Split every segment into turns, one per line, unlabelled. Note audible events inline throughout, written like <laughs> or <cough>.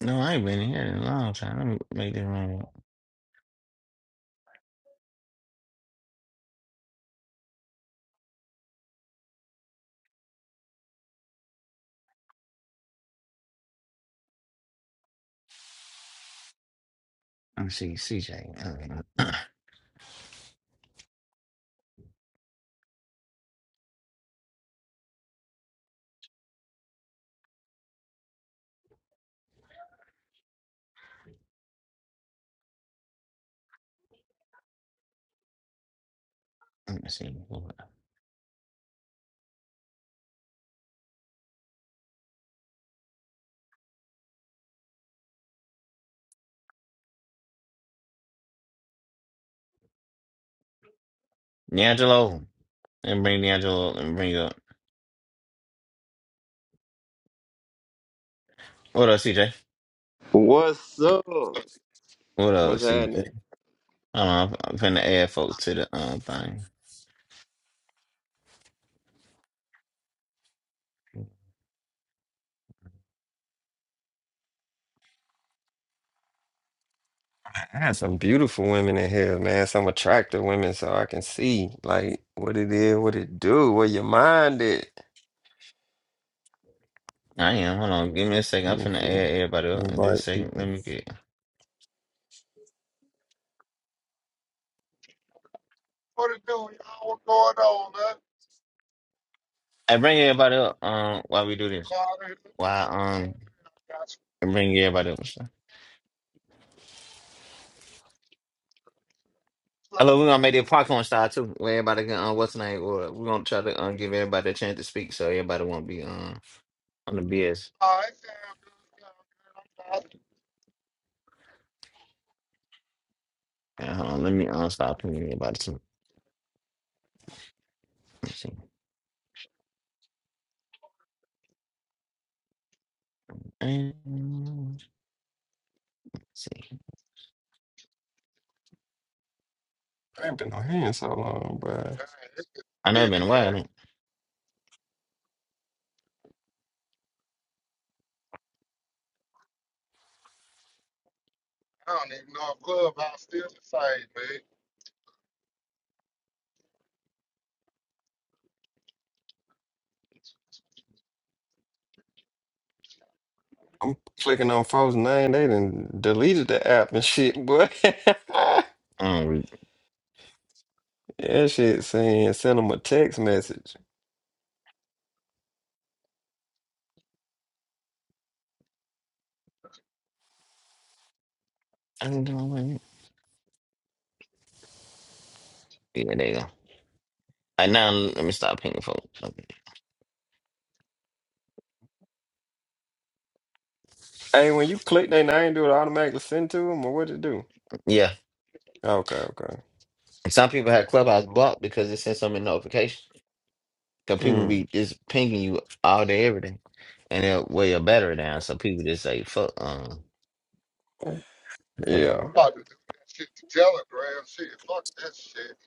No, I ain't been here in a long time. Let me make this room. Let me see, CJ. Uh, <clears throat> Let me see. D'Angelo. Let me bring D'Angelo up. Let me bring you up. What up, CJ?
What's up?
What up,
What's
CJ?
happening?
Hold on, I'm I'm finna add folks to the um thing.
I have some beautiful women in here, man. Some attractive women, so I can see like what it is, what it do, where your mind is.
I am. Hold on, give me a second. I'm finna
Let's see.
add everybody up in this
Invite
second. Let
people.
me get.
What it do, y'all? What's going on, man?
I bring everybody up. Um, while we do this,
All right, what you
while
doing, man?
um,
I got some
I bring everybody up. I love we're
fun.
gonna make it popcorn style too. Where everybody can uh, what's the name? Or we're gonna try to uh, give everybody a chance to speak, so everybody won't be uh, on the BS.
Oh, it sound good, sound good. I'm tired.
Uh, hold on, let me uh, stop pinging everybody too. Let's see. Um, let's see.
I ain't been on here in so long, but
Man, it's just
I know it's been
busy,
a while. I
man.
don't.
I don't even know if Clubhouse still the same, man.
I'm clicking on folks' name. They done deleted the app and shit, boy. <laughs>
I don't. Re-
yeah, shit saying send them a text message.
I don't know what. it- Yeah, there you go. All right, now let me stop pinging folks. Okay.
Hey, when you click their name, do it automatically send to them or what it do?
Yeah,
Okay, okay.
And some people have Clubhouse blocked because it sends so many notifications. Because people be
Mm.
just pinging you all day, every day, and they'll wear your battery down. So people just say, "Fuck, um, fuck."
Yeah.
that."
I'm about to do that shit to Telegram. Shit, fuck that shit.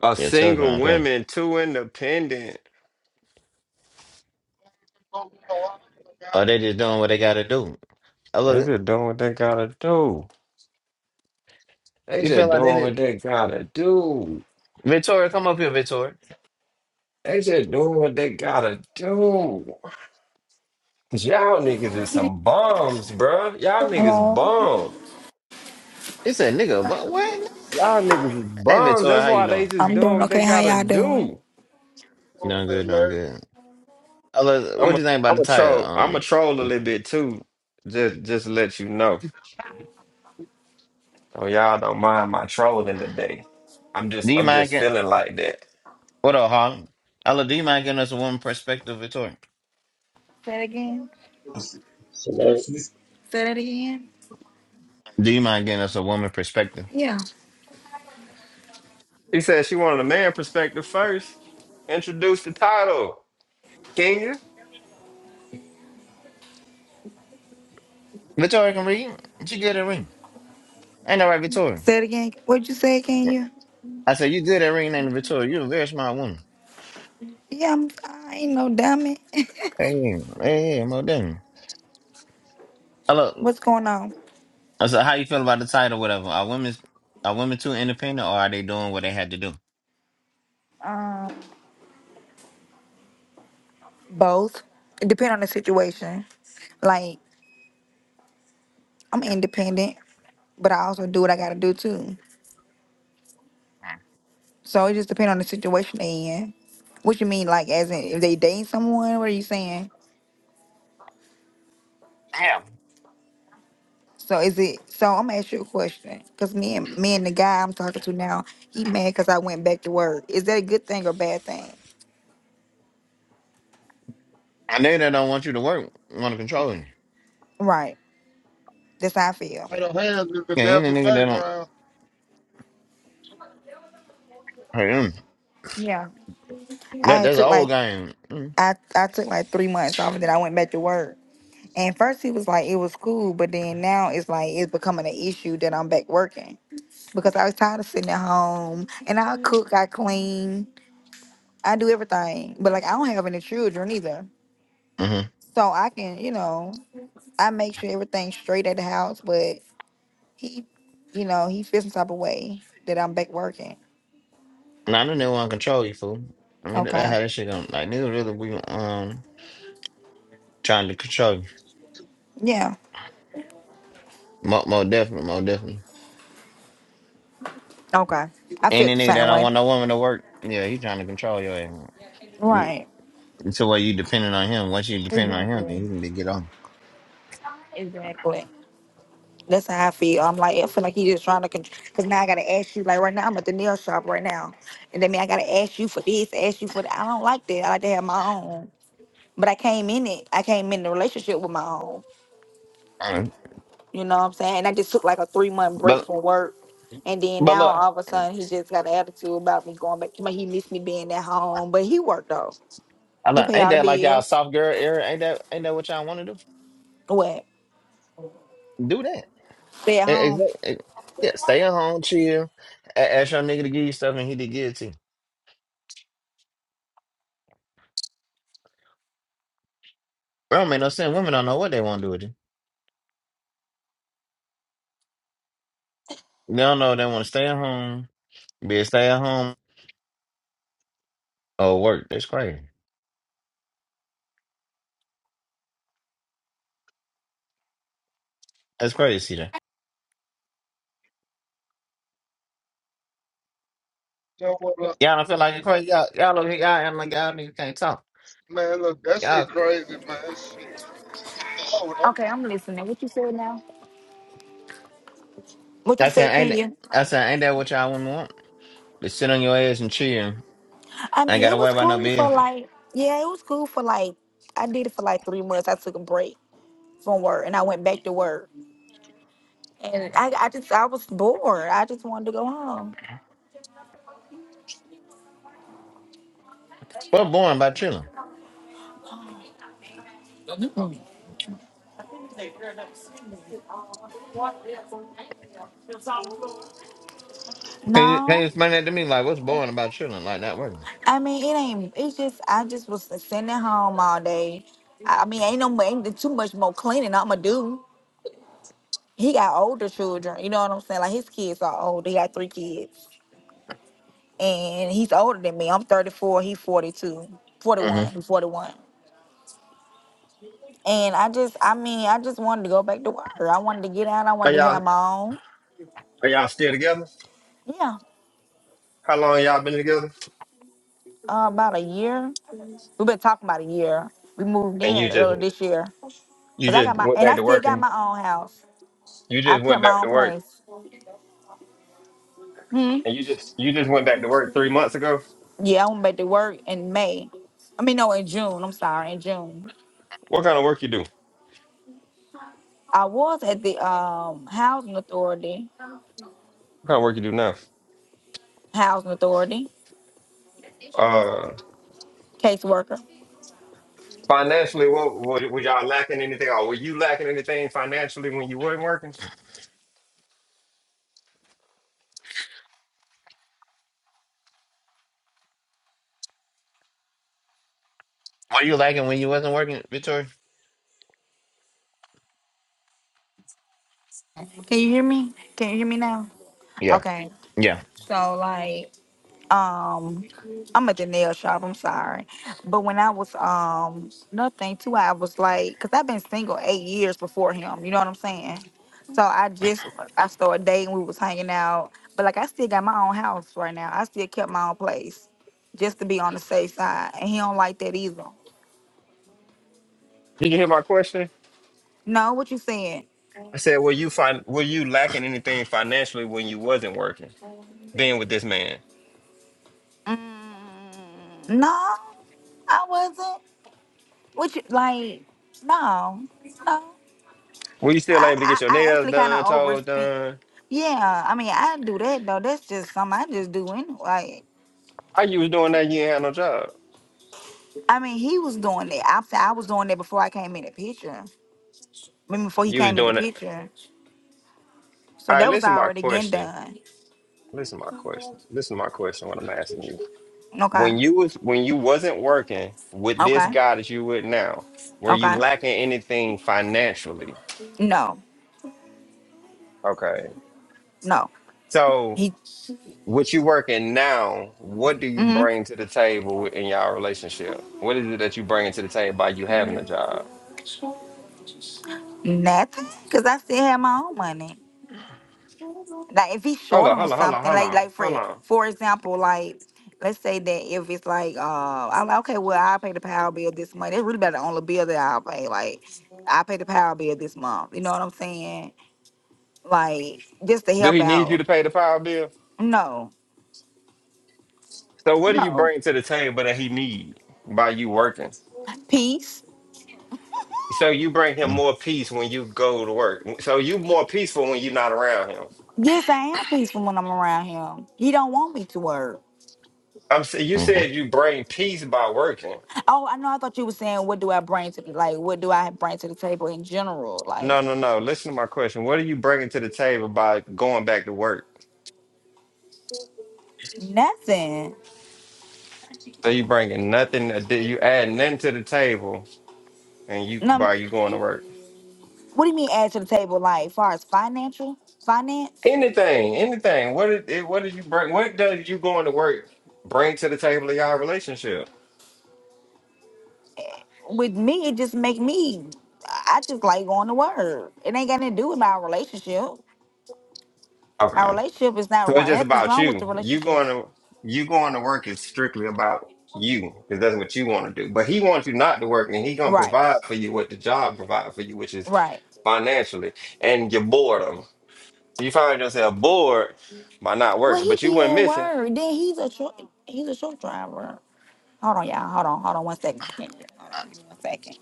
A
Yeah,
single
Telegram, okay.
women, too independent.
I'm going to lie about
Are they
it.
just doing
Thank
what they gotta do? I
They
look,
just doing what they gotta do. They
you feel
just
like they
doing what
didn't.
they gotta do.
Victoria, come up here, Victoria.
They just doing what they gotta do. 'Cause Y'all niggas is some bums, bruh. Y'all niggas
Hello.
bums.
He said, nigga, what? what?
Y'all niggas is
Hey,
bums.
Victoria,
That's
how you
why they
doing?
just
I'm
doing
doing
what they
okay. How
gotta
y'all doing?
do.
you for
doing
that,
good, doing
man.
good. I look,
I'm
what do
a,
you think about
I'm
the
a
title?
troll. I'm a
Um,
troll a little
Victoria?
bit too. Just, just to let you know. So y'all don't mind my trolling today. I'm just,
do you
I'm
mind
just
getting,
feeling like that.
what up, Harlem? I look, do you mind giving us a woman perspective, Victoria?
Say it again.
Shalom.
Say that again.
Do you mind getting us a woman perspective?
Yeah.
She said she wanted a man perspective first. Introduce the title. Kenya,
Victoria can read. She good at reading. Ain't that right, Victoria?
Say it again. What'd you say again? You?
I said, you good at reading, ain't it, Victoria? You're a very smart woman.
Yeah, I'm fine. Ain't no dummy. <laughs>
Hey, hey, hey, Mo Daniel. Hello.
What's going on?
Uh, So how you feel about the title, whatever? Are women are women too independent, or are they doing what they had to do?
Both. It depend on the situation. Like I'm independent, but I also do what I gotta do too. So it just depend on the situation they in. What you mean, like as in if they dating someone? What are you saying?
Damn,
So is it? So I'm gonna ask you a question, cause me and me and the guy I'm talking to now, he mad cause I went back to work. Is that a good thing or bad thing?
I know they don't want you to work want to control you.
Right. That's how I feel.
I don't have it the
Yeah, any
devil
nigga that don't
background.
hurt him.
Yeah. I
That
had
that's the
took
old
like
game. Mm.
I I took like three months off, and then I went back to work. And first he was like it was cool, but then now it's like it's becoming an issue that I'm back working because I was tired of sitting at home and I cook, I clean, I do everything, but like I don't have any children either,
Mm-hmm.
so I can you know I make sure everything's straight at the house, but. he, you know, he feels some type of way that I'm back working.
Now the nigga want to control you, fool. I mean that, that
Okay.
how that shit going. Like niggas really be um trying to control you.
Yeah.
More, more definitely, more definitely.
Okay. I feel
Any
the
nigga that
same
don't
way.
want no woman to work, yeah, he trying to control your ass. You-
Right.
So where you depending on him. Once you depend on him,
Exactly.
then he can be get on.
Exactly. That's how I feel. I'm like, I feel like he just trying to control. Cause now I gotta ask you. Like right now, I'm at the nail shop right now, and then mean I gotta ask you for this, ask you for that. I don't like that. I like to have my own. But I came in it. I came in the relationship with my own.
Uh,
You know what I'm saying? And I just took like a three month break
But
from work. And then
but
now
look.
all of a sudden he just got an attitude about me going back to my he missed me being at home. But he worked though.
I
He
like,
pay
ain't
all the
that like y'all
bills.
soft girl era? Ain't that ain't that what y'all want to do?
What?
Do that.
Stay at home.
Exactly. Yeah, stay at home, chill. A- ask your nigga to give you stuff, and he did give it to you. It don't make no sense. Women don't know what they want to do with you. They don't know if they want to stay at home, be a stay at home or work. That's crazy. That's crazy. see That
So, what, look,
y'all don't feel like it's crazy. Y'all y'all over here, y'all acting like y'all niggas can't talk.
man, look, that shit
Y'all.
crazy, man. Shit. Oh, no.
Okay, I'm listening. What you said now? What
I
you said,
said ain't that,
Kenya?
I said ain't that what y'all women want? To sit on your ass and chill.
I
Ain't
mean,
got to
it
worry
was
about no
cool for
business.
like yeah, it was cool for like I did it for like three months. I took a break from work and I went back to work. And I, I just I was bored. I just wanted to go home.
We're boring by chilling. Can you, can you
No.
explain that to me? Like, what's boring about chilling? Like, not working.
I mean, it ain't. It's just I just was sitting at home all day. I I mean, ain't no mo- ain't too much more cleaning I'ma do. He got older children. You know what I'm saying? Like his kids are older. He got three kids, and he's older than me. I'm 34. He's 42,
Mm-hmm.
41. He's 41. And I just, I mean, I just wanted to go back to work. I wanted to get out. I
are
wanted to have
y'all
my own.
are y'all still together?
Yeah,
How long y'all been together?
uh, about a year. We've been talking about a year. We moved
And
in
you just
earlier this year,
you
cause I
just
got my,
went
and
back
I
to
still
work
got
and
my own house.
you
I
just
kept
went back
my
to
own
work
place. Hmm?
and you just you just went back to work three months ago.
Yeah, I went back to work in May. I mean, no, in June. I'm sorry, in June.
What kind of work you do?
I was at the um housing authority.
What kind of work you do now?
Housing authority
Uh,
caseworker.
financially, what what was y'all lacking anything? Or were you lacking anything financially when you weren't working?
What you liking when you wasn't working, Victoria?
Can you hear me? Can you hear me now?
Yeah.
Okay.
Yeah.
So like um I'm at the nail shop, I'm sorry. But when I was um nothing too, I was like cuz I've been single 8 years before him, you know what I'm saying? So I just I started dating, we was hanging out, but like I still got my own house right now. I still kept my own place just to be on the safe side, and he don't like that either.
Did you hear my question?
No, what you saying?
I said, were you fin- were you lacking anything financially when you wasn't working? Being with this man.
Mm. No, I wasn't. What you like? No, no.
Were you
I
still able to get
I,
your
I
nails
actually kind
done,
of
toes
overspent.
done?
Yeah, I mean, I do that though. That's just something I just do anyway. Like,
How you was doing that? You ain't had no job.
I mean, he was doing that. After I was doing that before I came in the picture. I mean, before he
You was
came in the
doing it.
picture. So
All right,
that was
listen to my
already getting
question.
done.
Listen to my question. Listen to my question. What I'm asking you.
Okay.
When you was when you wasn't working with this
Okay.
guy that you with now, were you
Okay.
lacking anything financially?
No.
Okay.
No.
So
He.
with you working now, what do you
Mm-hmm.
bring to the table in y'all relationship? What is it that you bring to the table by you having a job?
Nothing. Cause I still had my own money. like if he's
Hold
short
on,
on
hold on, hold on,
something,
hold
like
on,
like
hold
for
on.
for example, like let's say that if it's like uh I'm like, okay, well I'll pay the power bill this month. It's really about the only bill that I'll pay. Like I pay the power bill this month. You know what I'm saying? Like just to
Do
help
he need you
out.
to pay the power bill?
No.
So what do you
No.
bring to the table that he need by you working?
Peace.
So you bring him more peace when you go to work. So you more peaceful when you're not around him.
Yes, I am peaceful when I'm around him. He don't want me to work.
I'm s- you
Mm-hmm.
said you bring peace by working.
Oh, I know. I thought you were saying, what do I bring to the like? What do I bring to the table in general?
No,
Like
no, no. Listen to my question. What are you bringing to the table by going back to work?
nothing.
So you bringing nothing. addi- You add nothing to the table, and you
No.
by you going to work.
What do you mean add to the table? Like far as financial finance?
Anything, anything. What did it- what did you bring? What does you going to work bring to the table of y'all relationship?
With me, it just make me. I just like going to work. It ain't got nothing to do with my relationship. Our
Okay.
relationship is not
So it's
wrong.
just
Nothing's
about
wrong with the
you. You
relationship.
going to you going to work is strictly about you because that's what you want to do. But he wants you not to work, and he gonna
Right.
provide for you what the job provide for you, which is
Right.
financially and your boredom. So you find yourself bored by not
Well,
working,
he
but you
be
went
at
missing.
work. Then he's a truck. He's a truck driver. Hold on, y'all. Hold on. Hold on. One second. Hold on. One second.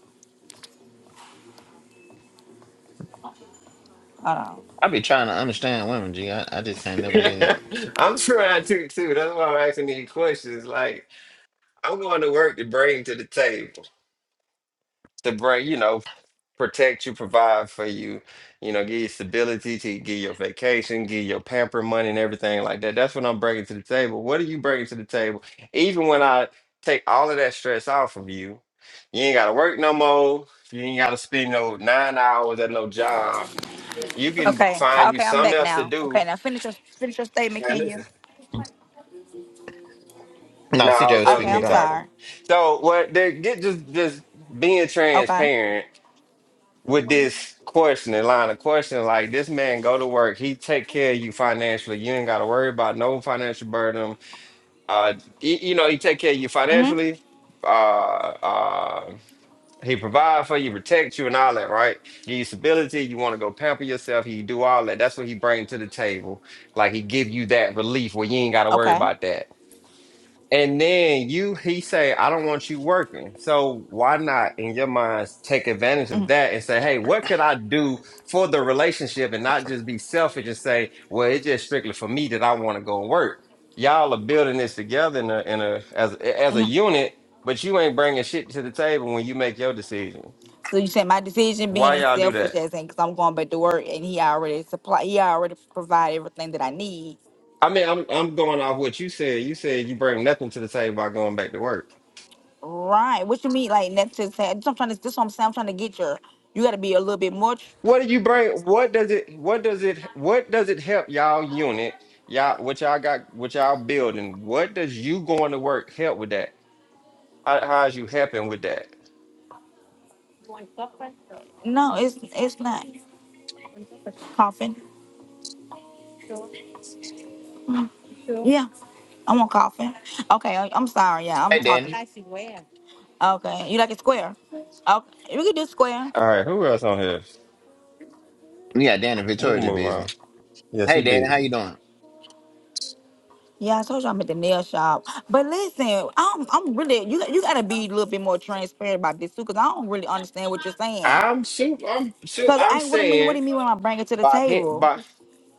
I be trying to understand women, G. I, I just can't
<laughs>
never get it.
I'm trying to too. That's why I'm asking these questions. Like I'm going to work to bring to the table to bring you know protect you, provide for you, you know, give you stability, to give your vacation, give your pamper money and everything like that. That's what I'm bringing to the table. What are you bringing to the table? Even when I take all of that stress off of you, you ain't got to work no more. You ain't got to spend no nine hours at no job. You can
Okay.
find you
Okay. I'm
something
back
else to
now.
do.
Okay. Now finish your finish your statement,
Now
can
listen,
you?
No,
no,
CJ was
that was
Okay.
speaking
me
I'm
Gone.
talking.
sorry.
So what? They get just just being
Okay.
transparent with this questioning line of questioning, like this man go to work, he take care of you financially. You ain't gotta worry about no financial burden. Uh, y- you know, he take care of you
Mhm.
financially. Uh, uh, he provide for you, protect you, and all that, right? Give you stability. You want to go pamper yourself. He do all that. That's what he bring to the table. Like he give you that relief where you ain't gotta worry
Okay.
about that. And then you, he say, I don't want you working. So why not, in your minds, take advantage of that and say, hey, what could I do for the relationship and not just be selfish and say, well, it's just strictly for me that I want to go and work. Y'all are building this together in a, in a as as a unit, but you ain't bringing shit to the table when you make your decision.
So you said my decision
Why
being
y'all do
selfish
that?
as in because I'm going back to work and he already supply he already provide everything that I need.
I mean, I'm I'm going off what you said. You said you bring nothing to the table by going back to work.
Right. What you mean like that's just saying I'm trying to this what I'm saying, I'm trying to get your you gotta be a little bit more tr-
What do you bring? What does it? What does it? What does it help y'all unit? Y'all, what y'all got? What y'all building? What does you going to work help with that? How, how is you helping with that?
no, it's it's not coughing. Yeah. I'm on coughing. Okay, I- I'm sorry, yeah, I'm
Hey,
talking.
Danny.
Okay. You like it square? Okay. We can do square.
All right, who else on here?
Yeah, Danny,
We can
Victoria just
move
busy.
on. Yes,
Hey,
he
Danny, how
busy.
you doing?
Yeah, I told you I'm at the nail shop. But listen, I'm I'm really you you gotta be a little bit more transparent about this too, cause I don't really understand what you're saying.
I'm sure. I'm sure.
Cause
I'm
I what I mean, what do
saying
you mean when I bring it to the
by him.
table?
By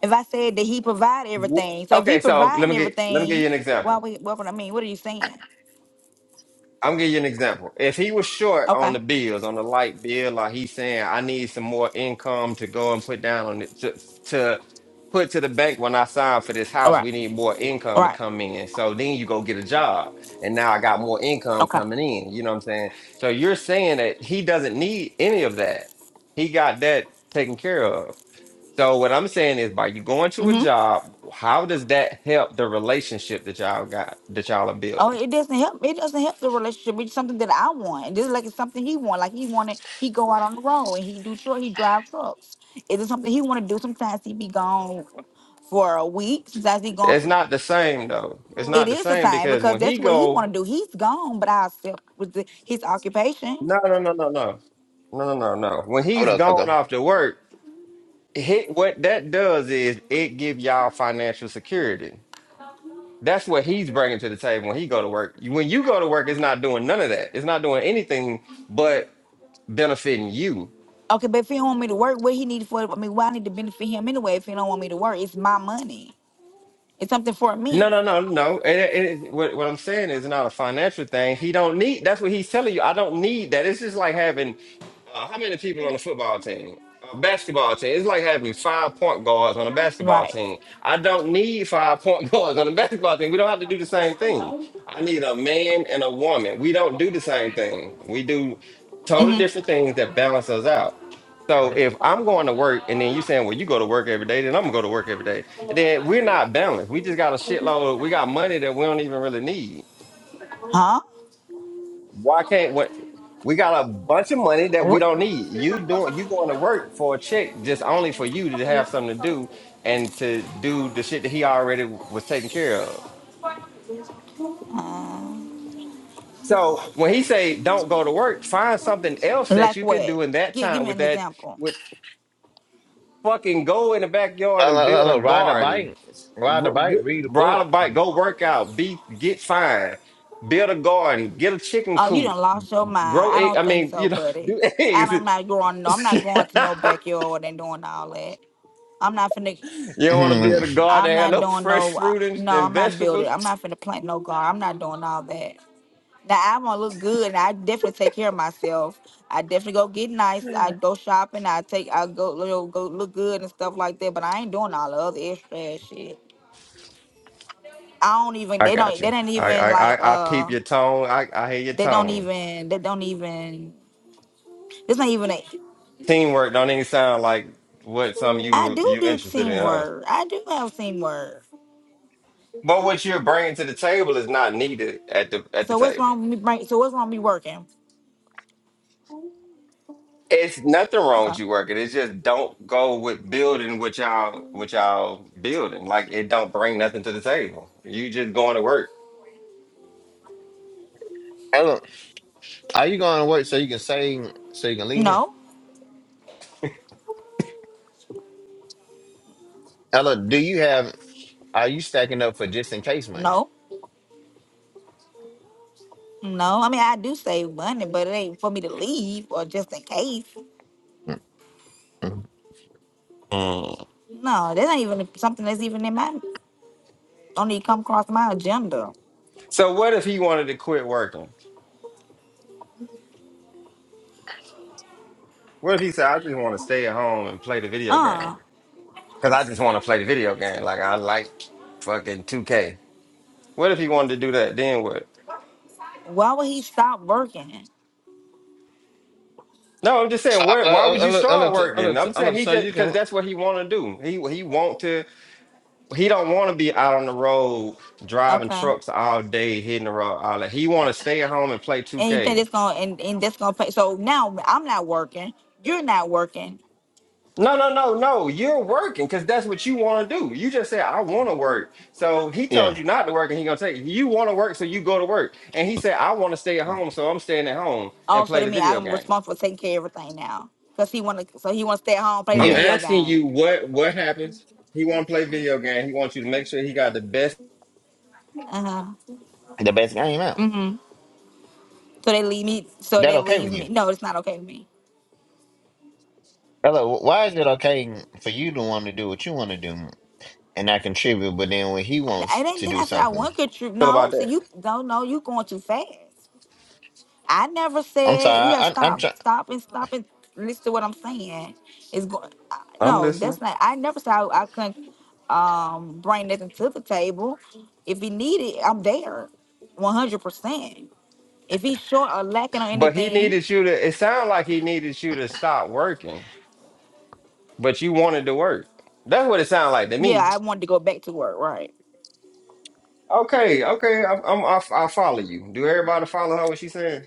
If I said that he provide
wh-
everything, so if he
okay. So let
providing
me get let me give
everything,
you an example.
why we what would I mean? What are you saying?
I'm gonna give you an example. If he was short on
Okay,
the bills, on the light bill, like he's saying, I need some more income to go and put down on it to, to put to the bank when I sign for this
all
house.
right,
We need more
all
income to
right,
come in. So then you go get a job, and now I got more income
okay.
coming in. You know what I'm saying? So you're saying that he doesn't need any of that. He got that taken care of. So what I'm saying is, by you going to a
hmm
job, how does that help the relationship that y'all got that y'all are
Oh,
building?
it doesn't help. It doesn't help the relationship. It's something that I want. This is like it's something he want. Like he wanted, he go out on the road and he do truck. He drive trucks. Is it something he want to do? Sometimes he be gone for a week. Sometimes he gone
It's
for.
not the same though. It's
It
not the
is the
same
same
because
because
when he
that's what he want
go,
to do. He's gone, but I accept with the, his occupation.
no, no, no, no, no, no, no, no, no. When
What
he's
up,
gone
Coco?
off to work, hit what that does is it give y'all financial security. That's what he's bringing to the table when he go to work. When you go to work, it's not doing none of that. It's not doing anything but benefiting you.
Okay, but if he don't want me to work, what he need for? I mean, why I need to benefit him anyway? If he don't want me to work, it's my money. It's something for
No,
me,
no, no, no. It, it, it- what, what I'm saying is not a financial thing. He don't need. That's what he's telling you. I don't need that. It's just like having uh, how many people on a football team, a basketball team. It's like having five point guards on a basketball
right?
team. I don't need five point <laughs> guards on a basketball team. We don't have to do the same thing. I need a man and a woman. We don't do the same thing. We do totally different things that balance us out. So if I'm going to work and then you saying, well, you go to work every day, then I'm gonna go to work every day that we're not balanced. We just got a shitload. We got money that we don't even really need.
Huh?
Why can't what we got a bunch of money that we
What?
don't need? You doing you going to work for a check just only for you to have something to do and to do the shit that he already was taking care of.
Uh,
So when he say don't go to work, find something else that
like
you could
what?
do in that
Give Give
time
me
with
an
that
example.
with fucking go in the backyard and
Hello,
build a
hello, ride a
garden
bike, ride a
R- g-
bike, read a
Ride a
book.
bike, go work out, be get fine, build a garden, get a chicken
Oh, you
coop,
done lost your mind.
grow
I
egg. I
don't think
mean,
so,
you know, <laughs>
buddy.
do
I
eggs.
don't- I'm
<laughs>
not going. No, I'm
you
not going to no backyard and doing all that. I'm not finna.
don't want to
Mm-hmm.
build a garden,
I'm
and have
not
no
doing
fresh
no. uh,
fruit and,
No,
and
I'm not building.
vegetables.
I'm not finna plant no garden. I'm not doing all that. Now I want to look good, and I definitely take care of myself. I definitely go get nice. I go shopping. I take. I go you know, go look good and stuff like that. But I ain't doing all the other extra ass shit. I don't even.
I
They
got
don't. They
you.
don't
I,
even
I
like.
I I peep
Uh.
your tone. I I hear your
They don't
tone.
even. They don't even. It's not even. A,
Teamwork don't even sound like what some
I
you
do
you
do
interested in, huh?
teamwork. I do have teamwork.
But what you're bringing to the table is not needed at the at the
So what's
table.
wrong with me? bring- So what's wrong with me working?
It's nothing wrong
Okay.
with you working. It's just don't go with building what y'all what y'all building. Like it don't bring nothing to the table. You just going to work.
Hello, are you going to work so you can save, so you can leave here?
No.
Ella, do you have, are you stacking up for just in case money?
No. No. I mean I do save money, but it ain't for me to leave or just in case.
Mm.
No, that ain't even something that's even in my don't even come across my agenda.
So what if he wanted to quit working? What if he said, "I just want to stay at home and play the video game
Uh,
because I just want to play the video game. Like I like fucking 2K." What if he wanted to do that? Then what?
why would he stop working?
No, I'm just
So
saying.
I,
What? Why
I,
would
I,
you
let, I,
start
look, I,
working?
look,
I'm
I
saying
look,
he
so
just
you
because
can.
that's what he want to do. He he want to. he don't want to be out on the road driving
Okay,
trucks all day, hitting the road, all that. He want to stay at home and play
and you think
2K.
that's gonna and, and that's gonna pay? So now I'm not working, you're not working.
No, no, no, no. You're working because that's what you want to do. You just said I want to work. So he told
Yeah,
you not to work, and he gonna tell you, you want to work, so you go to work. And he said I want to stay at home, so I'm staying at home and
Also,
play
that
the
mean
video
I'm
game.
responsible for taking care of everything now, cause he wanna so he wanna stay at home play the
I'm
yeah.
video
asking
game.
you what what happens. He want to play video game. He wants you to make sure he got the best
Uh huh.
The best game out.
hmm So they leave me. So
That
they
okay with
leave
you?
me. No, it's not okay with me.
Hello, why is it okay for you to want to do what you want to do and not contribute, but then when he
I, I
wants
didn't.
to
Then
do
I said I
something,
want to contribute.
feel about
No, so
that.
you don't know. You going too fast. I never
I'm
said you
sorry.
gotta
I, I, I'm
stop,
trying.
stop, and stop and listen to what I'm saying. It's going.
I'm
No,
listening.
that's not. I never said I, I couldn't um, bring nothing to the table. If he needed, I'm there, 100. percent If he's short or lacking on
But he
anything,
needed you to. It sounded like he needed you to stop working. but you wanted to work. That's what it sounds like to
yeah,
me.
I wanted to go back to work. Right.
Okay, okay, I'm, I'm I'll, I'll follow you. Do everybody follow her? What she's saying?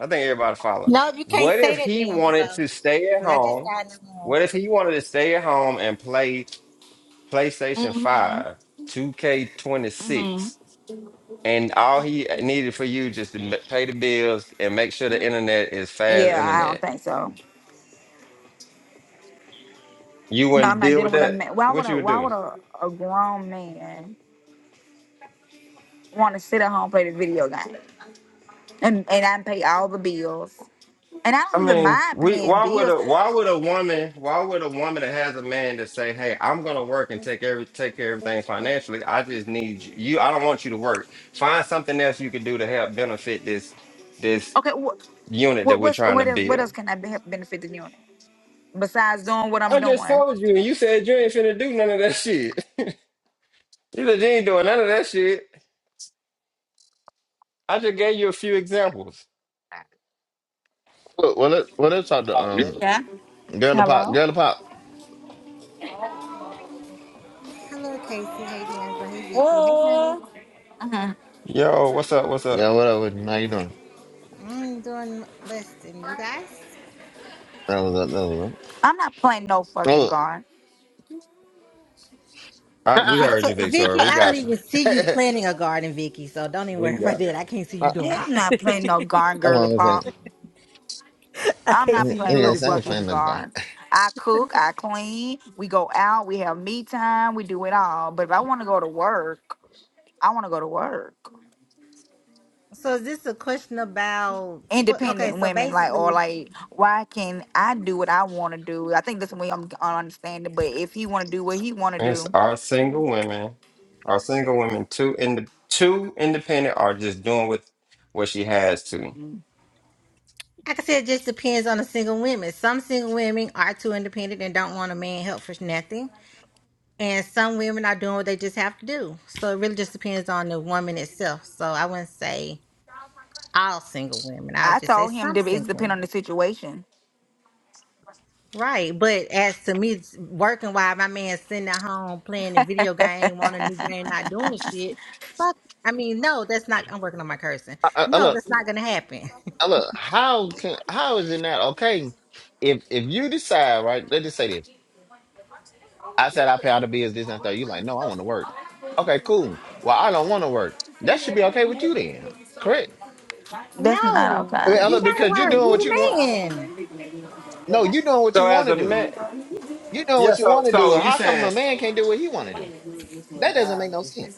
I think everybody follow.
No, you can't
What
say
if
that,
he wanted
D'Angelo.
to stay at
Because I just
home?
got in the room.
What if he wanted to stay at home and play PlayStation
Mm-hmm.
Five, Two K Twenty
Mm-hmm.
Six, and all he needed for you just to ma- pay the bills and make sure the internet is fast
Yeah, I don't
internet?
think so.
You
No,
wouldn't
I'm not
deal with
dealing with a
that.
man. Why would
What you
a
would
Why
do?
would a, a grown man want to sit at home play the video game and and I pay all the bills? And I
I
don't even
mean,
mind
we
paying
why would
bills.
a why would a woman why would a woman that has a man to say, "Hey, I'm gonna work and take every take care of everything financially. I just need you. you- I don't want you to work. Find something else you can do to help benefit this this
Okay, what
unit that
what
we're
what's,
trying to
what else what
build."
else can I be, benefit the unit besides doing what I'm
I just
doing?
told you, and you said you ain't finna do none of that shit. <laughs> You said you ain't doing none of that shit. I just gave you a few examples.
Well, well, let, well, let's talk to um,
Yeah.
girl of pop,
Hello.
girl of pop.
Hello, Casey. Hey, D'Angelo. Hey, Vicky. Hey, honey.
Oh. hmm
Yo, what's up? What's
Yeah,
up?
whatever. How you doing?
I'm doing blessed. And you guys?
That was up.
I'm not playing no
That
fucking
was
guard.
I, we heard
up.
you,
Victor-
Victoria.
Vicky,
We
I don't
got you.
even see you
Oh.
planting a garden, Vicky. So don't even
We
worry about
got.
that. I can't see
<laughs>
you
Yeah,
I
doing
I'm not playing no
it.
guard,
what
girly
I'm
pop.
<laughs> I
I'm
can't
not
see you
playing
doing
no
it, Vicky.
fucking
saying. I,
guard. I cook, I clean, we go out, we have me time, we do it all. But if I want to go to work, I want to go to work.
So is this a question about what? Okay,
independent
so
women like or
basically,
like why can i do what i want to do i think that's the way i'm I understand it. but if he want to do what he want to
It's
do
our single women, our single women, two in the two independent are just doing what what she has to.
like I said, it just depends on the single women. Some single women are too independent and don't want a man help for nothing. And some women are doing what they just have to do. So it really just depends on the woman itself. So I wouldn't say all single women. I would
i
just say
told him
some
that it's
single
depend on the
women.
situation
Right. But as to me it's working while my man's sitting at home playing the video game, wanting a new game, not doing shit. Fuck I mean, no, that's not I'm working on my cursing.
I, I
No,
look,
that's not gonna happen.
Now look, how can how is it not okay if if you decide right? Let's just say this. I said I pay all the bills, this and that. You like, no, I want to work. Okay, cool. Well, I don't want to work. That should be okay with you then, correct?
that's not
No,
I mean,
okay
you
look,
gotta
because you're
work.
doing
You
what you want.
the man.
No, you're doing what
So
you
as
want to
a
do.
man,
You're doing
yeah.
what you
So
want to do.
so you
How come a
saying?
man can't do what he want to do? That doesn't make no sense.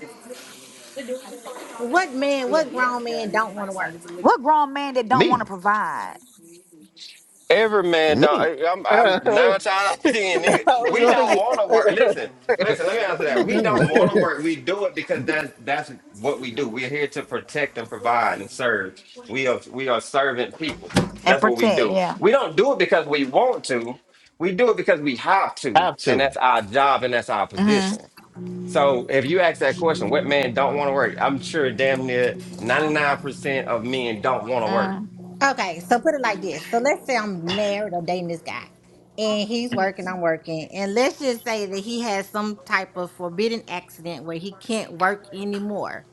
What man, what grown man don't wanna work?
what grown man that don't want
Me,
to provide
Every man don't.
me.
I- I'm,
<laughs>
I'm
I
nine times out of ten, nigga.
don't
We
know.
don't want to work. Listen, listen. Let me answer that. We don't want to work. We do it because that's that's what we do. We're here to protect and provide and serve. We are we are servant people.
and
That's what we
protect
do.
yeah
We don't do it because we want to. We do it because we have
<laughs>
to,
Have
and that's
to.
our job and that's our
mm-hmm.
position. So if you ask that question, what man don't want to work? I'm sure damn near 99% of men don't want to work
mm.
Okay, so put it like this. So let's say I'm married or dating this guy, and he's working, I'm working, and let's just say that he has some type of forbidden accident where he can't work anymore.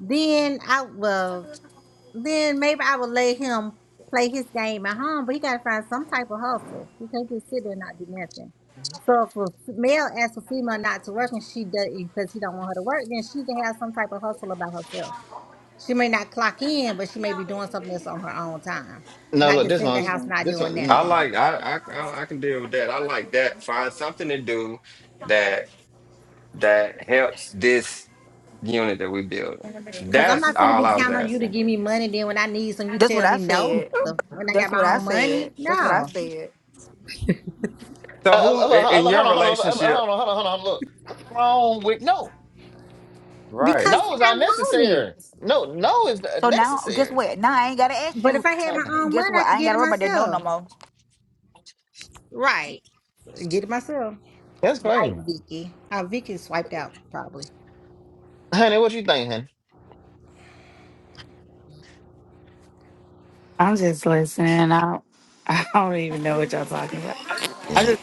Then I will, then maybe I will let him play his game at home, but he gotta find some type of hustle. He can't just sit there and not do nothing. So if a f- male asks a female not to work and she does because he don't want her to work, then she can have some type of hustle about herself. She may not clock in, but she may be doing something else on her own time.
No,
Not
look,
just
this
in the
one's
house, not
this
doing
one. mm,
I
nothing.
like I, I I I can deal with that. I like that. Find something to do that that helps this unit that we building.
Cause I'm
That's
not finna
all
be
I was
counting on you to
asking.
give me money. Then when I need some, you
that's what
tell
i
me no.
said
The, when I got
that's
my
what i
own money,
said that's what i
no,
said
Uh,
So who
uh, uh,
i-
uh,
in
hold on,
your
hold on, hold on, hold
relationship?
on, hold on, hold on. Look, what's wrong with no?
Right.
because
No is
I want it.
unnecessary. No, no is
So now, guess
necessary.
what? Now I ain't gotta ask
But
you.
if I had
uh,
my
Mm,
own
Guess
money, I
what? I
could
ain't
get it
gotta worry about that no no
myself.
more.
Right, get it myself.
That's
Right,
crazy,
Vicky. Uh, Vicky swiped out probably.
honey. What you think, honey?
I'm just listening. I don't, <laughs> I don't even know what y'all talking about. I
<clears throat> Mm.
just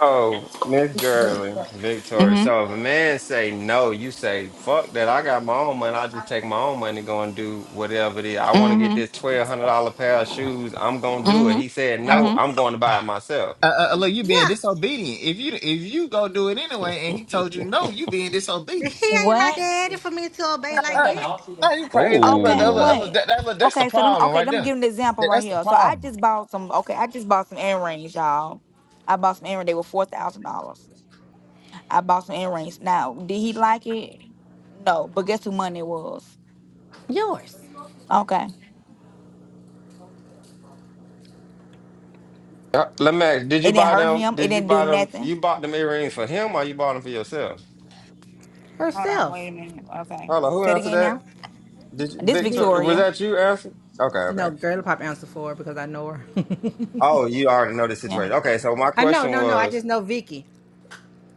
So Miss Gurley, Victoria.
hmm
So if a man say no, you say fuck that. I got my own money. I just take my own money, go and do whatever it is. I want to get
hmm
this twelve hundred dollar pair of shoes. I'm gonna do it.
hmm
He said
I,
no.
hmm
I'm going to buy it myself.
uh, uh, look, you being
Yeah,
disobedient. If you if you go do it
<laughs>
anyway, and he told you no, you being disobedient.
he ain't my
What?
daddy for me to obey like
Uh,
that.
no, you crazy. Uh, look,
Okay,
uh, look, uh,
Oh.
look,
wait.
that, that, look, that's the
Okay, so let me
problem
okay,
right
let me
there.
give an example
That,
right
that's the
here. So I
problem.
just bought some okay, I just bought some earrings, y'all. I bought some earrings, they were four thousand dollars. I bought some earrings. Now, did he like it? No, but guess who money it was?
Yours,
Okay.
Uh, Lamax, did you
It didn't
buy
hurt
them?
him, it
Did you
didn't do
buy them?
nothing.
You bought them earrings for him, or you bought them for yourself?
Hold on,
herself,
wait a minute. Okay.
Hold on, who
Say it
answered
again
that?
now.
Did you,
This
Victor?
Vicky.
Was
Victoria.
that you answered? Okay, okay.
No, girl pop answer for her because I know her. <laughs>
Oh, you already know the
Yeah.
situation. Okay, so my
I know,
question
no, no. I
was,
just know Vicky.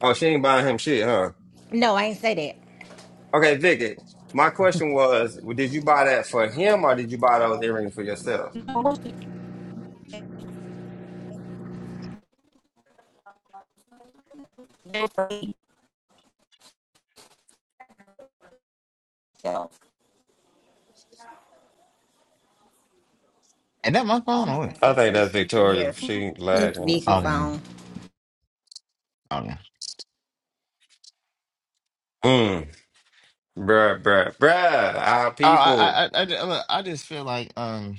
oh, she ain't buying him shit, huh?
No, I ain't say that.
Okay, Vicky, my question was, did you buy that for him, or did you buy those earrings for yourself?
myself.
And that my
Oh
phone
my
or what?
I
god,
think that's
this weekend
Victoria.
here.
She
It's
lagging or
Vicky
something.
Okay,
phone.
okay. Uh,
Mm, bruh, bruh, bruh. Our
I,
people.
I, I, I, look, I just feel like um.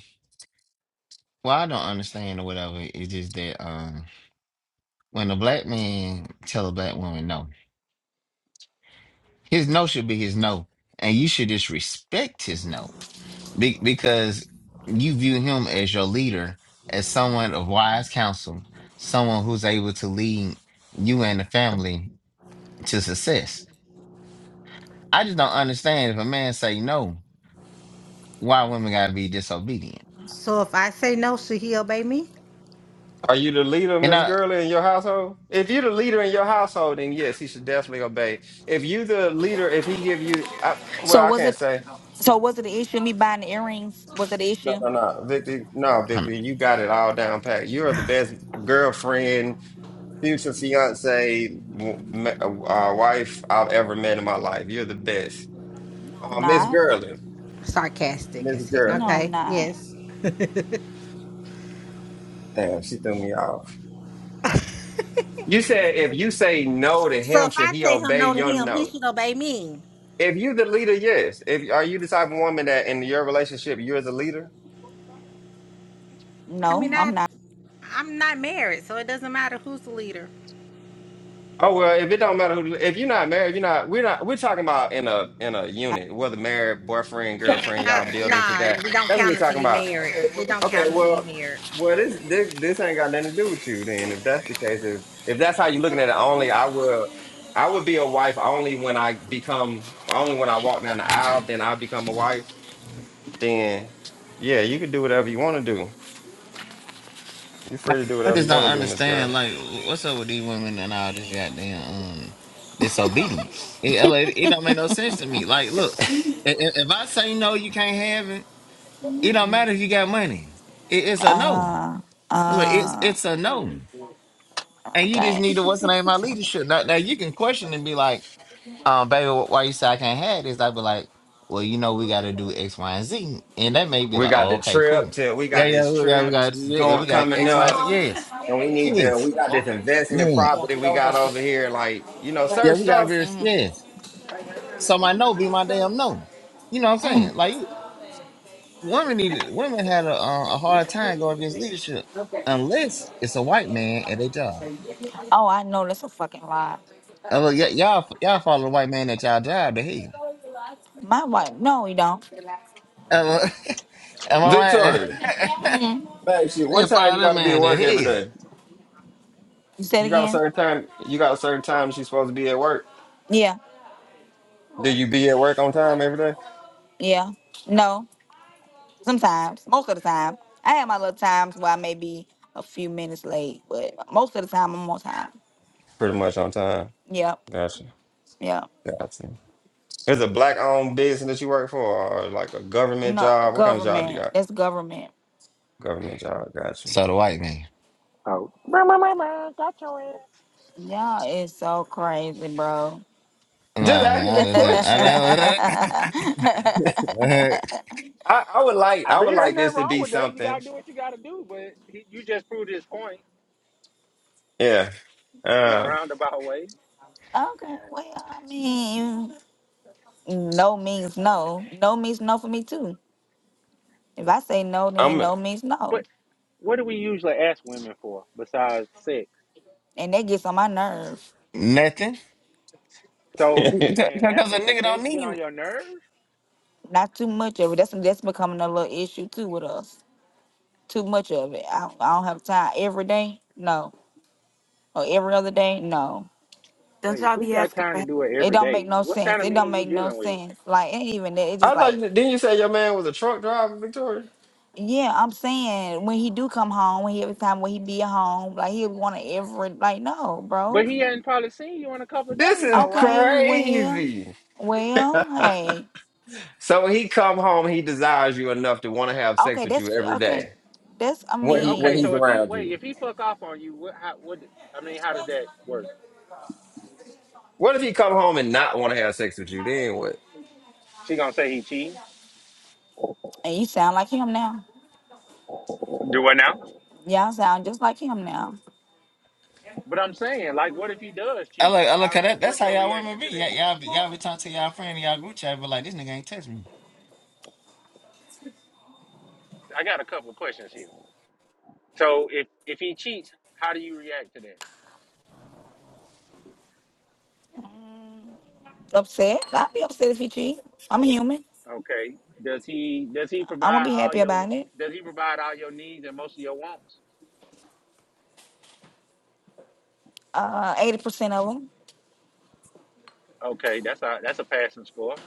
Well, I don't understand or whatever. It's just that um, when a black man tell a black woman no, his no should be his no, and you should just respect his no be- because you view him as your leader, as someone of wise counsel, someone who's able to lead you and the family to success. I just don't understand if a man say no, why women gotta be disobedient.
So if I say no, should he obey me?
Are you the leader,
And
Miss
I,
Gurley, in your household? If you're the leader in your household, then yes, he should definitely obey. If you the leader, if he give you, I, well,
So
I
was
can't
it?
say.
So was it an issue me buying the earrings? Was it an
No,
issue?
no, no, Victor, no, Victor, you got it all down pat. You're the best girlfriend, future fiance, w- ma- uh, wife I've ever met in my life. You're the best,
No,
uh,
I'm
Miss
not.
Gurley.
Sarcastic
Miss
as it.
No,
Gurley,
I'm
Okay,
not.
yes.
damn, she threw me off. You said if you say no to
So
him,
if
should
I
he
say him
obey
no to
your
him, he
no?
should obey me.
If you the leader, yes. If are you the type of woman that in your relationship you're the leader?
I
No,
mean, I
I'm not.
I'm not married, so it doesn't matter who's the leader.
Oh well, if it don't matter who, if you're not married, you're not. We're not. We're talking about in a in a unit, whether married, boyfriend, girlfriend, y'all
I,
build into
nah,
that.
we don't
That's what we're
count until
talking
you
about.
married. It don't
Okay,
count until you
well,
married.
well, this this this ain't got nothing to do with you. Then, if that's the case, if if that's how you're looking at it, only I will. I would be a wife only when I become only when I walk down the aisle. Then I become a wife. Then, yeah, you can do whatever you want to do. You're free to do
I
whatever
just
you
don't
want to do, Miss
understand.
Girl.
Like, what's up with these women and all this goddamn um disobedience? It, it, it don't make no sense to me. Like, look, i- i- if I say no, you can't have it. It don't matter if you got money. It, it's a no.
Uh,
Look, it's
uh.
it's a no, and you just need
Okay.
to what's the name of my leadership. Now, now you can question and be like, um, baby, wh- why you say I can't have this? I'd be like, well, you know, we got to do X, Y, and Z, and that may be
We
like,
got
oh,
the
okay,
trip
cool.
to we
Yeah,
got
yeah,
this
yeah, we
trip t-
got, yeah,
going
we got
coming
X, Y, and Z.
up,
Yes,
and we need to
yes.
we got this investment
Yeah.
property we got over here. Like you know, certain
Yeah, we gotta
stuff.
be
Mm,
yes. So my no be my damn no. You know what I'm
mm.
saying? Like women needed women had a uh, a hard time going against leadership unless it's a white man at their job.
Oh, I know that's a fucking lie.
Uh, well, y- y'all y'all follow the white man at y'all job to hell.
My wife. No, you don't.
Uh, <laughs> am I
Victoria,
right?
Mm.
babe, she,
<laughs> they
what time you
follow that
got to be at
man to
work every
hell.
day?
You say it
You got a
again.
certain time. You got a certain time she's supposed to be at work.
Yeah.
Do you be at work on time every day?
Yeah. No. Sometimes. Most of the time. I have my little times where I may be a few minutes late, but most of the time I'm on time.
Pretty much on time.
Yep.
Gotcha.
Yep.
Gotcha. Is it a black owned business that you work for, or like a government
No,
job? What kind of job you
government.
got?
That's government.
Government job. Got you.
So the white man.
Oh, brr, brr, brr, brr, got your ass.
Y'all is so crazy, bro.
Just
Nah,
asking
<laughs>
man,
the
I just
okay,
ain't-
question.
I, never,
I, I would like
I
I would
mean, ain't
like
nothing
this to
wrong
be
with that. You
something.
gotta do what you gotta do, but he, you just proved his point
Yeah.
in a
Um
roundabout way.
well, I mean, no means no. No means no for me, too. If I say no, then
I'm <laughs> I
no means
But
no.
what do we usually ask women for besides sex?
And that gets on my nerves.
<laughs> nothing.
So you saying
Because a
asking for
nigga don't
sex get
need.
on your nerves?
Not too much of it. That's that's becoming a little issue, too, with us. Too much of it. I, I don't have time every day. No. Or every other day. No.
don't
Wait,
y'all
who
be
got
asking
time
for
to
help.
do it
It
every
don't make
day?
no
What kind
sense.
of
It don't
man you
make no
dealing with?
sense. Like, it ain't even that. It's just
thought
like,
you said- didn't you say your man was a truck driver, Victoria?
Yeah, I'm saying when he do come home, when he every time when he be at home, like he'll want to every like no, bro.
But he hadn't probably seen you in a couple of
This
days
is
though, right?
Okay, well,
crazy.
well,
<laughs>
hey,
so when he come home, he desires you enough to want to have sex
okay,
with you
that's
every
okay,
day.
that's I
When
But
he when
okay,
he's
so
mean,
if he
around
wait,
you.
if he fuck off on you, what? How, what? I mean, how does that work?
What if he come home and not want to have sex with you? Then what?
She gonna say he cheating?
and you sound like him now.
Do what now?
Y'all sound just like him now.
But I'm saying, like, what if he does
I
cheat?
look, I look
How?
at that. That's
What's
how
your
y'all women
reaction
be.
to
Y'all,
that?
y'all be, y'all be talking to y'all friend in y'all group chat, but like this nigga ain't touch me.
I got a couple of questions here. So, if if he cheats, how do you react to that?
Upset? I'd be upset if he cheat. I'm human.
Okay. Does he does he
I won't
provide
be
all
happy
your
about it.
does he provide all your needs and most of your wants?
Uh, eighty percent of them
Okay, that's a that's a passing score.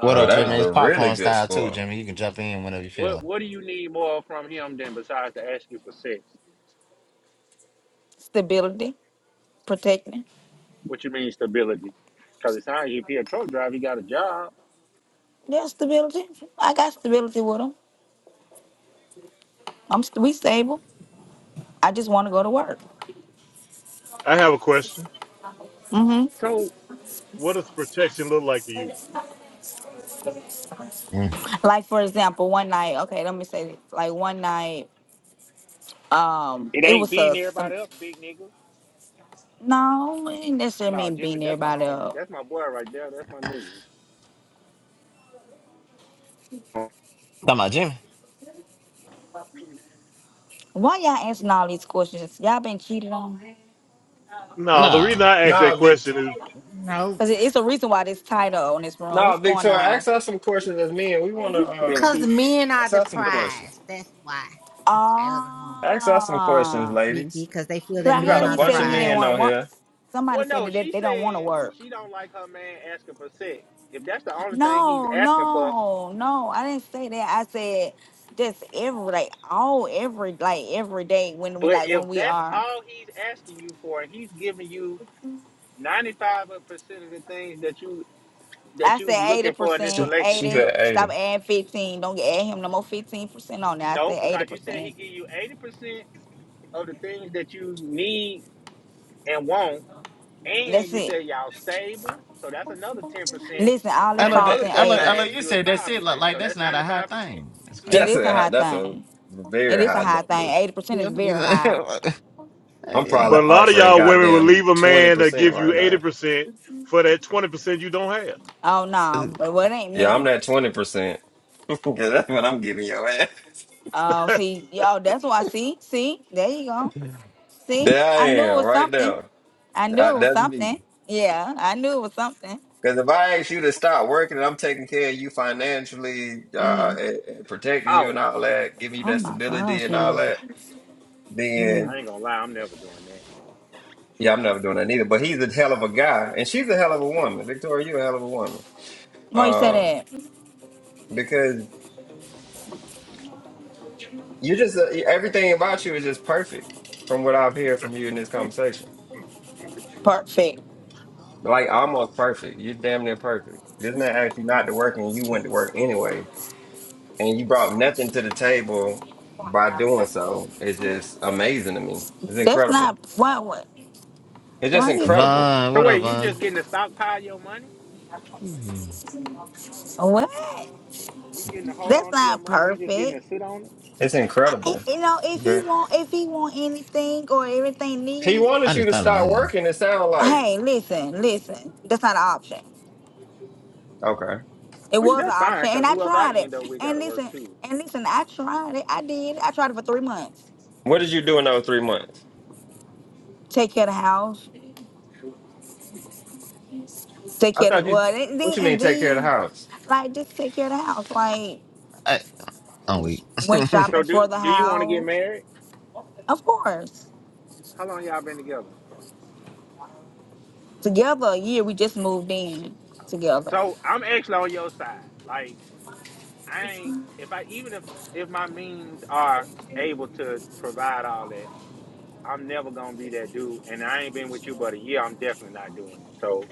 What
Oh,
up,
that
Uh,
Jimmy?
is
It's
a really
popcorn
good
style too,
score.
Jimmy. You can jump in whenever you feel
what
like.
what do you need more from him than besides to ask you for sex?
stability, protecting.
What you mean stability? Because it sounds like if he a truck driver, he got a job.
Yeah, stability. I got stability with them. I'm st- we stable. I just want to go to work.
I have a question.
Mm-hmm.
So
What does protection look like to you?
Mm.
like for example, one night. Okay, let me say this. Like one night, um,
it
it
ain't
was a
beating
some.
everybody up, big nigga.
No, it ain't necessarily
No,
mean
Jimmy,
beating
that's my
everybody
homie.
up.
That's my boy right there. That's my nigga.
Talking about Jimmy?
Why y'all answering all these questions? Y'all been cheated on?
No, the reason
No.
I ask
Nah,
that
Vic
question is,
No,
Cause it- it's a reason why this title on this room.
Nah,
What's going
Victoria,
on?
ask us some questions as men. We wanna
Who been
uh
cause
cheating?
men are
ask
the
us some
The-
questions.
prize. That's why the title of the room.
Ask us some questions,
Ah,
ladies.
Vicky, because they feel
cause
that
I
You
me
got
heard
and
a
are
he
the
bunch
said
of
he didn't
men
prize.
want to
on
want.
here.
Somebody
Well,
said
no,
that they
she
they don't want to
said
work.
she don't like her man asking for sex. If that's the only thing he's
No,
asking for,
no, no. I didn't say that. I said just every like all every like every day when we
but
like
if
when we
that's
are.
all he's asking you for, and he's giving you ninety five percent of the things that you
I
that you
said eighty
looking for in this
She
percent,
she
relationship,
said
eighty. Stop
eighty.
adding fifteen. Don't add him no more fifteen percent on there. I
no,
said eighty
because you said he
percent.
give you eighty percent of the things that you need and want, And
That's
you
it.
said y'all stable, so that's another ten percent.
Listen, all
I
that
And the
look,
falls
other
in
I
question
look, I
I
eighty.
look.
asked
You
you is
said that's
five
it. Like,
percent,
like
so
that's
that's
not
ninety
a high
five percent.
thing. That's crazy.
It
That's
is a
a high-
high
that's a
thing. It
very
is a
high
high thing.
number.
Eighty percent
Yeah,
is
I'm
very high.
like, <laughs>
I'm probably
but
hey,
a lot of
offering
y'all women will
goddamn
leave a
twenty
man that
percent
give you
right
eighty
now.
percent for that twenty percent you don't
Oh
hey.
no, but what ain't
Yeah, I'm
me?
that twenty percent. <laughs> Cause that's what I'm giving your ass.
Oh,
have.
see, yo, that's why. See, see, there you go. See,
There
I knew it
I am,
was
right
something.
there.
I knew it
That-
was
that's me.
something. Yeah, I knew it was something.
Because if I ask you to stop working and I'm taking care of you financially, uh,
Mm.
and, and protecting you and
Oh,
all that, giving you
Oh
that
my
stability
gosh,
and
she
all
look.
that,
Mm.
then
I ain't gonna lie, I'm never doing that.
yeah, I'm never doing that either. But he's a hell of a guy, and she's a hell of a woman. Victoria, you a hell of a woman.
Why you say
um,
that?
because you just uh, everything about you is just perfect from what I've heard from you in this conversation.
Perfect.
Like almost perfect. You're damn near perfect. This man asked you not to work and you went to work anyway, and you brought nothing to the table by doing so. It's just amazing to me. It's
That's
incredible.
not why. What?
It's just
Why you
incredible.
Von,
So
what up,
wait, you
Von?
just getting to stockpile your money?
Mm.
what?
You getting to hold
That's
on to your
not
money? You just getting
perfect.
to sit on it?
It's
I,
incredible.
you know, if he
Ve-
want, if he want anything or everything
He
need,
I
wanted you
just
to
thought about it.
stop
Again.
working. It sounded like
hey, listen, listen. That's not an option.
okay.
It
Which
was an
that's fine,
option,
cause
and I
whoever I
tried it.
end up with got
And
to work
listen,
too.
and listen, I tried it. I did. I tried it for three months.
What did you do in those three months?
Take care of the house. Take
I
care of
thought
the,
you.
well, and
What
then
you mean?
and
Take care of the
then
house?
like just take care of the house. Like
I, I'm weak. <laughs>
went
So
shopping
do
for the
do you want to get
house.
married?
Of course,
How long y'all been together?
together a year. We just moved in
Okay,
together.
so I'm actually on your side. Like I ain't if I even if if my means are able to provide all that. I'm never gonna be that dude, and I ain't been with you but a year. I'm definitely not doing it. So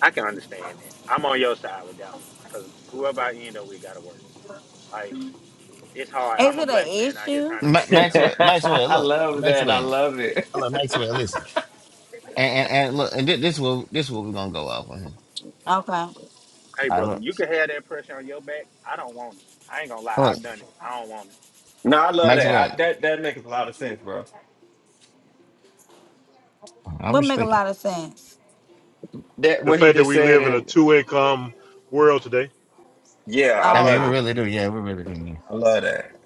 I can understand that. I'm on your side with that one, cause whoever I end up with gotta work. Like it's hard.
Is
I'm a
it an
black man out here
issue?
trying to
Ma-
make
<laughs>
it in
Maxwell,
America.
Maxwell,
I
look,
love that. I
Maxwell.
love it. <laughs>
Look, Maxwell, listen. And, and, and look, and thi- this will this will we're gonna go off on here.
Okay.
Hey,
I
brother,
look,
you can have that pressure on your back. I don't want it. I ain't gonna lie.
look,
I've done it. I don't want it.
No, I love that.
Maxwell.
I, that that makes a lot of sense, bro.
I
Would make a
respect it.
lot of sense.
<laughs>
That
the
what he
fact that
just
we
said,
live in a
and
two-income world today.
yeah, I
I
Oh,
mean, we
love
okay.
it.
really do. Yeah, we really do.
I love that.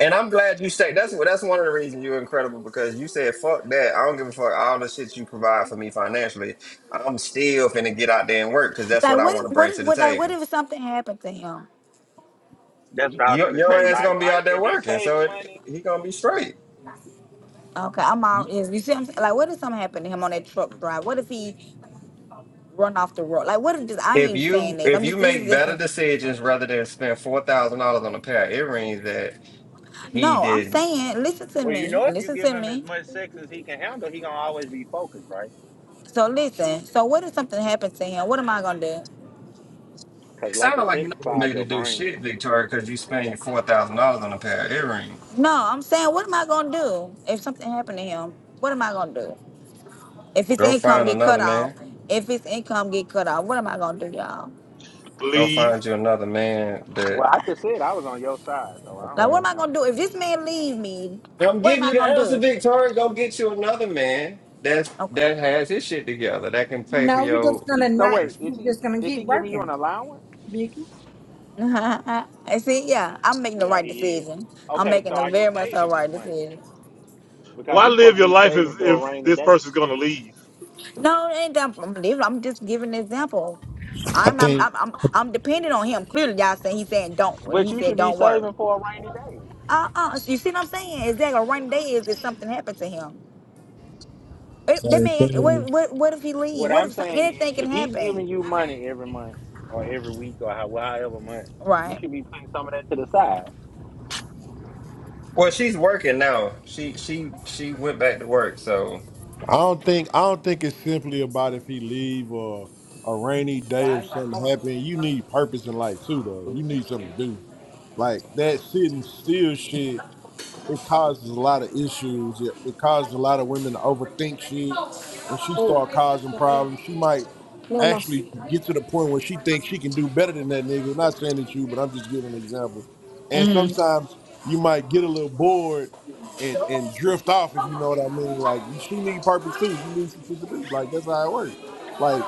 And I'm glad you say that's that's one of the reasons you're incredible because you said fuck that. I don't give a fuck all the shit you provide for me financially. I'm still finna get out there and work because that's
Like
what I
what
want
if
to
what
bring
if
to the
what like what
table.
if something happened to him?
That's what I was
Your
gonna
Wha-
say.
your ass
Like,
gonna be
I,
out there
if you
working,
saving
so it,
money,
he gonna be straight.
Okay, I'm all is you see what I'm saying? Like what if something happened to him on that truck drive? What if he run off the road? Like what if this I ain't
If
even
you
saying this.
if
I'm
you
just this is
make
this
better decisions rather than spend four thousand dollars on a pair of earrings that. he
no, I'm
did. not
saying listen to
well, you
me.
know, if you
Listen
give
to
him as
me.
much sex as he can handle, he gonna always be focused, right?
So listen. So what if something happens to him? What am I gonna do?
Cause
It
lack
sounded
of
like you're
sex
not gonna be able
clouds
to
your
do
brain.
shit, Victoria, because you spent four thousand dollars on a pair of earrings.
No, I'm saying what am I gonna do if something happened to him? What am I gonna do? If his
Go
income
Go
find
get
get
another
cut off,
man.
if his income get cut off, what am I gonna do, y'all?
Go
Leave.
find you another man that.
Well, I just said I was on your side, so I
Like,
don't
what
have
am
an
I gonna
answer
do
for
if
that.
this man leave me?
I'm
What am
giving you
I
the
gonna
answer,
do?
Victoria. Go get you another man that's
Okay.
that has his shit together that can pay for
No, you're just
your.
gonna
So
not.
wait, is
You're
he
just gonna
is he
keep
giving you an
working,
allowance?
Vicky.
<laughs> I see, yeah, I'm making the
Yeah,
right
he is.
decision. I'm
Okay, so
making a
are you
very much a
saving this
right
money?
decision.
Because
Why
you're supposed
live
to
your
be
life
saving
if,
for a
if
rainy
this
day.
person's going to leave?
No, it ain't that I'm leaving. I'm just giving an example.
I
I'm not.
think
I'm, I'm. I'm dependent on him. Clearly, y'all saying he's saying don't.
But
He
you
said
should be
don't worry.
saving for a rainy day.
Uh, uh. You see what I'm saying? Is that a one day? Is if something happened to him? It, that
same
man.
thing.
What, what? What if he leave?
What
What
I'm
if some,
saying is
anything
if
can
he's
happen?
giving you money every month or every week or how- however much, you
Right.
should be putting some of that to the side.
Well, she's working now. She she she went back to work. So
I don't think I don't think it's simply about if he leave or a rainy day if something happened. You need purpose in life too, though. You need something to do. Like that sitting still shit. it causes a lot of issues. It, it causes a lot of women to overthink shit, and she start causing problems. She might actually get to the point where she thinks she can do better than that nigga. Not saying it's you, but I'm just giving an example. And sometimes you might get a little bored and and drift off, if you know what I mean. Like she need purpose too. You need some shit to do. Like that's how it works. Like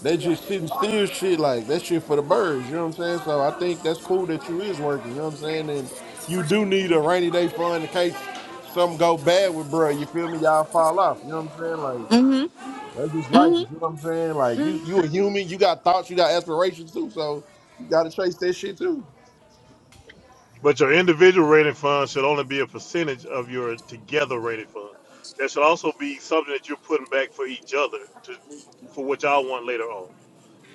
they just sitting still shit like that shit for the birds, you know what I'm saying? So I think that's cool that you is working, you know what I'm saying? And you do need a rainy day fund in case something go bad with bruh. You feel me? Y'all fall off. You know what I'm saying? Like that's just life. You feel what I'm saying? Like you you a human. You got thoughts. You got aspirations too. So you gotta chase that shit too.
But your individual rated fund should only be a percentage of your together rated fund. That should also be something that you're putting back for each other to, for what y'all want later on.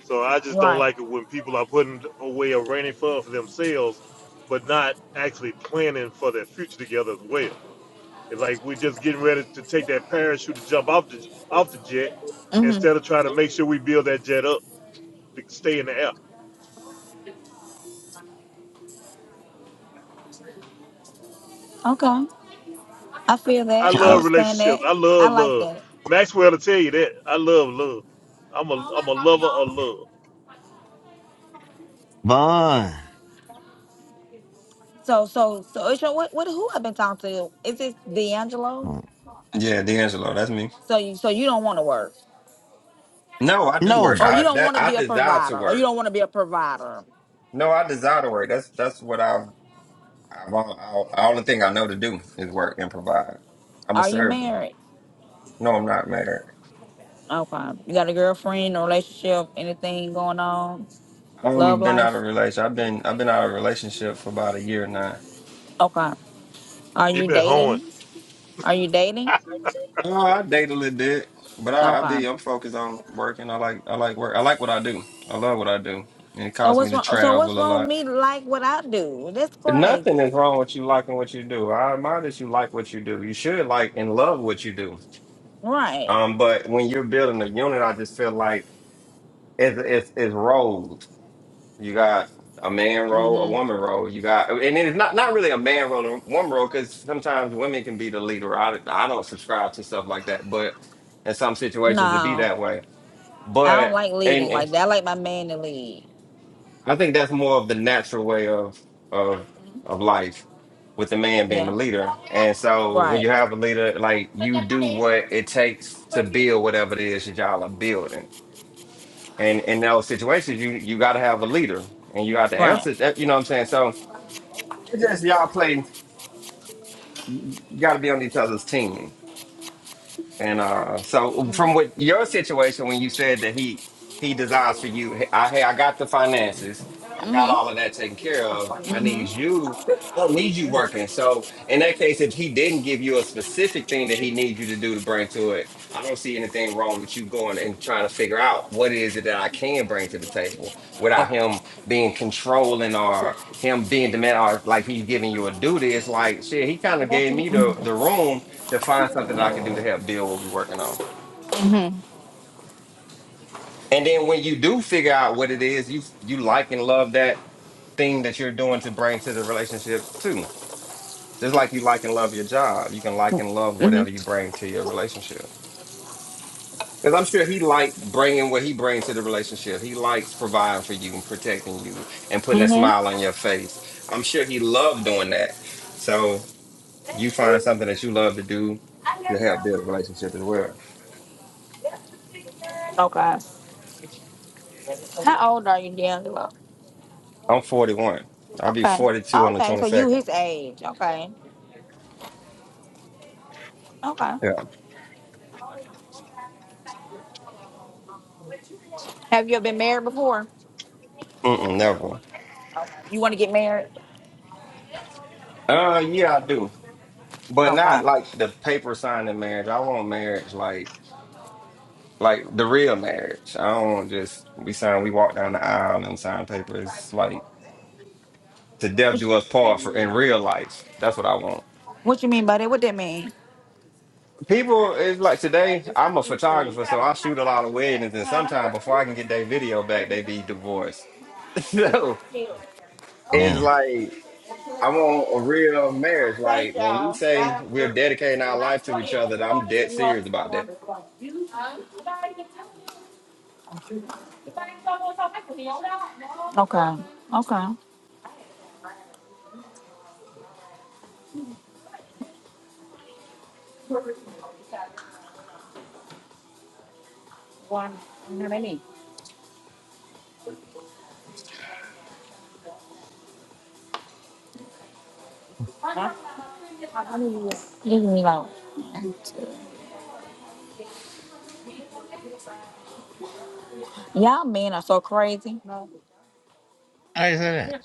So I just don't
Right.
like it when people are putting away a rainy fund for themselves, but not actually planning for their future together as well. It's like we're just getting ready to take that parachute to jump off the off the jet
Mm-hmm.
instead of trying to make sure we build that jet up to stay in the air.
Okay. I feel
I
that. I
love
Yeah. <laughs>
understand that.
relationships. I
I
love
like
love.
that.
Maxwell to tell you that I love love. I'm a I'm a lover of love.
Uh, Vaughn.
So, so, so, it's your, what, what, who I've been talking to? Is it D'Angelo?
yeah, D'Angelo, that's me.
So you, so you don't want to work,
No, I do
No,
work.
or
I
you don't
that
want to
I
be a
desire to
provider, or you
work.
don't want to be a provider.
No, I desire to work. That's that's what I've I've all, all, all the thing I know to do is work and provide. I'm a
Are you
servant.
married?
No, I'm not married.
Okay. You got a girlfriend, a relationship, anything going on? Love
I'm been out
life?
of relation. I've been I've been out of relationship for about a year now.
Okay. Are
He
you
been hoeing.
dating? Are you dating?
Oh, I date a little bit, but I, I
Okay.
be I'm focused on working. I like I like work. I like what I do. I love what I do, and it
So
caused me
what's
to
wrong? So what's
travel a
wrong with
lot.
me to like what I do? That's
Nothing
crazy.
is wrong with you liking what you do. I admire that you like what you do. You should like and love what you do.
Right.
Um, but when you're building a unit, I just feel like it's it's, it's roles. You got a man role, a
Mm-hmm.
woman role. You got, and it's not not really a man role and a woman role because sometimes women can be the leader. I I don't subscribe to stuff like that, but in some situations it be
No.
that way.
I don't
But
like
and,
leading like
and
that. I like my man to lead.
I think that's more of the natural way of of of life with the man being the
Yeah.
leader. And so when
Right.
you have a leader, like you do what it takes to build whatever it is that y'all are building. And in those situations, you you got to have a leader, and you got to
Right.
answer that. You know what I'm saying? So It's just y'all play. You got to be on each other's team. And uh, so from what your situation when you said that he he desires for you, hey, I hey, I got the finances, I got
Mhm.
all of that taken care of. I need
Mhm.
you. I don't need you working. So in that case, if he didn't give you a specific thing that he needs you to do to bring to it, I don't see anything wrong with you going and trying to figure out what it is that I can bring to the table without him being controlling or him being demand or like he's giving you a duty. It's like shit, he kind of gave me the the room to find something that I can do to help build what we're working on. And then when you do figure out what it is, you you like and love that thing that you're doing to bring to the relationship too. Just like you like and love your job, you can like and love whatever
Mhm.
you bring to your relationship. Because I'm sure he liked bringing what he brings to the relationship. He likes providing for you and protecting you and putting a
Mhm.
smile on your face. I'm sure he loved doing that. So you find something that you love to do to help build a relationship as well.
Okay. How old are you, D'Angelo?
I'm 41. I'll be
Okay.
42 on the
Okay. So you
22nd.
his age. Okay. Okay.
Yeah.
Have you ever been married before?
Mm-mm, never.
You want to get married?
Uh, yeah, I do, but
Okay.
not like the paper signing marriage. I want marriage like like the real marriage. I don't want just we sign. We walk down the aisle and sign papers like to death do us part for in real life. That's what I want.
What you mean by that? What that mean?
People is like today. I'm a photographer, so I shoot a lot of weddings, and sometimes before I can get their video back, they be divorced. <laughs> so it's
damn.
like. I want a real marriage. Like
Thank
when we
y'all.
say we're dedicating our life to each other, I'm dead serious about that.
Okay. Okay. Huh? Leave me alone. Y'all men are so crazy.
I didn't say that.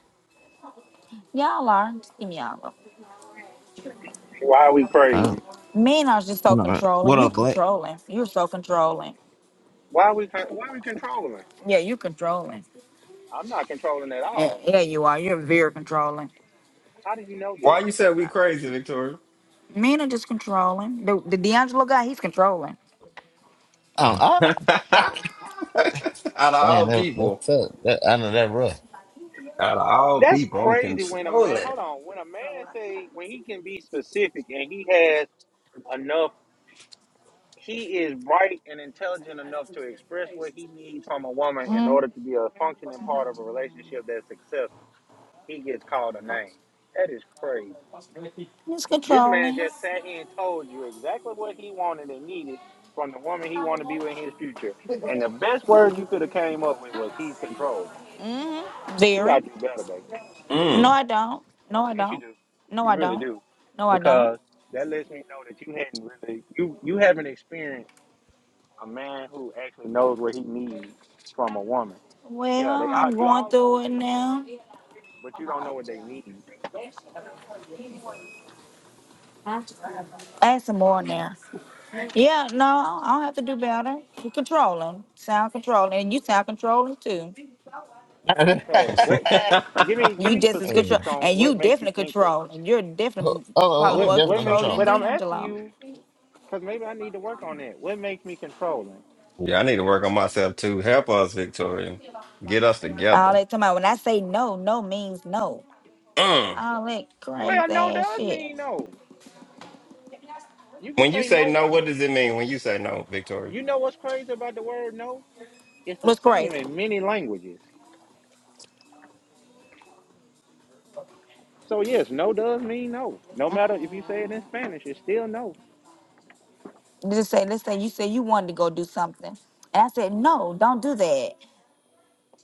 Y'all are. Just leave me alone.
Why are we
Oh, I
crazy?
Men are just so
don't know.
controlling.
What
You
up, Black?
controlling. You're so controlling.
Why are we con- why are we controlling?
Yeah, you controlling.
I'm not controlling at
Yeah,
all.
yeah, you are. You're very controlling.
How do you know
Why
this?
you say we crazy, Victoria?
Men are just controlling. The, the D'Angelo guy, he's controlling.
Oh,
<laughs>
ah.
out
<laughs>
of
damn,
all
that that
people,
tough. That, I know that rough.
out of all
That's
people, I'm
crazy when a man,
controlling.
hold on, when a man say, when he can be specific and he has enough, he is bright and intelligent enough to express what he needs from a woman in
Mm,
order to be a functioning part of a relationship that's successful. He gets called a name. That is crazy.
he's
This man
controlling.
just sat here and told you exactly what he wanted and needed from the woman he wanted to be with in his future. And the best words you could have came up with was he's controlling.
hmm
You gotta
Very.
do better,
No,
Mm.
I don't. No, I
Yes, you
don't.
do.
No,
You
I
really
don't.
do,
No, I don't.
because that lets me know that you hadn't really you you haven't experienced a man who actually knows what he needs from a woman.
Well,
Yeah, they
I'm
all you
going
all know what
through it
they want,
now.
but you don't know what they need.
Add some more now. Yeah, no, I don't have to do better. You controlling. Sound controlling. And you sound controlling too.
That sound Controlling.
<laughs>
What?
<laughs> yeah,
Give me
I
give
You
me
just as
Damn.
control
specifics on
and you
what makes you
definitely
think that.
controlling. You're definitely
oh, oh,
probably
who
What
more
what
definitely
makes
controlled
you?
control?
than
But
me?
I'm asking
D'Angelo.
you because maybe I need to work on that. What makes me controlling?
need to work on myself too. Help us, Victoria. Get us
All
together.
that time when I say no, no means no.
Mm.
All that crazy
Well, no
ass
does
shit.
mean no. You can
When you
say
say
no.
no, what does it mean when you say no, Victoria?
You know what's crazy about the word no? It's the
What's
same
crazy?
in many languages. So yes, no does mean no. No matter if you say it in Spanish, it's still no.
Just say, let's say you say you wanted to go do something, and I said no, don't do that.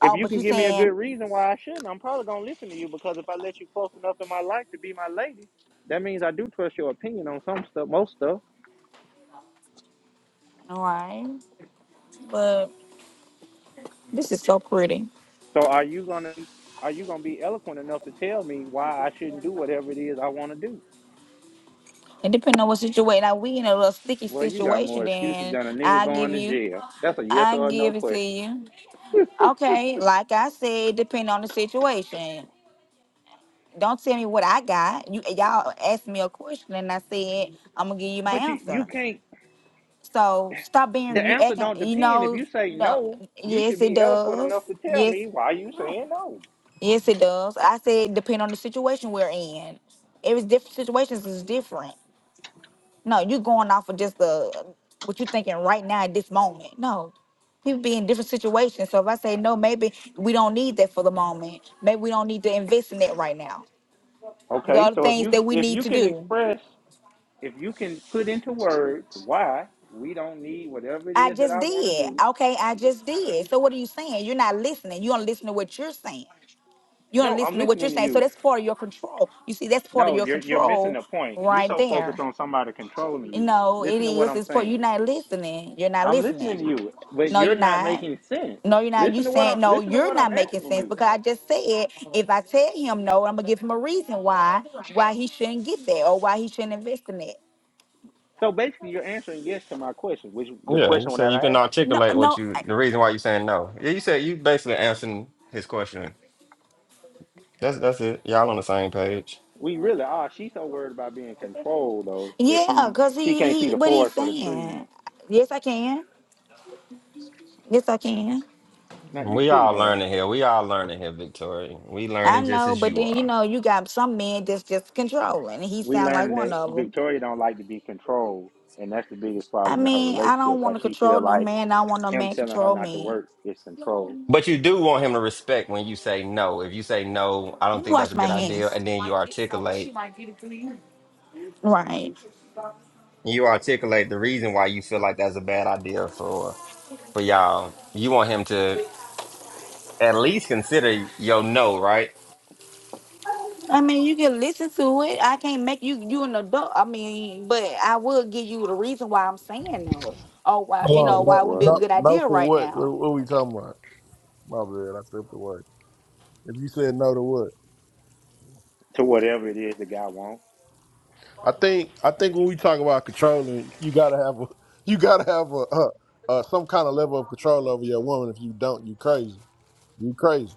If
Oh,
you
but
can
you
give me a good
saying,
reason why I shouldn't, I'm probably gonna listen to you because if I let you close enough in my life to be my lady, that means I do trust your opinion on some stuff, most stuff.
all right, but this is so pretty.
So are you gonna are you gonna be eloquent enough to tell me why I shouldn't do whatever it is I want to do?
And depending on what situation, now we in a little sticky
Well, you got
situation,
more excuses
then
than a nigga
I give
going to
you,
jail. That's a yes
I
or a no
give it to
question.
you. Okay, like I said, depending on the situation. Don't tell me what I got. You y'all asked me a question, and I said I'm gonna give you my
But you you
answer.
can't
So stop being
The
you
answer
acting.
don't
You
depend. If
know,
you say
no.
no, you should
Yes, it
be eloquent
does.
enough to tell
Yes,
me why you saying no.
yes, it does. I said depend on the situation we're in. Every different situations is different. No, you going off of just the what you thinking right now at this moment. No, people be in different situations. So if I say no, maybe we don't need that for the moment. Maybe we don't need to invest in that right now. We
Okay,
got other
so if
things
you
that we
if
need
you
to
can
do.
express, if you can put into words why we don't need whatever it
I
is that
just
I want to
did.
do.
Okay, I just did. So what are you saying? You're not listening. You don't listen to what you're saying. You don't
No, I'm
listen to what
listening
you're
to
saying. So
you.
that's part of your control. You see, that's part of
No,
your
you're you're missing
control
the point. You're
right
so focused
there.
on somebody controlling
You
you.
know, it
Listen to what
is.
I'm
It's part you're
saying.
not listening. You're not
I'm listening
listening.
to you, but
No,
you're
you're
not
not.
making sense.
No, you're not. You
Listen to what I'm
saying no,
listen to
you're
what I'm
not making
asking
sense
you.
because I just said if I tell him no, I'm gonna give him a reason why why he shouldn't get that or why he shouldn't invest in it.
So basically, you're answering yes to my question, which the
Yeah, you
question that
say you
I
can
asked.
No,
articulate what
no,
you
I-
the reason why you saying no. Yeah, you said you basically answering his question. That's that's it. Y'all on the same page.
We really are. She's so worried about being controlled though that
yeah,
she
cause
she can't
he
see
he
the
what he's
forest for the trees.
saying. Yes, I can. Yes, I can.
Now you
We
couldn't
all
have.
learning here. We all learning here, Victoria. We
I
learning just
know,
as
but
you
then you
are.
know you got some men that's just controlling. and He
We
sound like
learning
one
that
of them.
Victoria don't like to be controlled, and that's the biggest
I
problem in her
mean, I
relationship
don't want
because
to
she feel
control no
like
man. I don't want no
him
man
telling her
control
not to
me.
work is control.
But you do want him to respect when you say no. If you say no, I don't
Let me
think that's
wash
a
my
good idea,
hands.
and then you articulate
Right.
you articulate the reason why you feel like that's a bad idea for for y'all. You want him to at least consider your no, right?
I mean, you can listen to it. I can't make you you an adult. I mean, but I will give you the reason why I'm saying no, or why
Hold
you
on.
know
Oh
why
No
it wouldn't be a
no
brother,
good
no
idea
for
right
what? What,
now.
what we talking about? My bad. I stepped away. If you said no to what?
to whatever it is the guy wants.
I think I think when we talk about controlling, you gotta have a <laughs> you gotta have a, a, a some kind of level of control over your woman. If you don't, you crazy. You crazy.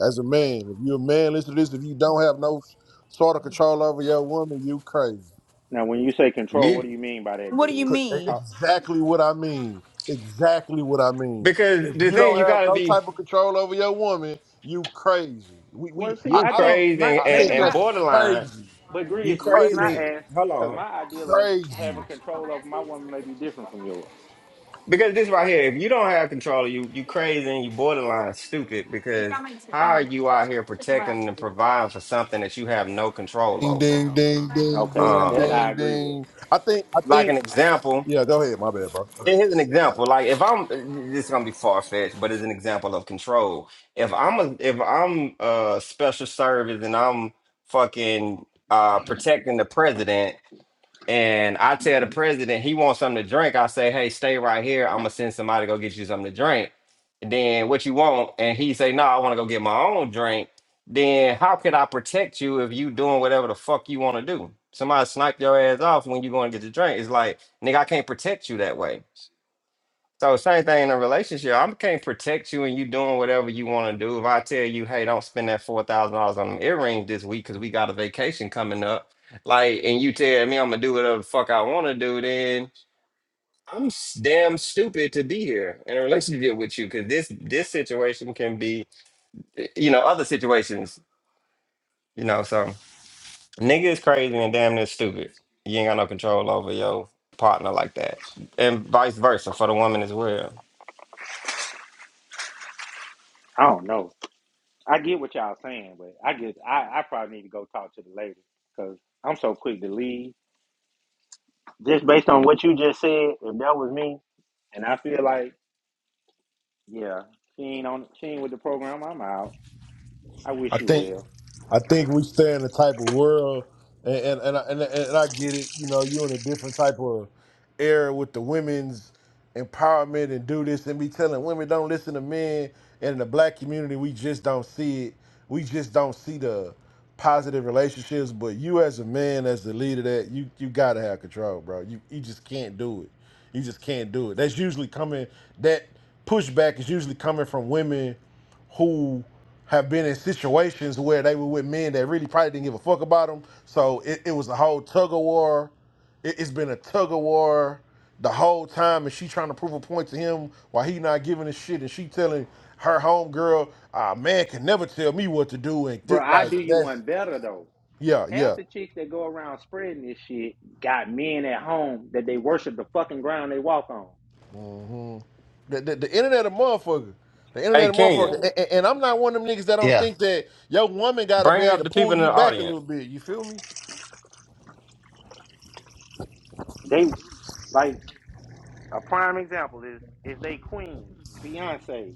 As a man, if you're a man, listen to this. If you don't have no sort of control over your woman, you crazy.
Now when you say control, what
You
do you mean by that,
What do you
Grizz?
C- e,
mean?
Talk.
Exactly what I mean. Exactly what I mean.
because
If
the
you
thing
don't
you
have
gotta
no
be
type of control over your woman, you crazy. We we
Well, see,
I,
you
I
I don't
think
crazy
my
and,
I think
maybe
and
my
that's
borderline.
crazy.
but
You
Grizz, the reason
Crazy.
crazy.
I asked
Hold
because
on.
my idea of having
Crazy.
control over my woman may be different from yours.
Because this right here, if you don't have control, you you crazy and you borderline stupid. Because how are you out here protecting and providing for something that you have no control
Ding
over?
ding ding ding
Okay, now
ding
that
Um,
I
ding
agree with.
ding. I think I
like an
think
example,
yeah, go ahead, my bad, bro. Go ahead.
and here's an example. Like if I'm, this is gonna be far fetched, but it's an example of control. If I'm a, if I'm a special service and I'm fucking uh protecting the president and I tell the president he wants something to drink, I say, hey, stay right here. I'm gonna send somebody to go get you something to drink. Then what you want? And he say, no, I want to go get my own drink. Then how can I protect you if you doing whatever the fuck you want to do? Somebody snipe your ass off when you going to get the drink. It's like, nigga, I can't protect you that way. So same thing in a relationship. I can't protect you and you doing whatever you want to do. If I tell you, hey, don't spend that four thousand dollars on them earrings this week because we got a vacation coming up, like, and you tell me I'm gonna do whatever the fuck I want to do, then I'm s- damn stupid to be here in a relationship with you because this this situation can be, y- you know, other situations, you know. So nigga is crazy and damn near stupid. You ain't got no control over your partner like that, and vice versa for the woman as well.
I don't know. I get what y'all saying, but I guess I, I probably need to go talk to the lady because I'm so quick to leave. Just based on what you just said, if that was me, and I feel like, yeah, she ain't on, she ain't with the program. I'm out. I
I
wish you
think
well,
I think we stay in a type of world, and and and I, and, I- and I get it. You know, you're in a different type of era with the women's empowerment and do this and be telling women don't listen to men. And in the black community, we just don't see it. We just don't see the positive relationships. But you, as a man, as the leader, that you you gotta have control, bro. You you just can't do it. You just can't do it. That's usually coming. That pushback is usually coming from women who have been in situations where they were with men that really probably didn't give a fuck about them. So it, it was a whole tug of war. It, it's been a tug of war the whole time, and she trying to prove a point to him while he not giving a shit, and she telling her homegirl, "Ah, man can never tell me what to do," and di-
bro. I
like
do you
that's
one better though.
yeah,
Half
yeah.
the chicks that go around spreading this shit got men at home that they worship the fucking ground they walk on.
hmm The, the, the internet a motherfucker. The
Hey,
internet a motherfucker,
Kenya.
and, and and I'm not one of them niggas that don't
Yeah,
think that your woman gotta be
Bring up
able
the
to pull
people in
you
the
back a
audience.
little bit. You feel me?
They like a prime example is is they queen Beyonce.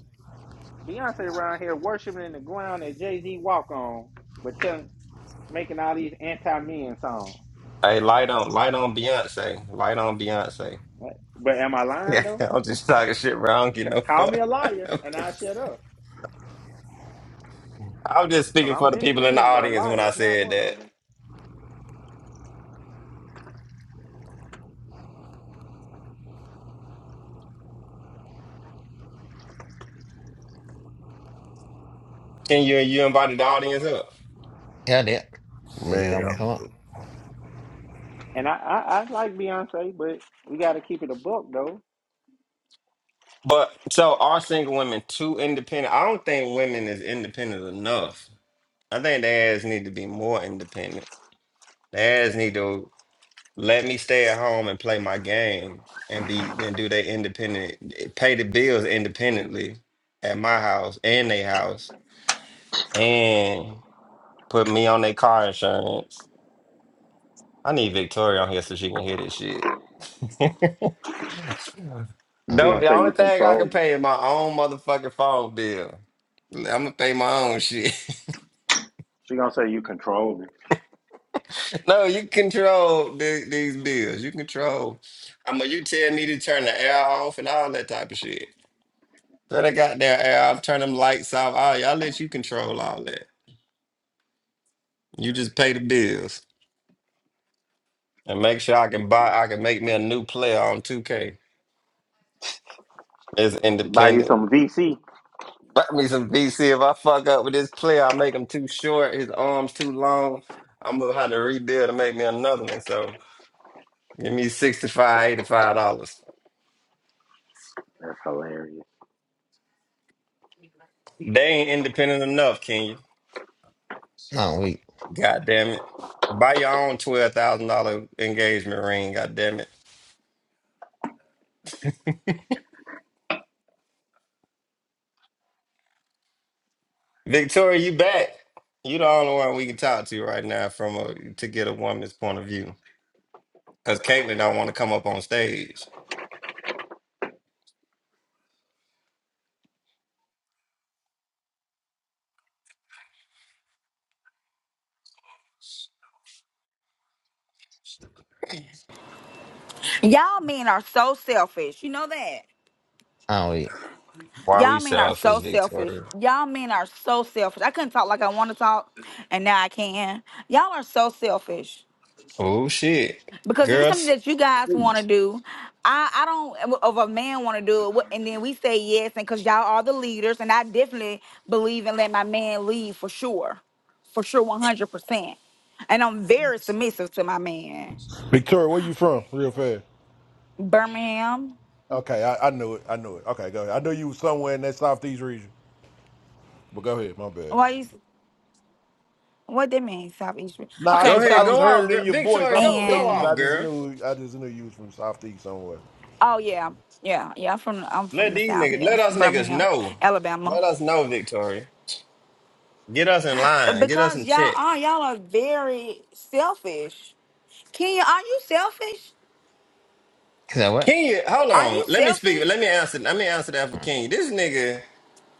Beyonce around here worshiping in the ground that Jay Z walk on, but telling, making all these anti men songs.
Hey, light on, light on Beyonce, light on Beyonce. <laughs>
Right? But am I lying
Yeah,
though?
I'm just talking shit, bro. I don't get
C-
no
call me
fuck.
a liar and I shut up.
<laughs> I'm just
Cause
speaking
I'm
for the
many
people in the
things, but a
audience when I
liar is not
said
one of
that.
them.
Can you you invited the audience up?
yeah, I did. They did. I'm gonna
Man.
come up.
And I, I, I like Beyonce, but we got to keep it a book though.
But so are single women too independent? I don't think women is independent enough. I think their ass need to be more independent. Their ass need to. let me stay at home and play my game and be then do they independent pay the bills independently at my house and they house and put me on their car insurance. I need Victoria on here so she can hear this shit. <laughs>
I
She
don't
No,
gonna
eat.
the
say you
only thing I can
controlling.
pay is my own motherfucking phone bill. I'm gonna pay my own shit.
She gonna say you controlling.
<laughs> no, you control the, these bills. You control. I mean, you tell me to turn the air off and all that type of shit. Let that goddamn air off, turn them lights off. All y'all let you control all that. You just pay the bills and make sure I can buy. I can make me a new player on 2K as
Buy you
independent.
some VC.
Buy me some VC. If I fuck up with this player, I make him too short, his arms too long. I'm gonna have to rebuild and make me another one. So give me sixty five, eighty five dollars.
That's hilarious.
They ain't independent enough, can you?
I don't eat.
God damn it! Buy your own twelve thousand dollar engagement ring. God damn it! Victoria, you back. You the only one we can talk to right now from a to get a woman's point of view. Cause Caitlyn don't want to come up on stage.
Y'all men are so selfish. You know that.
I don't eat.
Why we
Y'all men are
selfish,
so selfish.
Victoria?
Y'all men are so selfish. I couldn't talk like I want to talk, and now I can. Y'all are so selfish.
Oh shit.
Because if it's
Girl,
something that you guys want to
please.
do, I, I don't, of a man want to do it, wh- and then we say yes, and because y'all are the leaders, and I definitely believe in let my man lead for sure. For sure, 100%. And I'm very submissive to my man.
Victoria, where you from? Real fast.
Birmingham,
Okay, I, I knew it. I knew it. Okay, go ahead. I knew you was somewhere in that southeast region, but go ahead. My bad.
why you, s- what that mean, South East?
Nah, I
Go
Okay,
just
ahead,
I
so,
go
just heard
off,
it
girl.
in your voice.
Victoria,
I'm from
go, go
Texas.
and
off,
I just
girl.
knew I just knew you was from southeast somewhere.
Oh yeah, yeah, yeah. I'm from I'm
Let
from the
these
South.
niggas let
Yes,
us niggas
Birmingham,
know.
Alabama.
Let us know, Victoria. Get us in
Uh,
line. Get us
Because
in
y'all
check.
are y'all are very selfish. Kenya, are you selfish?
Is that what?
Kenya, hold
Are
on.
you
Let me speak. Let
selfish?
me answer. Let me answer that for Kenya. This nigga.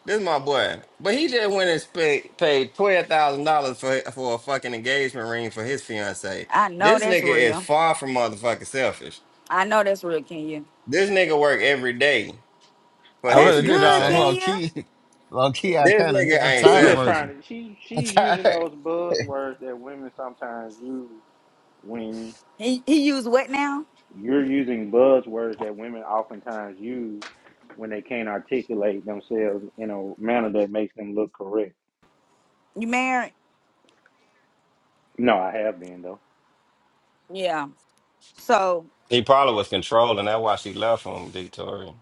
This is my boy. But he just went and sp- paid twelve thousand dollars for for a fucking engagement ring for his fiance.
I know
This
that's
nigga is
real.
far from motherfucking selfish.
I know that's real, Kenya.
This nigga work every day for
I
his
That's
really do,
good,
dog. I'm
fiance.
low
Kenya.
key. <laughs> Low key, I
This
kind of do.
nigga
I'm
ain't
She's
tired of
just
selfish.
working.
trying to. She
<laughs> I'm
she's using
tired.
those buzzwords that women sometimes use when
He he used what now?
You're using buzzwords that women oftentimes use when they can't articulate themselves in a manner that makes them look correct.
You married?
No, I have been though.
Yeah. So
He probably was controlling. That's why she left him, Victoria.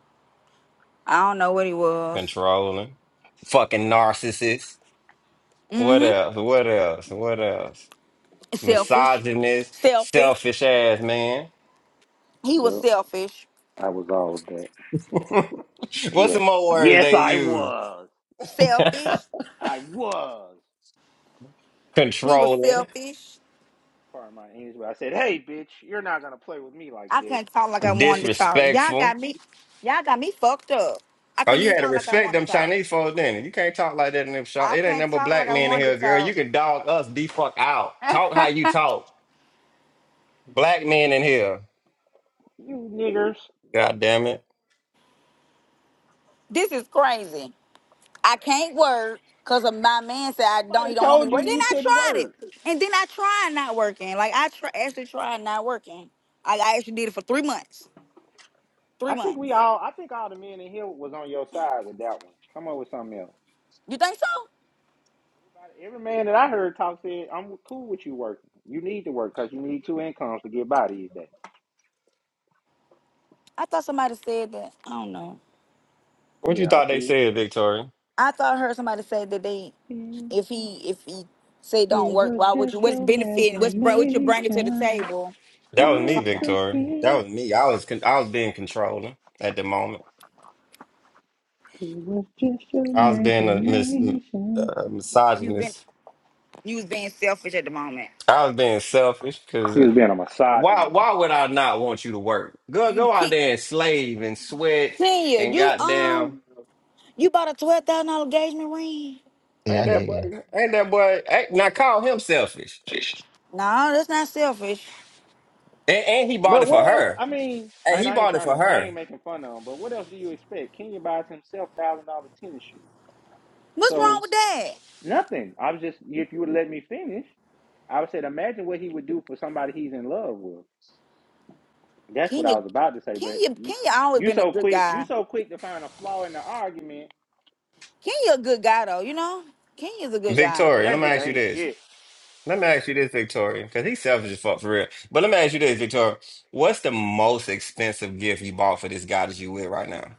I don't know what he was.
Controlling. Fucking narcissist. What
Mm-hmm.
else? What else? What else?
Selfish.
Misogynist,
Selfish.
selfish ass man.
He was
Yep.
selfish.
I was all of that.
<laughs> What's some
Yes.
more words
Yes,
they
I
use?
was.
<laughs>
Selfish.
I was.
He was
controlling,
selfish.
Pardon my English, but I said, hey, bitch, you're not going to play with me like
I
this.
couldn't talk like I wanted to talk. Y'all
disrespectful.
got me, y'all got me fucked up. I
Oh,
couldn't
you
even
had to
talk like I
respect
wanted
them
to talk.
Chinese folks, then. You You can't talk like that in them shop.
I
It
can
ain't
not
number
talk like
black
I
men in
wanted
here,
to
girl.
talk.
You can dog us the fuck out. Talk how
<laughs>
you talk. Black men in here.
You niggers.
God damn it.
this is crazy. I can't work because of my man said I don't.
Nobody
He don't want me to
told you
work. Then
you
I
couldn't
tried it,
work.
and then I tried not working. Like I tr- actually tried not working. I, I actually did it for three months.
I
Three
think we
months.
all, I think all the men in here was on your side with that one. Come up with something else.
You think so?
Every man that I heard talk said, I'm cool with you working. You need to work because you need two incomes to get by these days.
I thought somebody said that. I don't know.
What you
Yeah, I
thought they
see.
said, Victoria?
I thought I heard somebody say that they,
It,
if he if he say don't
it
work,
was
why would
just
you? What's
your
benefiting? What's br- what you bringing to the
imagination.
table
That was
or
me,
Once
something?
Victoria. That
again,
was me. I was con- I was being controlling at the moment.
it was just your
I was being a mis-
imagination.
uh,
You've been
misogynist.
you was being selfish at the moment.
I was being selfish
He was being a
Why
misogynist.
why would I not want you to work? Go
You
go out
can't.
there and slave and sweat
Tanya,
and
you
goddamn.
um, you bought a twelve thousand dollar engagement ring.
Yeah,
Ain't
I
that
did.
boy?
Yeah.
Ain't that boy? Ain't, now call him selfish.
No, that's not selfish.
And, and he bought it
But
for
what else?
her.
I mean,
And
and
he
I ain't
bought it
trying
for
to, I
her.
ain't making fun of him, but what else do you expect? Kenya buys himself $1,000 tennis shoes.
What's
So
wrong with that?
Nothing. I was just if you would let me finish, I would say imagine what he would do for somebody he's in love with. That's what I
Kenya,
was about to say, but
Kenya,
you
Kenya always
you
been a
so
good
quick you
guy.
so quick to find a flaw in the argument.
Kenya a good guy though, you know. Kenya's a good guy.
Victoria, let
That
me
nigga
ask you
ain't
this.
shit.
Let me ask you this, Victoria, because he's selfish as fuck for real. But let me ask you this, Victoria. What's the most expensive gift you bought for this guy that you with right now?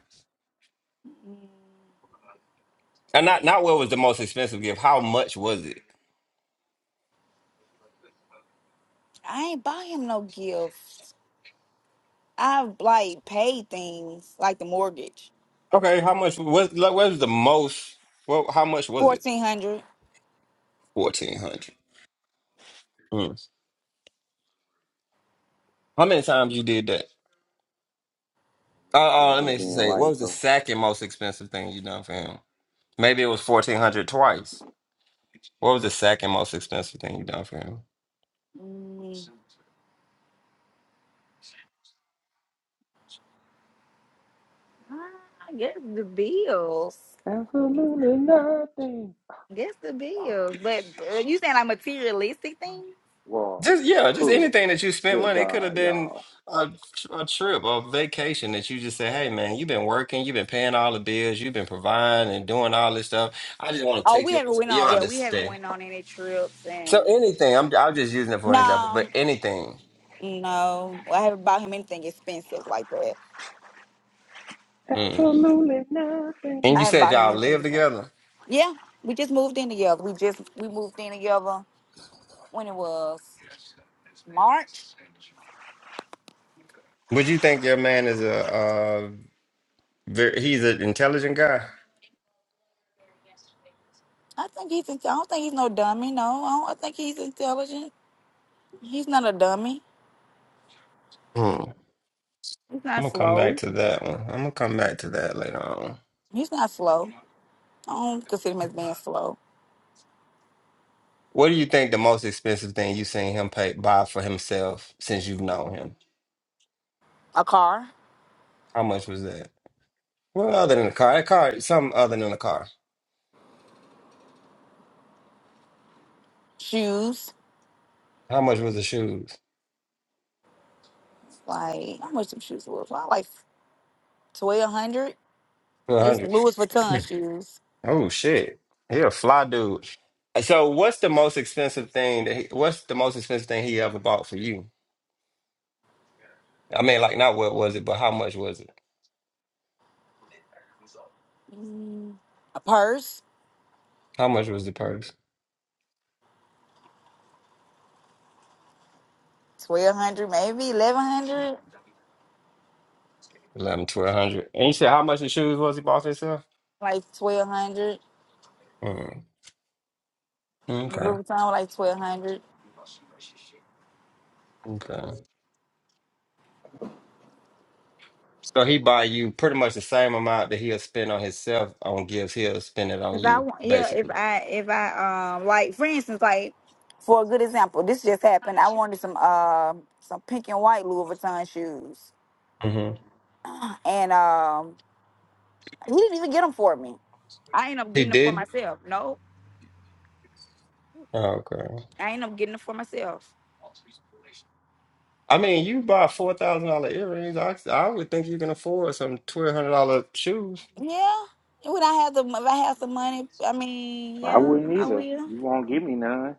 And not not what was the most expensive gift. How much was it?
I ain't buy him no gifts. I've like paid things like the mortgage.
Okay, how much? What, like, what was the most? Well, how much was it?
Fourteen hundred.
Fourteen hundred. Mm. How many times you did that?
It's
Uh, uh,
in
let
here
me
being
say, what
right
was the
though.
second most expensive thing you done for him? Maybe it was fourteen hundred twice. What was the second most expensive thing you done for him?
Mm, I guess the bills.
Absolutely nothing.
Guess the bills. But uh, you saying like materialistic things?
Well,
Just yeah, just
huh.
anything that you spent
Good
money. It could have
God,
been
y'all.
a, a trip, a vacation that you just said, "Hey man, you've been working, you've been paying all the bills, you've been providing and doing all this stuff. I just want to
Oh,
take
we
you out.
haven't
to-
went
You don't
on.
have
Yeah,
to
we haven't
spend."
went on any trips
So
and
anything, I'm I'm just using it for an example,
no,
but anything.
no. I haven't bought him anything expensive like that.
Mm.
Absolutely nothing.
And
I
you
haven't
said
bought him
y'all
anything
live
expensive.
together.
Yeah, we just moved in together. We just we moved in together when it was March.
Would you think your man is a uh very, he's an intelligent guy?
I think he's. inte- I don't think he's no dummy. No, I, don't, I think he's intelligent. He's not a dummy.
Hmm.
He's
I'm
not
gonna come
slow.
back to that one. I'm gonna come back to that later on.
He's not slow. I don't consider him as being slow.
What do you think the most expensive thing you seen him pay buy for himself since you've known him?
A car,
How much was that? Well, other than the car, that car, something other than the car.
shoes,
How much was the shoes?
like how much some shoes was? Well, like twelve hundred.
Two
They was
hundred.
Louis Vuitton shoes.
Oh shit! He a fly dude. So, what's the most expensive thing that he, what's the most expensive thing he ever bought for you? I mean, like not what was it, but how much was it?
A purse,
How much was the purse?
twelve hundred, maybe eleven hundred,
Eleven, twelve hundred. And you said how much the shoes was he bought himself?
like twelve hundred.
Mm.
The
Okay.
Louis Vuitton was like twelve hundred.
Okay. So he buy you pretty much the same amount that he'll spend on himself on gifts, he'll spend it on
If I
you,
want, yeah, if
basically.
I if I um like for instance, like for a good example, this just happened. I wanted some uh some pink and white Louis Vuitton shoes,
hmm
and um he didn't even get them for me. I ain't up
He
getting it for
did?
myself. No,
Okay.
I ain't up getting it for myself.
I mean, you buy four thousand dollar earrings. I I would think you can afford some twelve hundred dollar shoes
Yeah. Would I have the if I have some money? I mean,
I
yeah,
wouldn't
I
either.
will.
You won't give me none.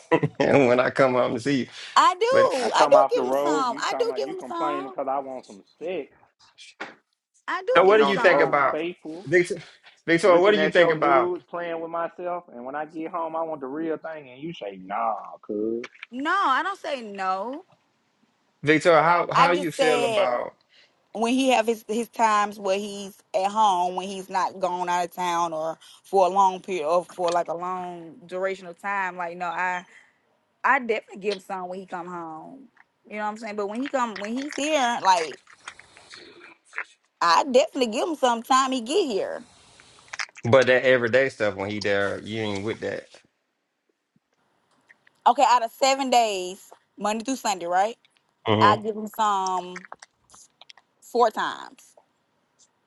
<laughs> And when I come home to see you.
I
But
I
do. I
come
do
off the
give them
road,
some.
you
I
talking
do
about
give
you
them
complaining
some.
because I want some sex.
I do
so,
I've
give
what
been
do
him
on
you
the
think
road
some.
about
faithful.
Victor? Victoria, what do
looking
you
at
think
your
about
news, playing with myself, and when I get home, I want the real thing. And you say, "Nah, cuz."
No, I don't say no.
Victoria? How
I
how you
just
feel
said
about?
when he have his his times where he's at home when he's not gone out of town or for a long period or for like a long duration of time. Like no, I I definitely give some when he come home. You know what I'm saying? But when he come when he's here, like I definitely give him some time he get here.
But that everyday stuff when he there, you ain't with that.
Okay, out of seven days, Monday through Sunday, right?
hmm
I give him some four times.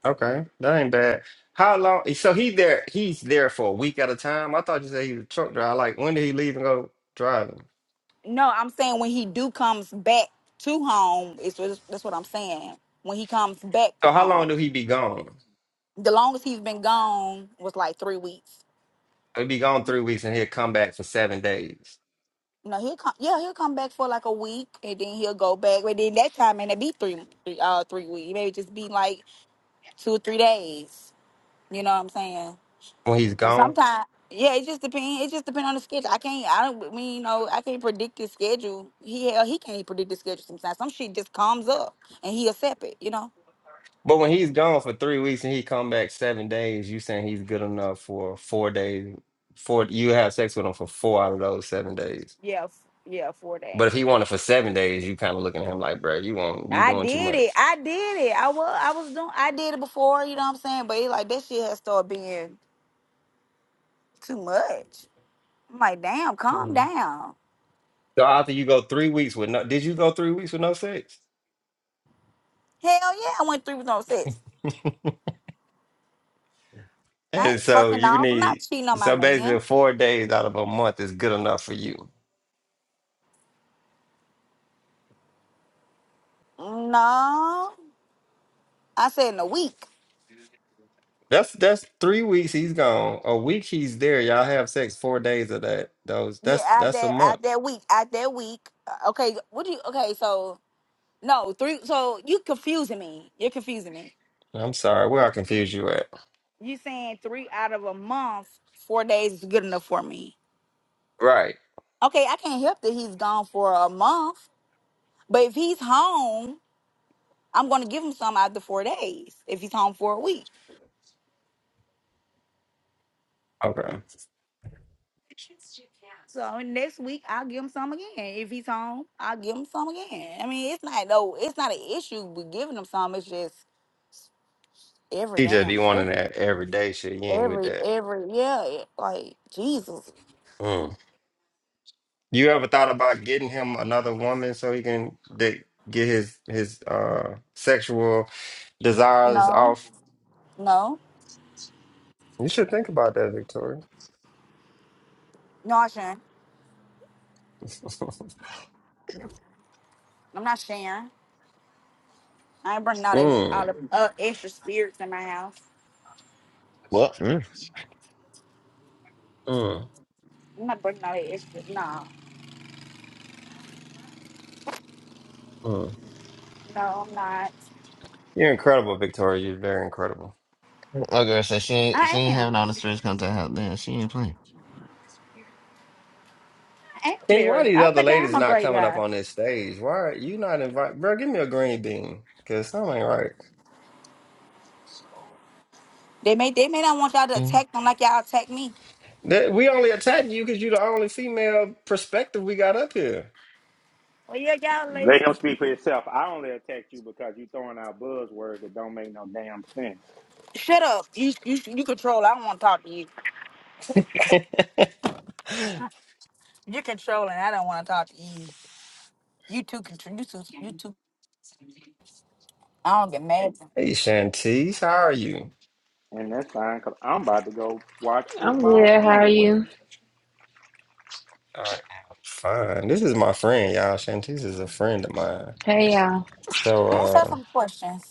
Okay, that ain't bad. How long? So he there? He's there for a week at a time. I thought you said he was a truck driver. Like when did he leave and go driving?
No, I'm saying when he do comes back to home, is what- that's what I'm saying. When he comes back
So how long
home,
do he be gone?
the longest he's been gone was like three weeks.
He be gone three weeks and he'll come back for seven days
No, he'll come. Yeah, he'll come back for like a week, and then he'll go back. But then that time, man, it be three, three, uh, three weeks. Maybe just be like two, three days. You know what I'm saying?
when he's
And
gone.
sometimes, yeah, it just depends. It just depends on the schedule. I can't. I don't I mean, you know, I can't predict his schedule. He hell, he can't predict the schedule sometimes. Some shit just comes up and he accept it. You know?
But when he's gone for three weeks and he come back seven days, you saying he's good enough for four days? Four you have sex with him for four out of those seven days.
Yeah, f- yeah, four
But if
days.
he wanted for seven days, you kind of looking at him like, bro, you want you
I
doing too
did it.
much.
I did it. I was. I was doing. I did it before. You know what I'm saying? But it like that shit has started being too much. I'm like, damn, calm
Mm.
down.
So after you go three weeks with no, did you go three weeks with no sex?
Hell yeah, I went three with no sex.
<laughs>
I
And
ain't
so
fucking
you
off. I'm not
need
cheating on my
so basically
man.
four days out of a month is good enough for you.
No. I said in a week.
That's that's three weeks he's gone. A week he's there. Y'all have sex four days of that. Those
Yeah,
that's
out
that's a
that
month.
out that week, out that week. Uh, Okay, what do you? Okay, so no three. So you confusing me. You're confusing me.
I'm sorry, where I confuse you at.
You saying three out of a month, four days is good enough for me.
Right.
Okay, I can't help that he's gone for a month, but if he's home, I'm gonna give him some after four days. If he's home for a week,
Okay.
so next week I'll give him some again. If he's home, I'll give him some again. I mean, it's not no, it's not an issue with giving him some. It's just every
He just be
damn day.
wanting that every day shit. You ain't with
Every
that.
every yeah, it- like Jesus.
Mm. You ever thought about getting him another woman so he can de- get his his uh sexual desires
No,
off?
no,
You should think about that, Victoria.
no. I shouldn't.
<laughs>
I'm not sharing. I ain't bringing all the all
mm,
the uh, extra spirits in my house.
Well, mm.
mm,
I'm not bringing all the extra. No,
mm.
no, I'm not.
You're incredible, Victoria. You're very incredible.
my girl said she ain't she
I
ain't having
am.
all the stress contact out there. She ain't playing.
I am
Kenny, why
very.
these
I
other
think I am
ladies
a
not
great
coming up
guy.
on this stage? Why are you not invited? Bro, give me a green bean because something ain't right.
They may they may not want y'all to
Mm.
attack them like y'all attack me.
That, we only attack you because you're the only female perspective we got up here.
Well, yeah, y'all ladies.
Let him speak for himself. I only attack you because you throwing out buzzwords that don't make no damn sense,
Shut up. You you you control. I don't want to talk to you.
<laughs> hey,
You're controlling. I don't want to talk to you. You too control. You too. You too. I don't get mad.
Shantice, how are you?
and that's fine. Cause I'm about to go watch
I'm good.
football
How are
anyway.
you?
I am fine. This is my friend, y'all. Shantice is a friend of mine.
Hey, y'all.
So
Ask her
uh
some questions.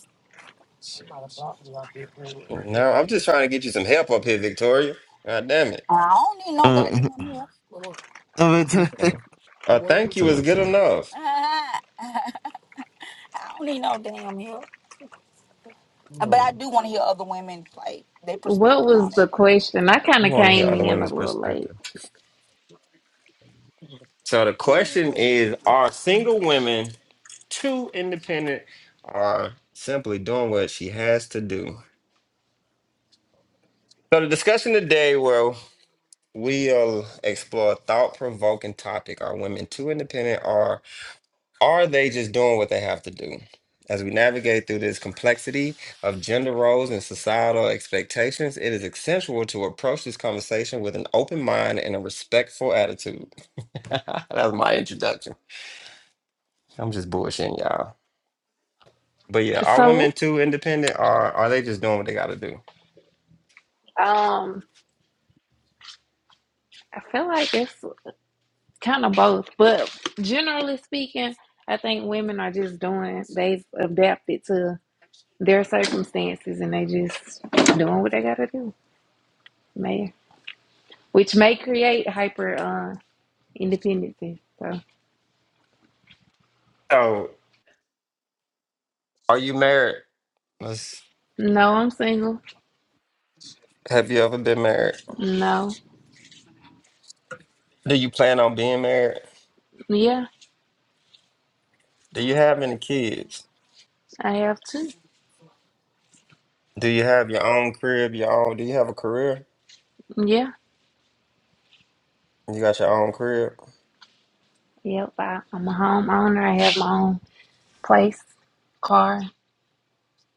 now I'm just trying to get you some help up here, Victoria. God damn it.
I don't need no
Uh,
goddamn help.
<laughs> I'm into <laughs>
Mhm. Uh, thank you is
into
good
it.
<laughs>
enough.
I don't need no damn help. But
Hmm.
I do want to hear other women like their
What
perspective
was
on it.
the question? I kind
We
of
want to hear
came
other
in a
women's
little late.
perspective. So the question is, are single women too independent or simply doing what she has to do? So the discussion today, well, we'll explore a thought-provoking topic. Are women too independent Are they just doing what they have to do? As we navigate through this complexity of gender roles and societal expectations, it is essential to approach this conversation with an open mind and a respectful attitude. <laughs> That was my introduction. I'm just bullshitting y'all. But yeah, are
So,
women too independent or are they just doing what they gotta do?
um, I feel like it's kind of both, but generally speaking, I think women are just doing, they've adapted to their circumstances and they just doing what they got to do, man, which may create hyper uh, independency. So,
So are you married? Let's,
no, I'm single.
have you ever been married?
No,
Do you plan on being married?
yeah,
Do you have any kids?
I have two.
Do you have your own crib, your own do you have a career?
Yeah.
You got your own crib?
Yep, I, I'm a homeowner. I have my own place, car.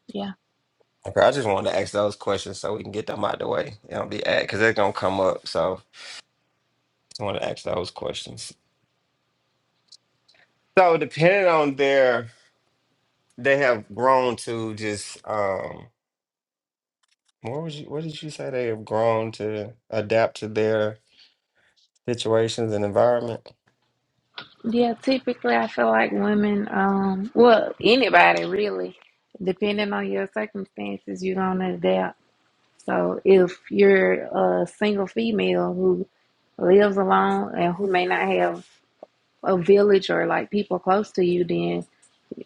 Yeah.
Okay, I just wanted to ask those questions so we can get them out the way. You know, be at because they're gonna come up. So I want to ask those questions. So depending on their, they have grown to just um. What would you? What did you say they have grown to adapt to their situations and environment?
Yeah, typically I feel like women, um, well, anybody really, depending on your circumstances, you're going to adapt. So if you're a single female who lives alone and who may not have a village or like people close to you, then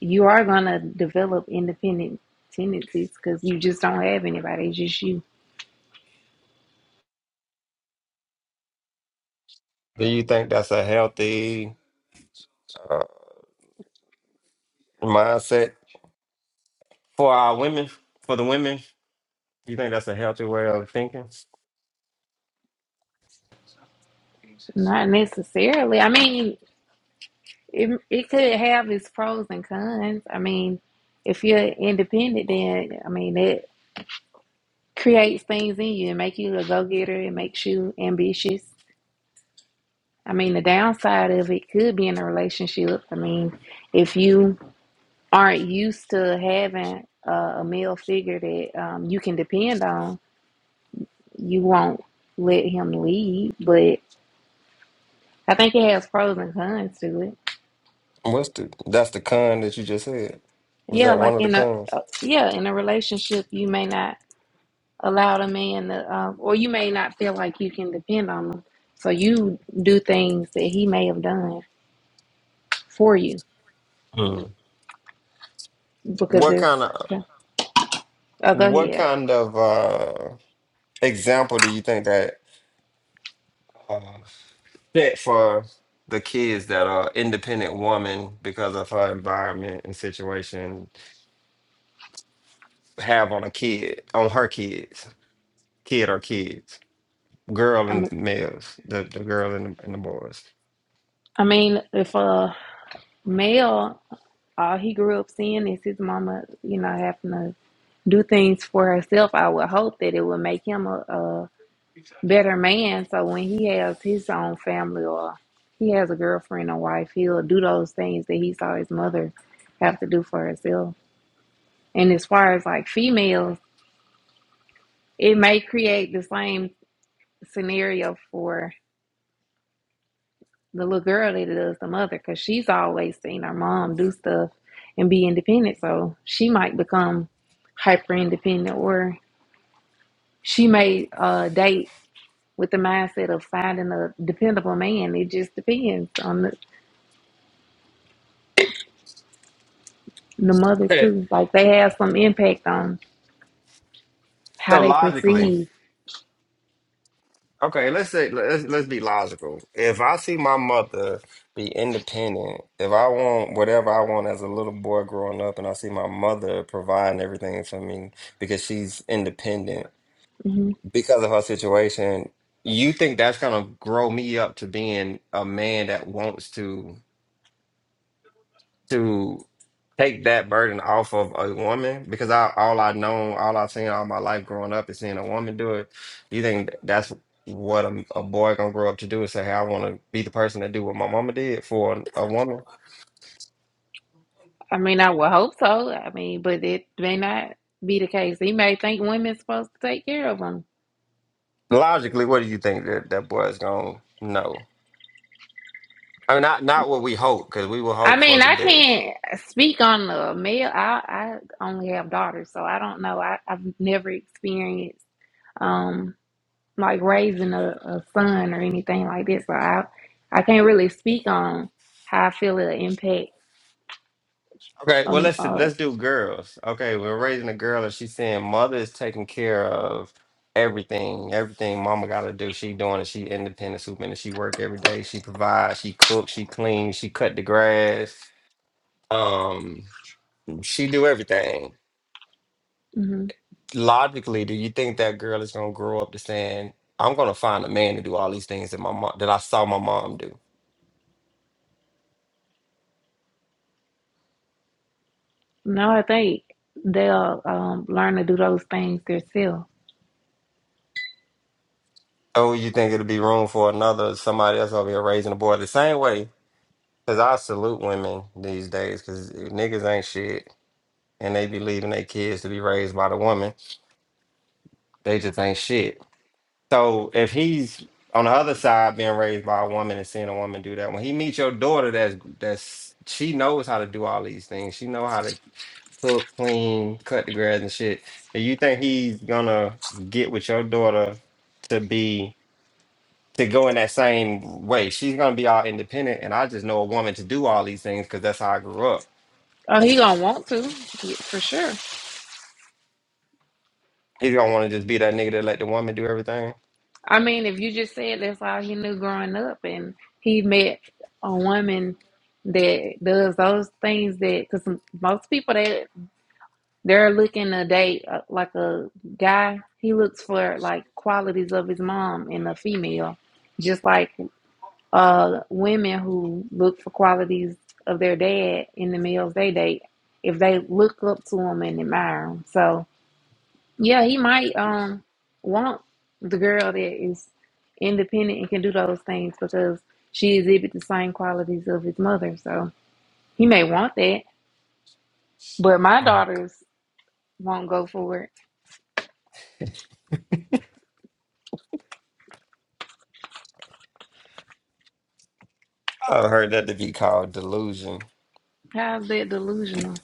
you are going to develop independent tendencies because you just don't have anybody. It's just you.
Do you think that's a healthy uh, mindset for our women? For the women, you think that's a healthy way of thinking?
Not necessarily. I mean, It it could have its pros and cons. I mean, if you're independent, then I mean it creates things in you and make you a go getter. It makes you ambitious. I mean, the downside of it could be in a relationship. I mean, if you aren't used to having a, a male figure that um, you can depend on, you won't let him lead. But I think it has pros and cons to it.
What's the? That's the con that you just said. Was
Yeah,
that one
like
of the
in a
cons?
uh, yeah in a relationship, you may not. allowed a man to, uh, or you may not feel like you can depend on him. So you do things that he may have done for you
Hmm.
because
What
it's,
kind of
yeah. oh, go
what
ahead.
kind of uh example do you think that uh, set for the kids that are independent woman because of her environment and situation have on a kid on her kids, kid or kids, girl
I
and
mean,
males, the, the girl and the, and the boys.
I mean, if a male, all he grew up seeing is his mama, you know, having to do things for herself, I would hope that it would make him a, a better man. So when he has his own family or he has a girlfriend or wife, he'll do those things that he saw his mother have to do for herself. And as far as like females, it may create the same scenario for the little girl that it does the mother because she's always seen her mom do stuff and be independent. So she might become hyper independent or she may uh, date with the mindset of finding a dependable man. It just depends on the, the mother,
Okay.
too. Like they have some impact on how
So
they
logically,
perceive.
Okay, let's say let's let's be logical. If I see my mother be independent, if I want whatever I want as a little boy growing up, and I see my mother providing everything for me because she's independent
Mhm.
because of her situation, you think that's gonna grow me up to being a man that wants to? to take that burden off of a woman because I, all I know, all I've seen all my life growing up is seeing a woman do it. You think that's what a, a boy gonna grow up to do is say, "Hey, I want to be the person that do what my mama did for a woman."
I mean, I would hope so. I mean, but it may not be the case. He may think women's supposed to take care of him.
Logically, what do you think that that boy is gonna know? I mean, not not what we hope because we will
I
hope for
mean,
the
I
best.
can't speak on the male. I, I only have daughters, so I don't know. I, I've never experienced um like raising a, a son or anything like this. So I I can't really speak on how I feel it impact.
Okay, well
Um,
let's
uh,
let's do girls. Okay, we're raising a girl and she's saying mother is taking care of everything. Everything mama gotta do, she doing it. She independent superintendent. She work every day. She provides, she cooks, she cleans, she cut the grass. Um, she do everything.
hmm
Logically, do you think that girl is gonna grow up to saying, I'm gonna find a man to do all these things that my mom that I saw my mom do?
no, I think they'll um learn to do those things themselves.
Oh, you think it'll be room for another somebody else over here raising the boy the same way? Cause I salute women these days, cause niggas ain't shit, and they be leaving their kids to be raised by the woman. They just ain't shit. So if he's on the other side being raised by a woman and seeing a woman do that, when he meets your daughter, that's that's she knows how to do all these things. She know how to cook, clean, cut the grass and shit. Do you think he's gonna get with your daughter to be? to go in that same way. She's gonna be all independent, and I just know a woman to do all these things because that's how I grew up.
Oh, he gonna want to yeah, for sure.
He's gonna want to just be that nigga that let the woman do everything.
I mean, if you just said that's all he knew growing up, and he met a woman that does those things that, because most people that they're looking to date uh, like a guy, he looks for like qualities of his mom in a female, just like uh women who look for qualities of their dad in the males they date. If they look up to him and admire him, so. Yeah, he might um want the girl that is independent and can do those things because she exhibits the same qualities of his mother. So he may want that, but my
Mm.
daughters won't go for it.
I heard that to be called delusion.
How's that delusional?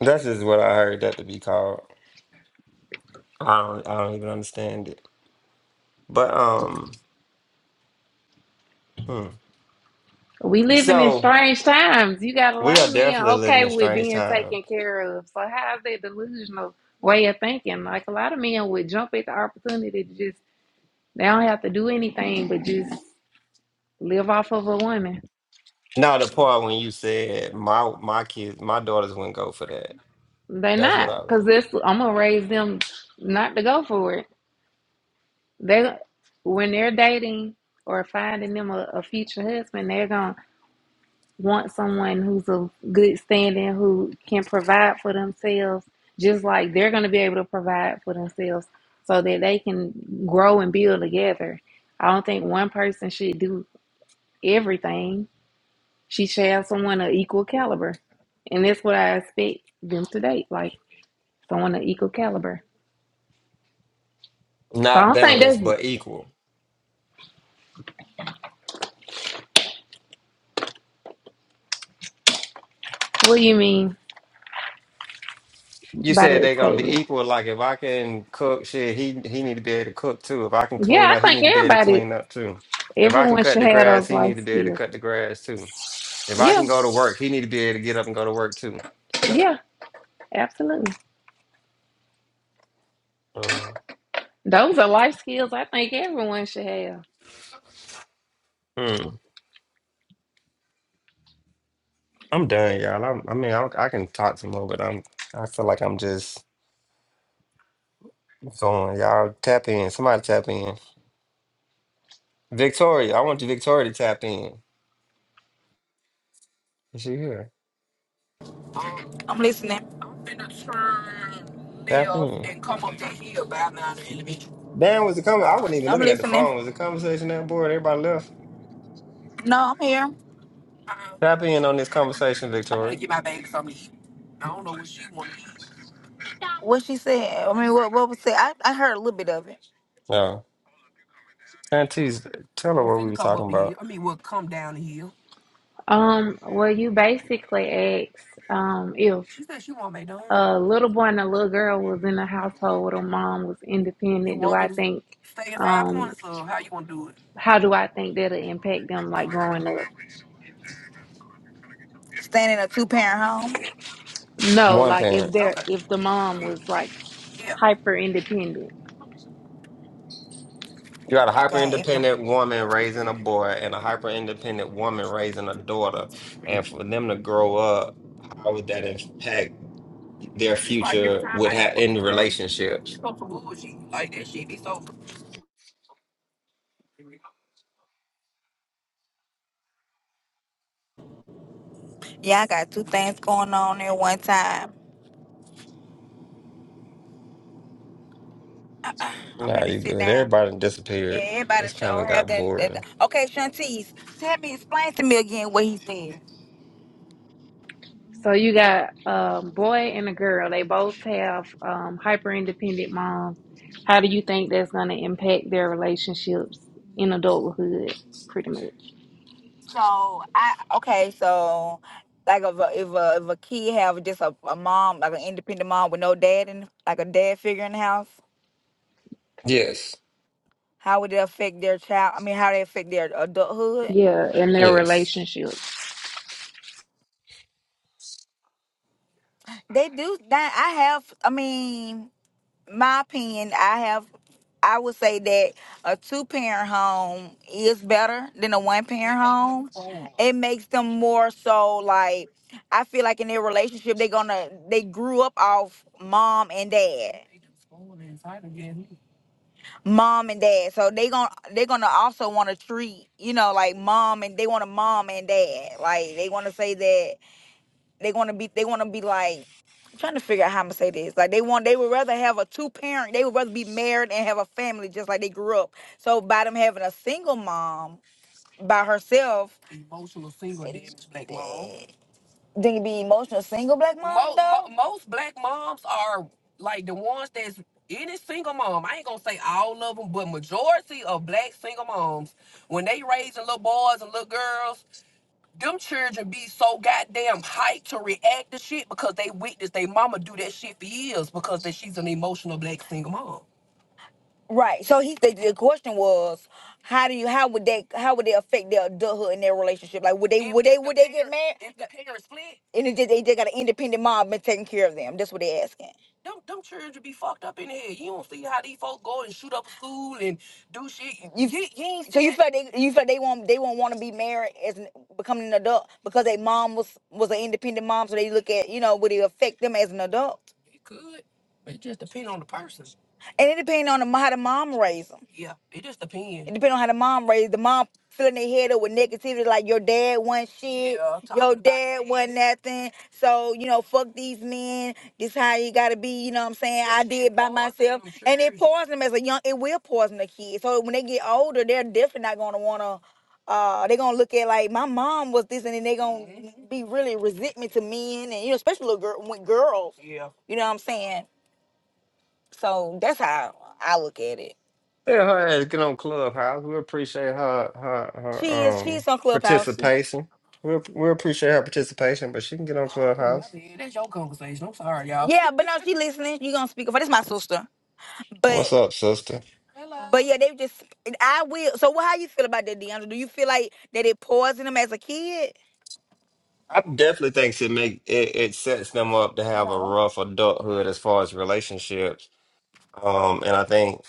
That's just what I heard that to be called. I don't, I don't even understand it. But um, hmm.
We living in
so
strange times. You got a
we
lot
are
of men
definitely living
okay
in
with
strange
being
times.
taken care of. So how's that delusional way of thinking? Like a lot of men would jump at the opportunity to just they don't have to do anything but just live off of a woman.
Now the part when you said my my kids, my daughters wouldn't go for that.
They
That's what I
not,
was.
cause this I'm gonna raise them not to go for it. They when they're dating or finding them a, a future husband, they're gonna want someone who's of good standing, who can provide for themselves, just like they're gonna be able to provide for themselves, so that they can grow and build together. I don't think one person should do everything. She should have someone of equal caliber, and that's what I expect them to date, like someone of equal caliber. So I
Not
don't think
balanced, but
that's
equal.
what you mean
You
by
said
that
they're gonna be
statement.
equal. Like if I can cook, shit, he he need to be able to cook too. If I can clean
Yeah, I
up, he
think
need to be able to
everybody,
clean up too. If I can
everyone
cut
should
the
have
grass,
those
he need
life
to be able to
skills.
cut the grass too. If I
Yeah,
can go to work, he need to be able to get up and go to work too.
yeah, absolutely.
Uh,
Those are life skills I think everyone should have.
hmm. I'm done, y'all. I'm, I mean, I, I can talk some more, but I'm I feel like I'm just going. Y'all tap in. Somebody tap in. Victoria, I want you, Victoria, to tap in. Is she here?
I'm listening.
Tap in. Dan was the comment. I wasn't even
I'm
looking at the
listening.
phone. Was the conversation that board? Everybody left.
No, I'm here.
Tap in on this conversation, Victoria.
What she said. I mean, what what was said? I, I heard a little bit of it.
No. Aunties, tell her
I'm
what we
finna
were
come
talking
up the hill.
about.
I mean, well, come down the hill.
Um, well, you basically asked um, if
She said she want me done.
a little boy and a little girl was in a household where the mom was
You
independent. Do
want
I
me to
think,
stay in Five
um,
Points, or how you want to do it?
how do I think that'll impact them like growing up?
Staying in a two parent home.
No,
One
Okay,
like if
parent.
they're
okay,
if the mom was like
yeah.
hyper independent
You got a hyper
Okay, if
independent
the
woman raising a boy and a hyper independent woman raising a daughter. And for them to grow up, how would that impact their
It's like every
future
time I
with ha-
have a
in
good day.
relationships?
So bougie. Like that shit be so. Yeah, I got two things going on at one time. I'm
Nah,
gonna
you
sit
good.
down.
Everybody done
Yeah,
disappeared.
everybody
It's kind
show
of
have
got
that.
boring.
that- Okay, Shantice, tell me, explain to me again what he said.
So you got a boy and a girl. They both have um hyper independent moms. How do you think that's gonna impact their relationships in adulthood, pretty much?
So I okay, so like if a if a, if a kid have just a, a mom like an independent mom with no dad and like a dad figure in the house,
Yes.
how would it affect their child? I mean, how they affect their adulthood?
Yeah, in their
Yes.
relationships.
They do that. I have. I mean. my opinion, I have I would say that a two parent home is better than a one parent home. It makes them more so like I feel like in their relationship they gonna they grew up off mom and dad. Mom and dad. So they gonna they gonna also wanna treat, you know, like mom and they want a mom and dad. Like they wanna say that they want to be. They want to be like. I'm trying to figure out how I'm gonna say this. Like they want. They would rather have a two parent. They would rather be married and have a family just like they grew up. So by them having a single mom by herself. Emotional single it- damage black mom. Think it be emotional single black mom Mo- though? most black moms are like the ones that's any single mom. I ain't gonna say all of them, but majority of black single moms when they raising little boys and little girls them children be so goddamn hyped to react to shit because they witnessed their mama do that shit for years because that she's an emotional black single mom. Right. So he the, the question was, how do you how would they how would they affect their adulthood in their relationship? Like would they If- would they if the would they get married? And it just, they just got an independent mom been taking care of them. That's what they asking. Them, them children be fucked up in the head. You, don't do see how these folk go and and shoot up school and do shit. You you, you ain't so see you that. feel like they you feel like they won't they won't want to be married as an, becoming an adult because their mom was was an independent mom. So they look at you know would it affect them as an adult? It it could, but it just depends on the person. And it depends on the, how the mom raised them. Yeah, it just depends. It depends on how the mom raised the mom filling their head up with negativity like your dad wasn't shit, Yeah, talking your about dad that. wasn't nothing. So, you know, fuck these men. This how you gotta be, you know what I'm saying? That I shit did by poison myself. them And it children. poisons them as a young it will poison the kid. So when they get older, they're definitely not gonna wanna uh they gonna look at like my mom was this and then they gonna hmm be really resentment to men and you know, especially little girl with girls. Yeah. You know what I'm saying? So that's how I look at it.
Yeah, her ass get on Clubhouse. We appreciate her her
She is.
her um
She's on Clubhouse. She,
participation. We app- we appreciate her participation, but she can get on
Oh, my
Clubhouse.
bad. That's your conversation. I'm sorry, y'all. yeah, but no, she listening. You gonna speak for this? My sister.
What's
But
up, sister?
Hello. but yeah, they just. and I will. So what? How you feel about that, DeAndre? Do you feel like that it poisoned him as a kid?
I definitely think it make it, it sets them up to have a rough adulthood as far as relationships. Um, and I think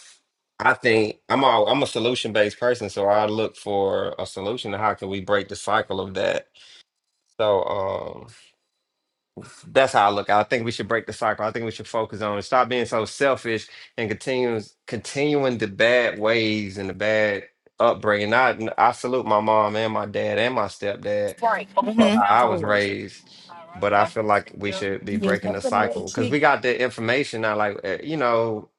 I think I'm all I'm a solution based person, so I look for a solution to how can we break the cycle of that. So um, That's how I look. I think we should break the cycle. I think we should focus on it. Stop being so selfish and continues continuing the bad ways and the bad upbringing. I I salute my mom and my dad and my stepdad for how I was raised, but I feel like we should be breaking the cycle because we got the information now. Like eh, you know,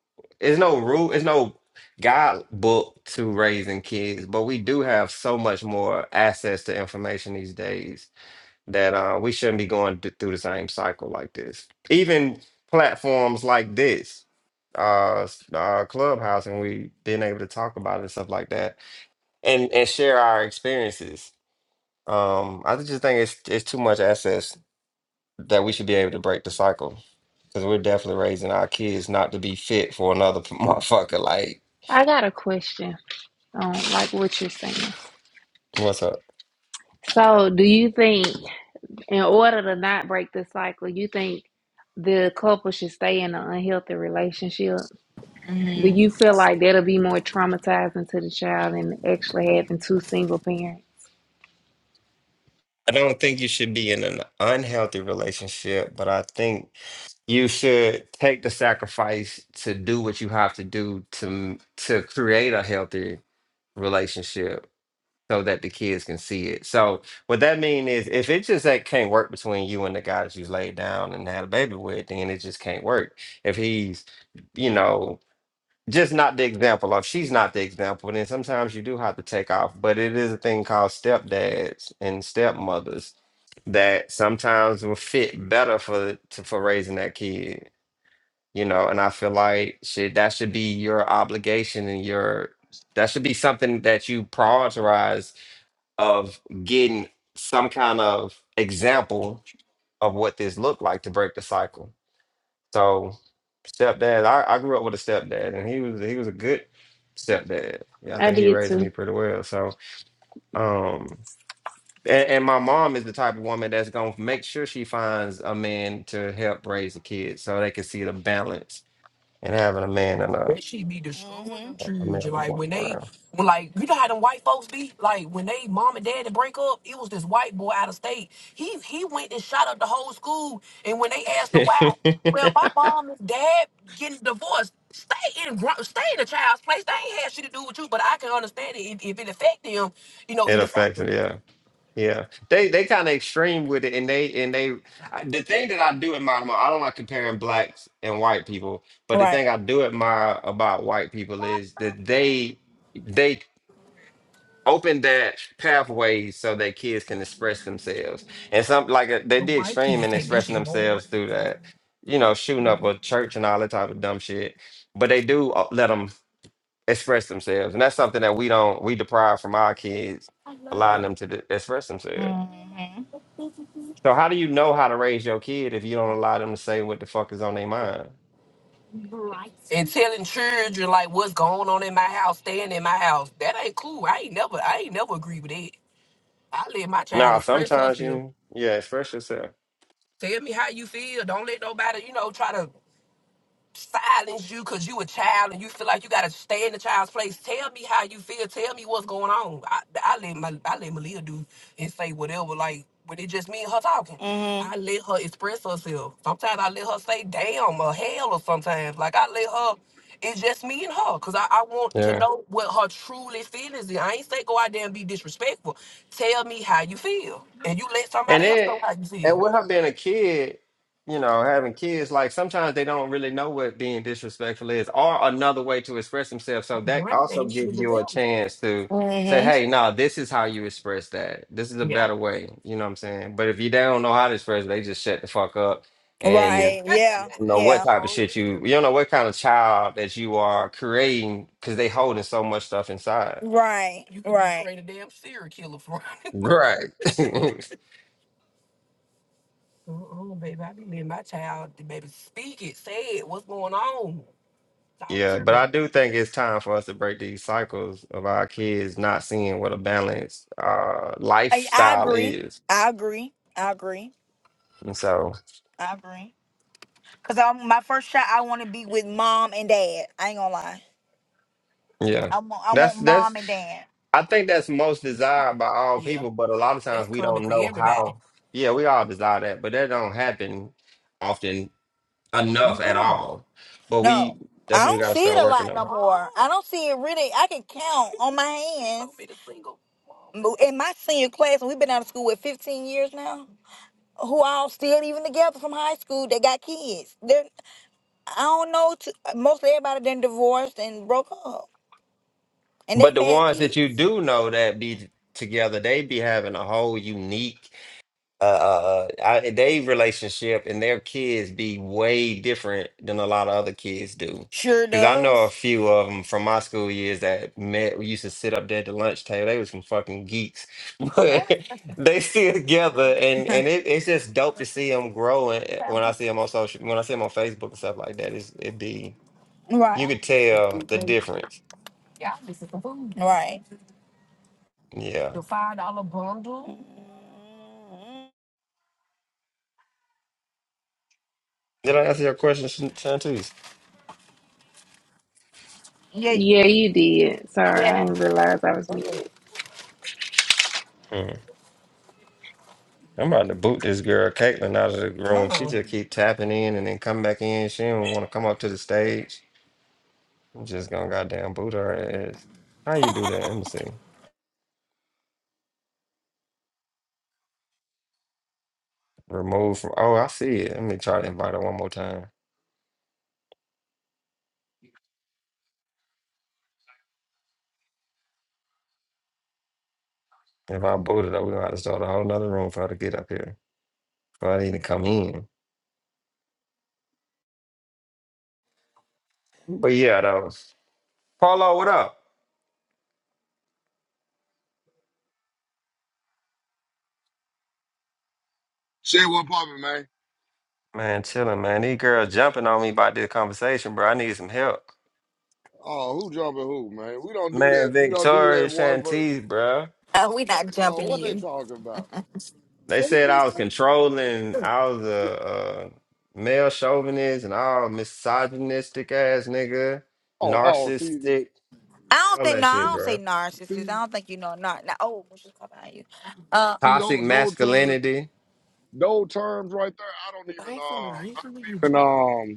there's no rule, there's no guide book to raising kids, but we do have so much more access to information these days that uh, we shouldn't be going th- through the same cycle like this. Even platforms like this, uh, s- uh, Clubhouse, and we being able to talk about it and stuff like that, and and share our experiences. Um, I just think it's it's too much access that we should be able to break the cycle because we're definitely raising our kids not to be fit for another <laughs> motherfucker. Like,
I got a question on like what you're saying.
what's up?
So do you think in order to not break the cycle, you think the couple should stay in an unhealthy relationship? Do you feel like that'll be more traumatizing to the child than actually having two single parents?
I don't think you should be in an unhealthy relationship, but I think you should take the sacrifice to do what you have to do to to create a healthy relationship so that the kids can see it. So what that mean is if it just that can't work between you and the guy that you laid down and had a baby with, then it just can't work. If he's, you know, just not the example of she's not the example, then sometimes you do have to take off. But it is a thing called stepdads and stepmothers that sometimes will fit better for to, for raising that kid you know and i feel like shit that should be your obligation and your that should be something that you prioritize of getting some kind of example of what this looked like to break the cycle so stepdad i, I grew up with a stepdad and he was he was a good stepdad yeah i
I
think he
did
raised me
too.
pretty well so um and, and my mom is the type of woman that's gonna make sure she finds a man to help raise the kids so they can see the balance and having a man and a
That shit be destroying hmm
I'm
children.
having
Like
one
when they,
brown.
when like you know how them white folks be. Like when they mom and daddy break up, it was this white boy out of state. He he went and shot up the whole school. And when they
<laughs>
asked him why,
it
well, my mom and dad getting divorced. Stay in gr- stay in the child's place. They ain't had shit to do with you. But I can understand it if, if it affect them. You know, it affect
affects
them.
it, yeah. Yeah. They they kind of extreme with it and they and they I, the thing that I do admire mo- I don't like comparing blacks and white people, but the
Right.
thing I do admire about white people is that they they open that pathway so that kids can express themselves. And some like uh, they
The
did
white
extreme
kids
in
take that
expressing
shit
themselves
hard.
through that, you know, shooting up a church and all that type of dumb shit. But they do uh, let them. express themselves, and that's something that we don't we deprive from our kids, allowing
Yeah.
them to d- express themselves.
hmm
So how do you know how to raise your kid if you don't allow them to say what the fuck is on their mind?
and telling children like what's going on in my house, staying in my house. That ain't cool. I ain't never, I ain't never agree with that. I let my child
Nah,
express
sometimes
herself.
you yeah express yourself.
Tell me how you feel. Don't let nobody, you know, try to silence you because you a child and you feel like you gotta stay in the child's place. Tell me how you feel. Tell me what's going on. I, I let my I let Malia do and say whatever. Like when it just me and her talking, Mm-hmm. I let her express herself. Sometimes I let her say damn or hell or sometimes like I let her. It's just me and her, cause I, I want to
Yeah.
know what her truly feelings is. I ain't say go out there and be disrespectful. Tell me how you feel, and you let
And
somebody else
then,
know how you
and
feel.
with her being a kid, you know, having kids, like sometimes they don't really know what being disrespectful is or another way to express themselves. So that
Brain
also
ain't even
gives you a
developed.
chance to say,
Mm-hmm.
hey, no, this is how you express that. This is a better way. You know what I'm saying? But if you don't know how to express it, they just shut the fuck up
Yeah.
and
Right. Yeah.
don't know
Yeah.
what
That's
type of
so
shit you,
weird.
you don't know what kind of child that you are creating because they holding so much stuff inside.
Right. You could Right. straight a damn serial killer from. it. <laughs>
Right. <laughs>
uh-uh, baby, I be letting my child, baby, speak it, say it. What's going on? Talk
Yeah,
to
but I
me.
do think it's time for us to break these cycles of our kids not seeing what a balanced uh
I, I
lifestyle
agree.
is.
I agree. I agree.
And so,
I agree. Cause I'm my first shot. I want to be with mom and dad. I ain't gonna lie.
yeah.
I want. I want
That's that's
mom and dad.
I think that's most desired by all
Yeah,
people, but a lot of times
that's
we
common
don't
for
know
everybody.
how. Yeah, we all desire that, but that don't happen often enough at all. But we
No,
that's
I
what we
don't
gotta
see
start
it a
working
lot no
on.
more. Oh, I Oh, don't see it really. I can count on my hands told me single. But in my senior class, and we've been out of school with 15 years now, who all still even together from high school They got kids. They're, I don't know, t most everybody done divorced and broke up. And they
But the
had
ones that
kids.
you do know that be together, they be having a whole unique uh, uh, uh, I, they relationship and their kids be way different than a lot of other kids do.
Sure
Because I know a
does.
few of them from my school years that met, we used to sit up there at the lunch table. They was some fucking geeks, <laughs> but
Right.
they still together, and and it, it's just dope to see them growing. When I see them on social, when I see them on Facebook and stuff like that, it's, it be
Right.
you could tell the difference.
Mhm.
Yeah. Did I answer your question, Shan- Shantice?
Yeah.
Yeah, you did. Sorry, I didn't realize I was muted.
I'm about to boot this girl Caitlin out of the room. She just keep tapping in and then come back in. She don't want to come up to the stage. I'm just gonna goddamn boot her ass. How you do that? Let me see. Remove from. Oh, I see it. Let me try to invite her one more time. If I booted her, we gonna have to start a whole nother room for her to get up here. For her to even come in. But yeah, though. Paulo, what up?
Shit, what poppin', man?
Man, chilling, man. These girls jumping on me about this conversation, bro. I need some help.
Oh, who jumping who, man? We don't do that.
Man,
We don't do
Victoria
that one verse.
Shantiz, bro.
Uh, we not
Oh,
jumping
what they
you.
talking about?
They said I was controlling. I was a uh, male chauvinist and all misogynistic ass nigga,
Oh, oh, see,
narcissistic,
I don't
all
think,
that
no, I
shit,
see,
don't say
bro.
narcissist.
see,
I don't think you know, nar. Now, oh, she's talking about you. Uh,
see,
Toxic
don't don't
masculinity.
those terms right there. I don't even uh, I don't even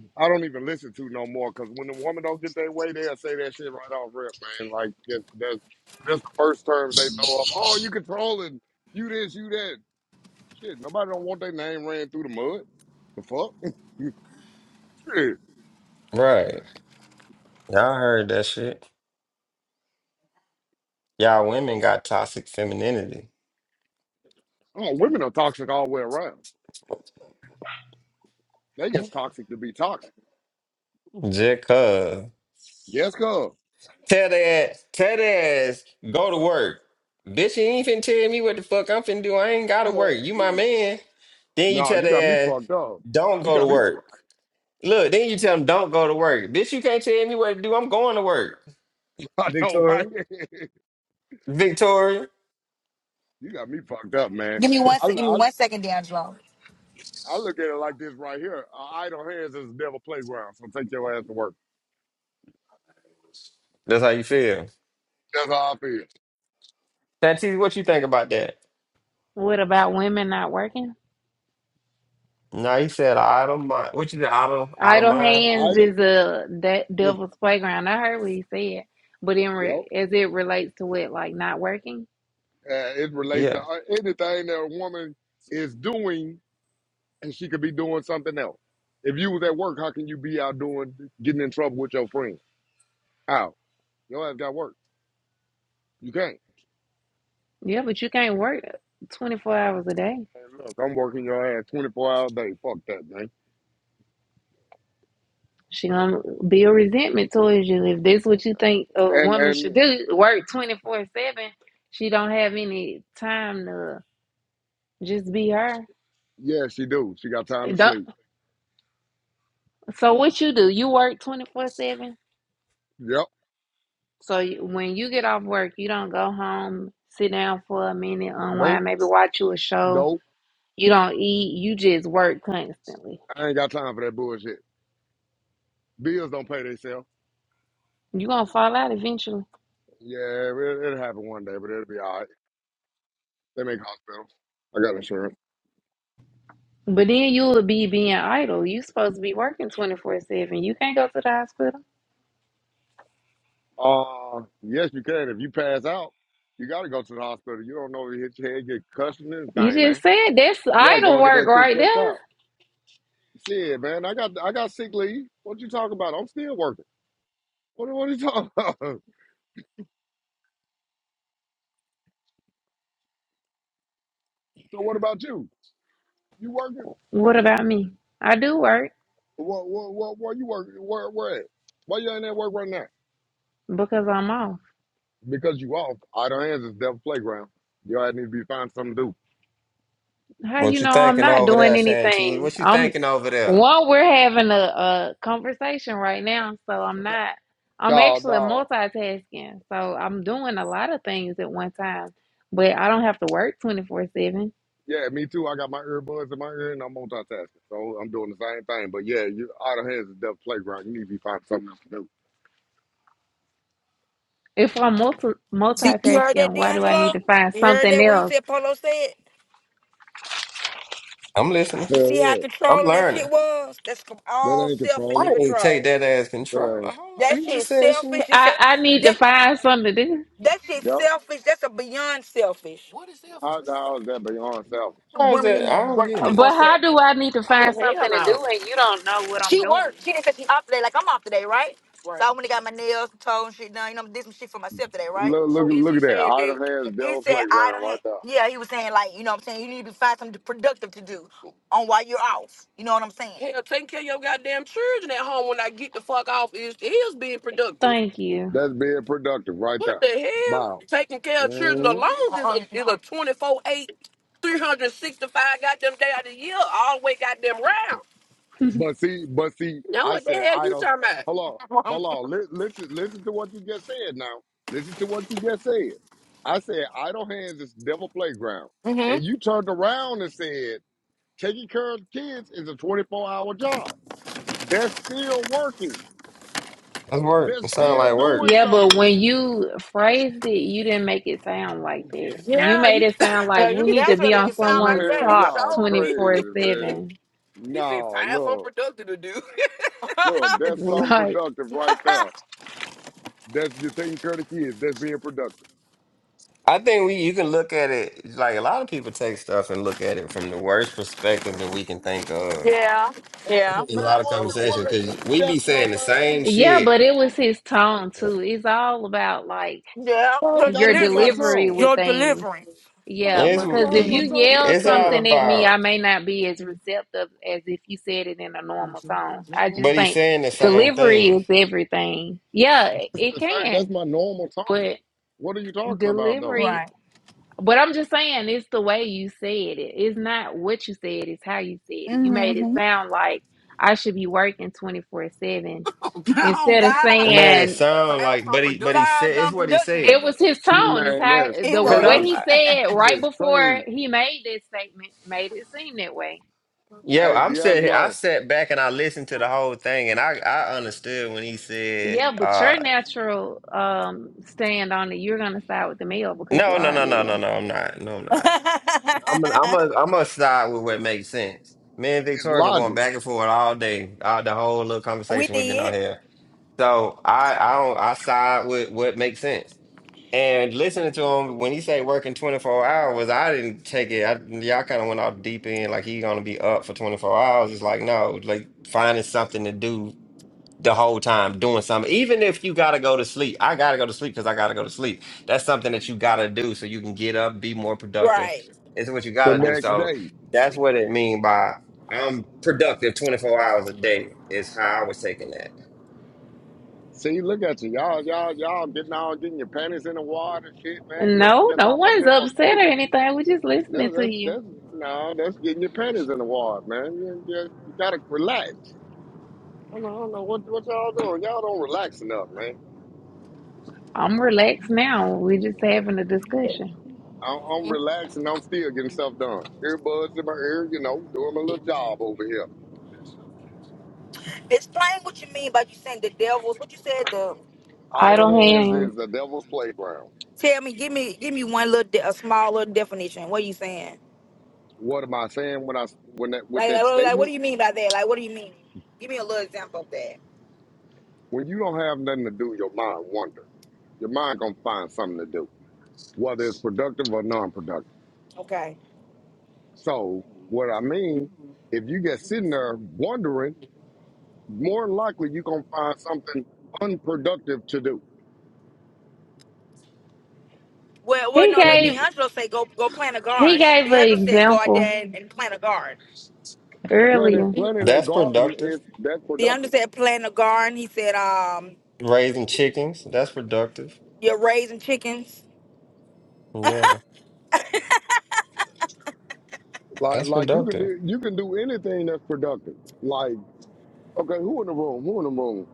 um, I don't even listen to no more. Cause when the woman don't get their way, they'll say that shit right off rip, man. Like that, that's that's the first term they throw up. Oh, you controlling, you this, you that. Shit, nobody don't want their name ran through the mud. The fuck? <laughs> shit.
Right. Y'all heard that shit. Y'all women got toxic femininity.
Oh, women are toxic all the way around. They just toxic to be toxic.
Just cuz.
Yes, cuz.
Tell that, tell that ass, go to work. Bitch, you ain't finna tell me what the fuck I'm finna do. I ain't gotta work.
Oh,
You my man. Then you
nah,
tell that
you got me
ass,
fucked up.
don't
You
go to
got me
work.
fucked
Look, then you tell them don't go to work. Bitch, you can't tell me what to do. I'm going to work.
<laughs> I know, right?
Victoria. Victoria.
<laughs> you got me fucked up, man.
give me one
I,
sec. Give me
I,
one second, D'Angelo.
I look at it like this right here. Uh, idle hands is the devil playground, so take your ass to work.
That's how you feel.
That's how I feel.
Santee, what you think about that?
What about women not working?
No, he said out of mind. What you said, out of out of
Idle
mind?
hands is
Idle
a that
is,
devil's playground. I heard what he said, but in re-
yo,
as it relates to it, like not working.
uh, it relates to
Yeah.
uh, anything that a woman is doing and she could be doing something else. If you was at work, how can you be out doing, getting in trouble with your friend? How? Your ass got work. You can't.
Yeah, but you can't work twenty four hours a day.
And look, I'm working your ass 24 hour a day. Fuck that, man.
She gonna build resentment towards you if this what you think a
And
woman should
and
do. Work twenty four seven. She don't have any time to just be her.
yeah, she do. She got time to
Don't,
sleep.
so what you do? You work twenty four seven.
Yep.
So you, when you get off work, you don't go home, sit down for a minute, unwind,
Nope.
maybe watch you a show.
Nope.
You don't eat. You just work constantly.
I ain't got time for that bullshit. Bills don't pay themselves.
You're going to fall out eventually.
Yeah, it, it'll happen one day, but it'll be all right. They make hospitals. I got insurance.
But then you will be being idle. you supposed to be working 24-7. You can't go to the hospital.
Uh, yes, you can. If you pass out, you got to go to the hospital. You don't know if you hit your head, get concussion, and
You
thing, man.
just said that's
You got to go
idle
and get
work
that shit
right
checked
there.
out. Shit, man. I got I got sick leave. What you talking about? I'm still working. What, what are you talking about? <laughs> So what about you? You working?
What about me? I do work
What what what what you working? Where where at? Why you ain't at work right now?
because I'm off.
Because you off. Idle hands is devil playground. Y'all need to be finding something to do.
How you
What you
know I'm
thinking
not
over
doing
there, Santee?
anything?
What you
I'm
thinking over there?
one, we're having a, a conversation right now, so I'm not I'm
Dog,
actually
dog.
multitasking. So I'm doing a lot of things at one time, but I don't have to work 24/7.
Yeah, me too. I got my earbuds in my ear and I'm multitasking. So I'm doing the same thing. But yeah, you idle hands is devil playground. You need to be finding something else to do.
If I'm multi
See, you heard
multitasking,
that,
why do I need to
D'Angelo?
find
You heard
something
that what he
else?
said, Polo said?
I'm listening.
You
Hell
see how
yeah.
I'm
controlling that shit
learning.
was? That's com-
That
all
ain't
selfish
I
and
controlling.
didn't take
control.
that as control.
That ain't.
Hold on.
That
He
shit
just
is
said she
selfish. It's,
I I need to
that,
find something to do.
that shit
Yep.
selfish. That's a beyond selfish.
How the hell is that beyond selfish?
how is that? I don't get it.
But how do I need to find
Oh
something
hell
to
no!
do and you don't know what I'm
She
doing?
worked. She just said she off today. Like I'm off today, right? Right. So I went and got my nails, and toes, and shit done. You know, did some shit for myself today, right?
Look look
So is
look
he
at that.
saying that?
Idle hands
He
devil
said I
playground
don't
right
have.
there.
Yeah, he was saying like, you know, what I'm saying you need to find something productive to do on while you're off. You know what I'm saying? Hell, taking care of your goddamn children at home when I get the fuck off is is being productive.
Thank you.
That's being productive right
What
there.
the hell?
Wow.
Taking care of children
Hmm.
alone is Uh-uh. a, is a 24 eight, three hundred sixty-five goddamn day out of the year, all the way goddamn round.
But see, but see,
Now,
I
what the
said
hell
I
you
don't.
talking
Hold on,
about?
hold
<laughs>
on. Li- listen, listen to what you just said. Now, listen to what you just said. I said idle hands is devil playground,
Mhm.
and you turned around and said taking care of kids is a twenty four hour job. They're still working.
That's work.
They're
It sounds
still
like work.
doing
Yeah, but
something.
when you phrased it, you didn't make it sound like that. You
Yeah,
made
you,
it
<laughs>
sound like we
you,
need to
that's
be
what make
on
it sound like <laughs>
someone's
that.
Man,
He
clock
y'all
showed me.
crazy, man.
24/7. <laughs>
He said,
No,
time for
look,
productive to do. <laughs>
look. That's some
Like,
productive right there. That's you're taking care of the kids. That's being productive.
I think we you can look at it like a lot of people take stuff and look at it from the worst perspective that we can think of.
yeah.
I
Yeah.
think in a
Man,
So
lot
I
of
won't you
showed people
conversations
what
right there.
because
see
we
at
be
the
saying the
low end
same
be?
yeah,
shit.
but it was his tone too. It's all about like
Yeah.
Why's
Your
gotta
your
be my
deliverance.
delivery
tone?
with
Your
things.
deliverance.
Yeah,
Why's
It's
my
because if
why's my
you
tone
Mm-hmm.
yell
coming
it's
in
all
here?
something at me,
about,
I may not be as receptive as if you said it in a normal tone. I just
but he's
think
saying the same
delivery
thing.
is everything. Yeah,
It's
it
the same
can,
that's my normal tone.
but
What are you talking about though?
delivery
Right.
But I'm just saying, it's the way you said it. It's not what you said, it's how you said it. You made it
Mm-hmm.
sound like I should be working 24 7
<laughs> Oh,
instead of
It
God.
made it
saying
Time
sound like,
for
but he
productive to
but he
Guys,
said it's what he
unproductive
said.
it
today.
was his tone. It's
Man,
how
that's
It
the
Cause
what
I'm
crazy.
he
was.
I,
said right
That's
before
crazy.
he made this statement made it seem that way.
yeah
Hey
I'm sitting here. I
D'Angelo,
sat back and I listened to the whole thing and I I understood when he said
Yeah, but
uh
your natural um stand on it, you're gonna side with the male because you
no no
are a
no no no
male.
no I'm not no I'm not. I'm gonna, I'm gonna,
<laughs>
I'm gonna side with what makes sense. Me and
it's
Victoria been going
logic.
back and forth all day, all the whole little
we
conversation we've been on
did.
here. So I, I don't, I side with what makes sense. And listening to him when he say working 24 hours, I didn't take it. I, y'all kind of went off deep end, like he gonna be up for 24 hours. It's like no, like finding something to do the whole time doing something. Even if you gotta go to sleep, I gotta go to sleep because I gotta go to sleep. That's something that you gotta do so you can get up, be more productive.
Right.
It's what you
The
gotta do.
next
So
day.
that's what it mean by I'm productive 24 hours a day is how I was taking that.
See, look at you. Y'all, y'all, y'all getting all getting your panties in the water and shit, man. Just
No,
gets
no
off a
one's
simple
upset or
statement.
anything. We're just listening
That's
to
that's
you.
that's no, that's getting your panties in the water, man. You, you, you gotta relax. I don't know, I don't know what what y'all doing. Y'all don't relax enough, man.
I'm relaxed now. We're just having a discussion.
I'm, I'm relaxing. I'm still getting stuff done. Earbuds in my ear, you know, doing my little job over here.
Explain what you mean by you saying the devils. What you said? the.
Idle
idle
hands
hands.
is the devil's playground.
Tell me, give me, give me one little, de- a small little definition. What are you saying?
What am I saying when I when that with
Like, like,
that
what like, what
statement?
do you mean by that? Like, what do you mean? Give me a little example of that.
When you don't have nothing to do, your mind wander. Your mind gonna find something to do, whether it's productive or non-productive.
Okay.
So what I mean, if you get sitting there wondering, more than likely you're gonna find something unproductive to do.
Well, well,
He
no.
when
Let
you.
gave
D'Angelo say, go, go plant a
he
garden.
gave an
D'Angelo said, go out
example
there and, and plant a garden.
Planting
earlier.
planting a
That's
garden
productive.
is that's
D'Angelo
productive.
said, plant a garden. He said, um,
Raising chickens, that's productive.
you're raising chickens.
Yeah,
Like
that's
like you can
productive.
do you can do anything that's productive. Like okay, who in the room? Who in the room?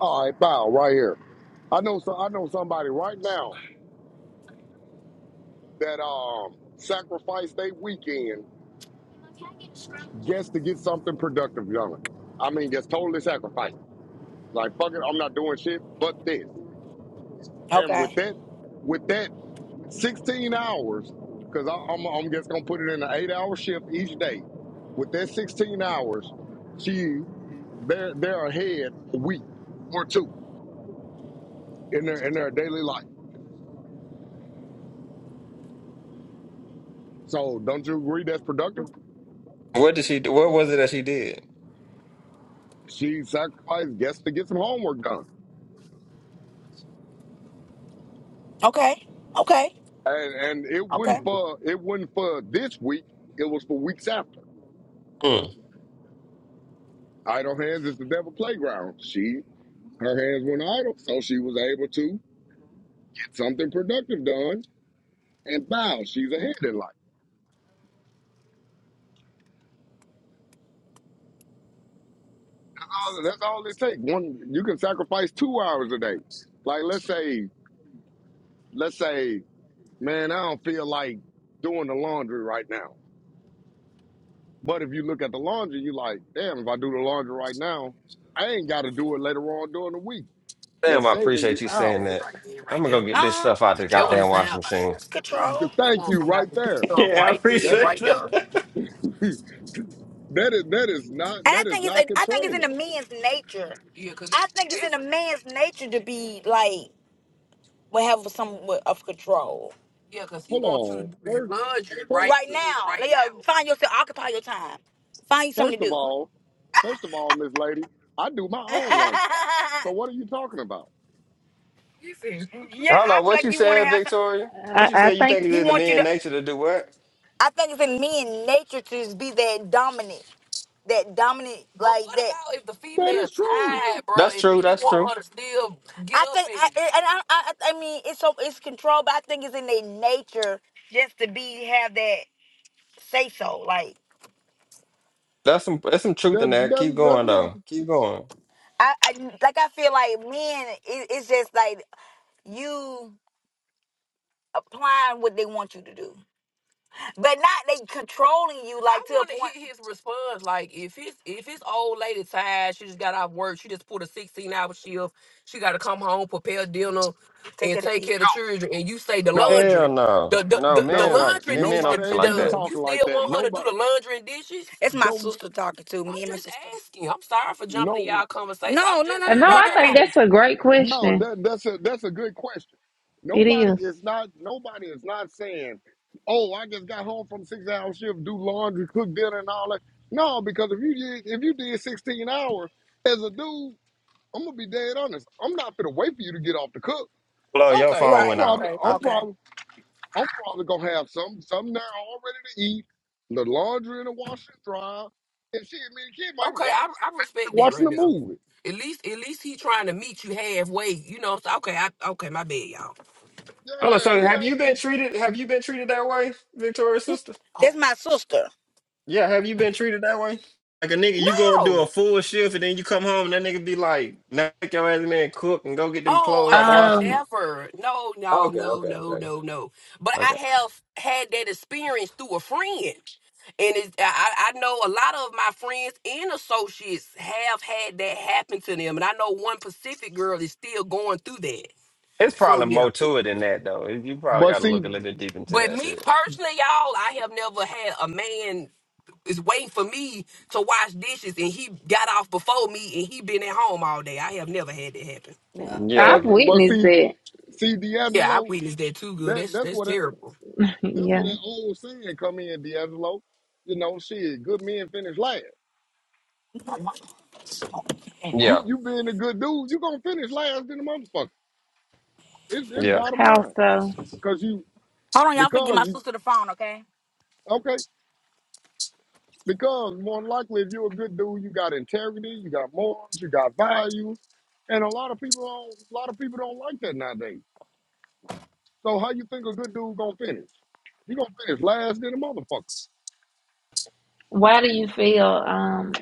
All right, bow right here. I know so I know somebody right now that um sacrificed their weekend just to get something productive done. I mean, just totally sacrificed. Like fuck it, I'm not doing shit but this. And with
Okay.
that, with that. 16 hours, because I'm, I'm just going to put it in an eight hour shift each day. With that 16 hours, she, they're, they're ahead a week or two in their, in their daily life. So don't you agree that's productive?
What did she do? What was it that she did?
She sacrificed guess to get some homework done.
Okay. Okay.
And, and it
Okay.
wasn't for, it wasn't for this week. It was for weeks after.
Hmm.
Idle hands is the devil playground. She, her hands went idle. So she was able to get something productive done. And wow, she's ahead in life. That's all it takes. One, you can sacrifice two hours a day. Like let's say, let's say, man, I don't feel like doing the laundry right now. But if you look at the laundry, you like, damn, if I do the laundry right now, I ain't got to do it later on during the week.
Damn,
That's
I
saving
appreciate
you
you saying
hours.
that. I'm gonna
Uh
go get this
huh.
stuff out the
Control.
goddamn
That's what it
washing
sounds like.
machine.
It's
The
Control. You
thank
want
you right
somebody to do
there.
<laughs>
stuff
Yeah, I
right
That
then,
appreciate
right there.
that.
is, <laughs> that is that is not
And I
that is
think it's
not
I think it's in a
controlling.
man's nature. Yeah, cause I think it's in a man's nature to be like will have somewhat of control. yeah, cause he
Hold
wants you to
on.
do that
First,
laundry right
first,
Right then, now, right like, now. yeah, find yourself, occupy your time. Find you something
first
to
of
do.
all, first of all, Miss Lady, I do my
<laughs> yeah,
own laundry. So what are you talking about?
Hold on,
I feel
what
like
you
you want to
said,
have some.
Victoria? What
I,
you
I
said? You
think
think it's
He
in the
wants you
man
to.
nature to do what?
I think it's in men nature to just be that dominant. that dominant But like what that. about if the
That
female
is true.
tied, bro,
That's
and
true.
you
That's true.
want her to still get I up think, I, and I- and I, I, I mean, it's so it's control, but I think it's in their nature just to be have that say so. Like
That's some. That's some truth in
That
that. Keep
that
going
doesn't.
though. Keep going.
I, I like I feel like men, it, it's just like you applying what they want you to do. But not they controlling you I like to a want to point. hear his response. Like if it's if it's old lady tired, she just got off work. She just pulled a sixteen hour shift. She got to come home, prepare dinner, Take and it to take eat. care kids. of the children. And you say the
No,
Hell
laundry,
no,
the the,
no
the, the
men
no,
like
laundry
men
needs to
don't
nobody
be
think
ain't
like
even
that.
done. You
talking like
still
that.
want her to do
Nobody
the laundry and dishes? It's my
don't.
sister talking to I'm me and my just sister. asking. I'm sorry for jumping in y'all
No,
conversation. No, I'm no, no, just no, no,
no,
you know.
I
no,
no,
think
no,
that's a great
no.
question.
That that's a that's a good question.
It
Nobody
is.
is not. Nobody is not saying, "Oh, I just got home from six hour shift, do laundry, cook dinner, and all that." No, because if you did if you did sixteen hours as a dude, I'm gonna be dead honest. I'm not gonna wait for you to get off to cook.
Hello,
no.
your
okay,
phone
I'm
Right.
went
probably
out.
okay.
I,
I'm
Okay.
probably I'm probably gonna have some some now all ready to eat, the laundry in the washer and dryer, and shit. man, and kid might
Okay,
watch
I I
<laughs>
respect that
watching
right
a
now.
movie.
At least at least he trying to meet you halfway. You know. So okay, I okay, my bad, y'all.
Hello,
Yeah,
so
we
have you been
ain't.
treated? Have you been treated that way, Victoria's sister?
Oh That's my sister.
Yeah, have you been treated that way? Like a nigga, you go and do a
no.
full shift and then you come home and that nigga be like, now take your ass in there and cook and go get them
Oh,
clothes
I
out the
have
wash.
Um,
never. No, no,
Okay,
no,
okay,
no,
okay,
no, no. But I
okay.
have had that experience through a friend, and it's, I, I know a lot of my friends and associates have had that happen to them, and I know one Pacific girl is still going through that.
It's
So
probably
yeah.
more to it than that, though. You probably
But
got to
see,
look a little bit deep into
But
that
me
shit.
personally, y'all, I have never had a man. is waiting for me to wash dishes and he got off before me and he been at home all day. I have never had that happen.
Yeah,
I've
but but
witnessed
see,
that. <laughs>
see
Yeah, I
D'Angelo.
witnessed that too, good.
That
That's
that's
that's
what that,
terrible.
that's what
Yeah.
that old saying come in, D'Angelo. You know, shit. Good men finish last. You
yeah,
you being a good dude, you gonna finish last in the motherfucker. It's it's
yeah.
bottom
How
line,
so?
cause you
Hold on, y'all finna get
because
my
you
sister the phone, okay?
okay. Because more than likely, if you're a good dude, you got integrity, you got morals, you got values, and a lot of people don't. A lot of people don't like that nowadays. So how you think a good dude gonna finish? He gonna finish last in a motherfucker.
Why do you feel um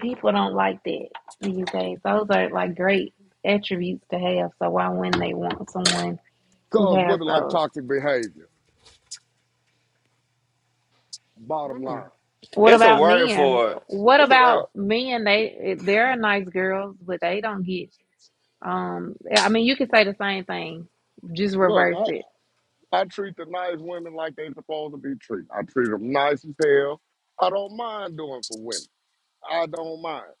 people don't like that these days? Those are like great attributes to have. So why wouldn't they want someone who
Cause
has
women like
those?
toxic behavior. Bottom line,
What
It's a
about
word
men?
for it.
What
It's a word.
about men? They they're nice girls, but they don't get Um, I mean, you could say the same thing, just
look,
reverse it.
I, I treat the nice women like they supposed to be treated. I treat them nice as hell. I don't mind doing for women. I don't mind,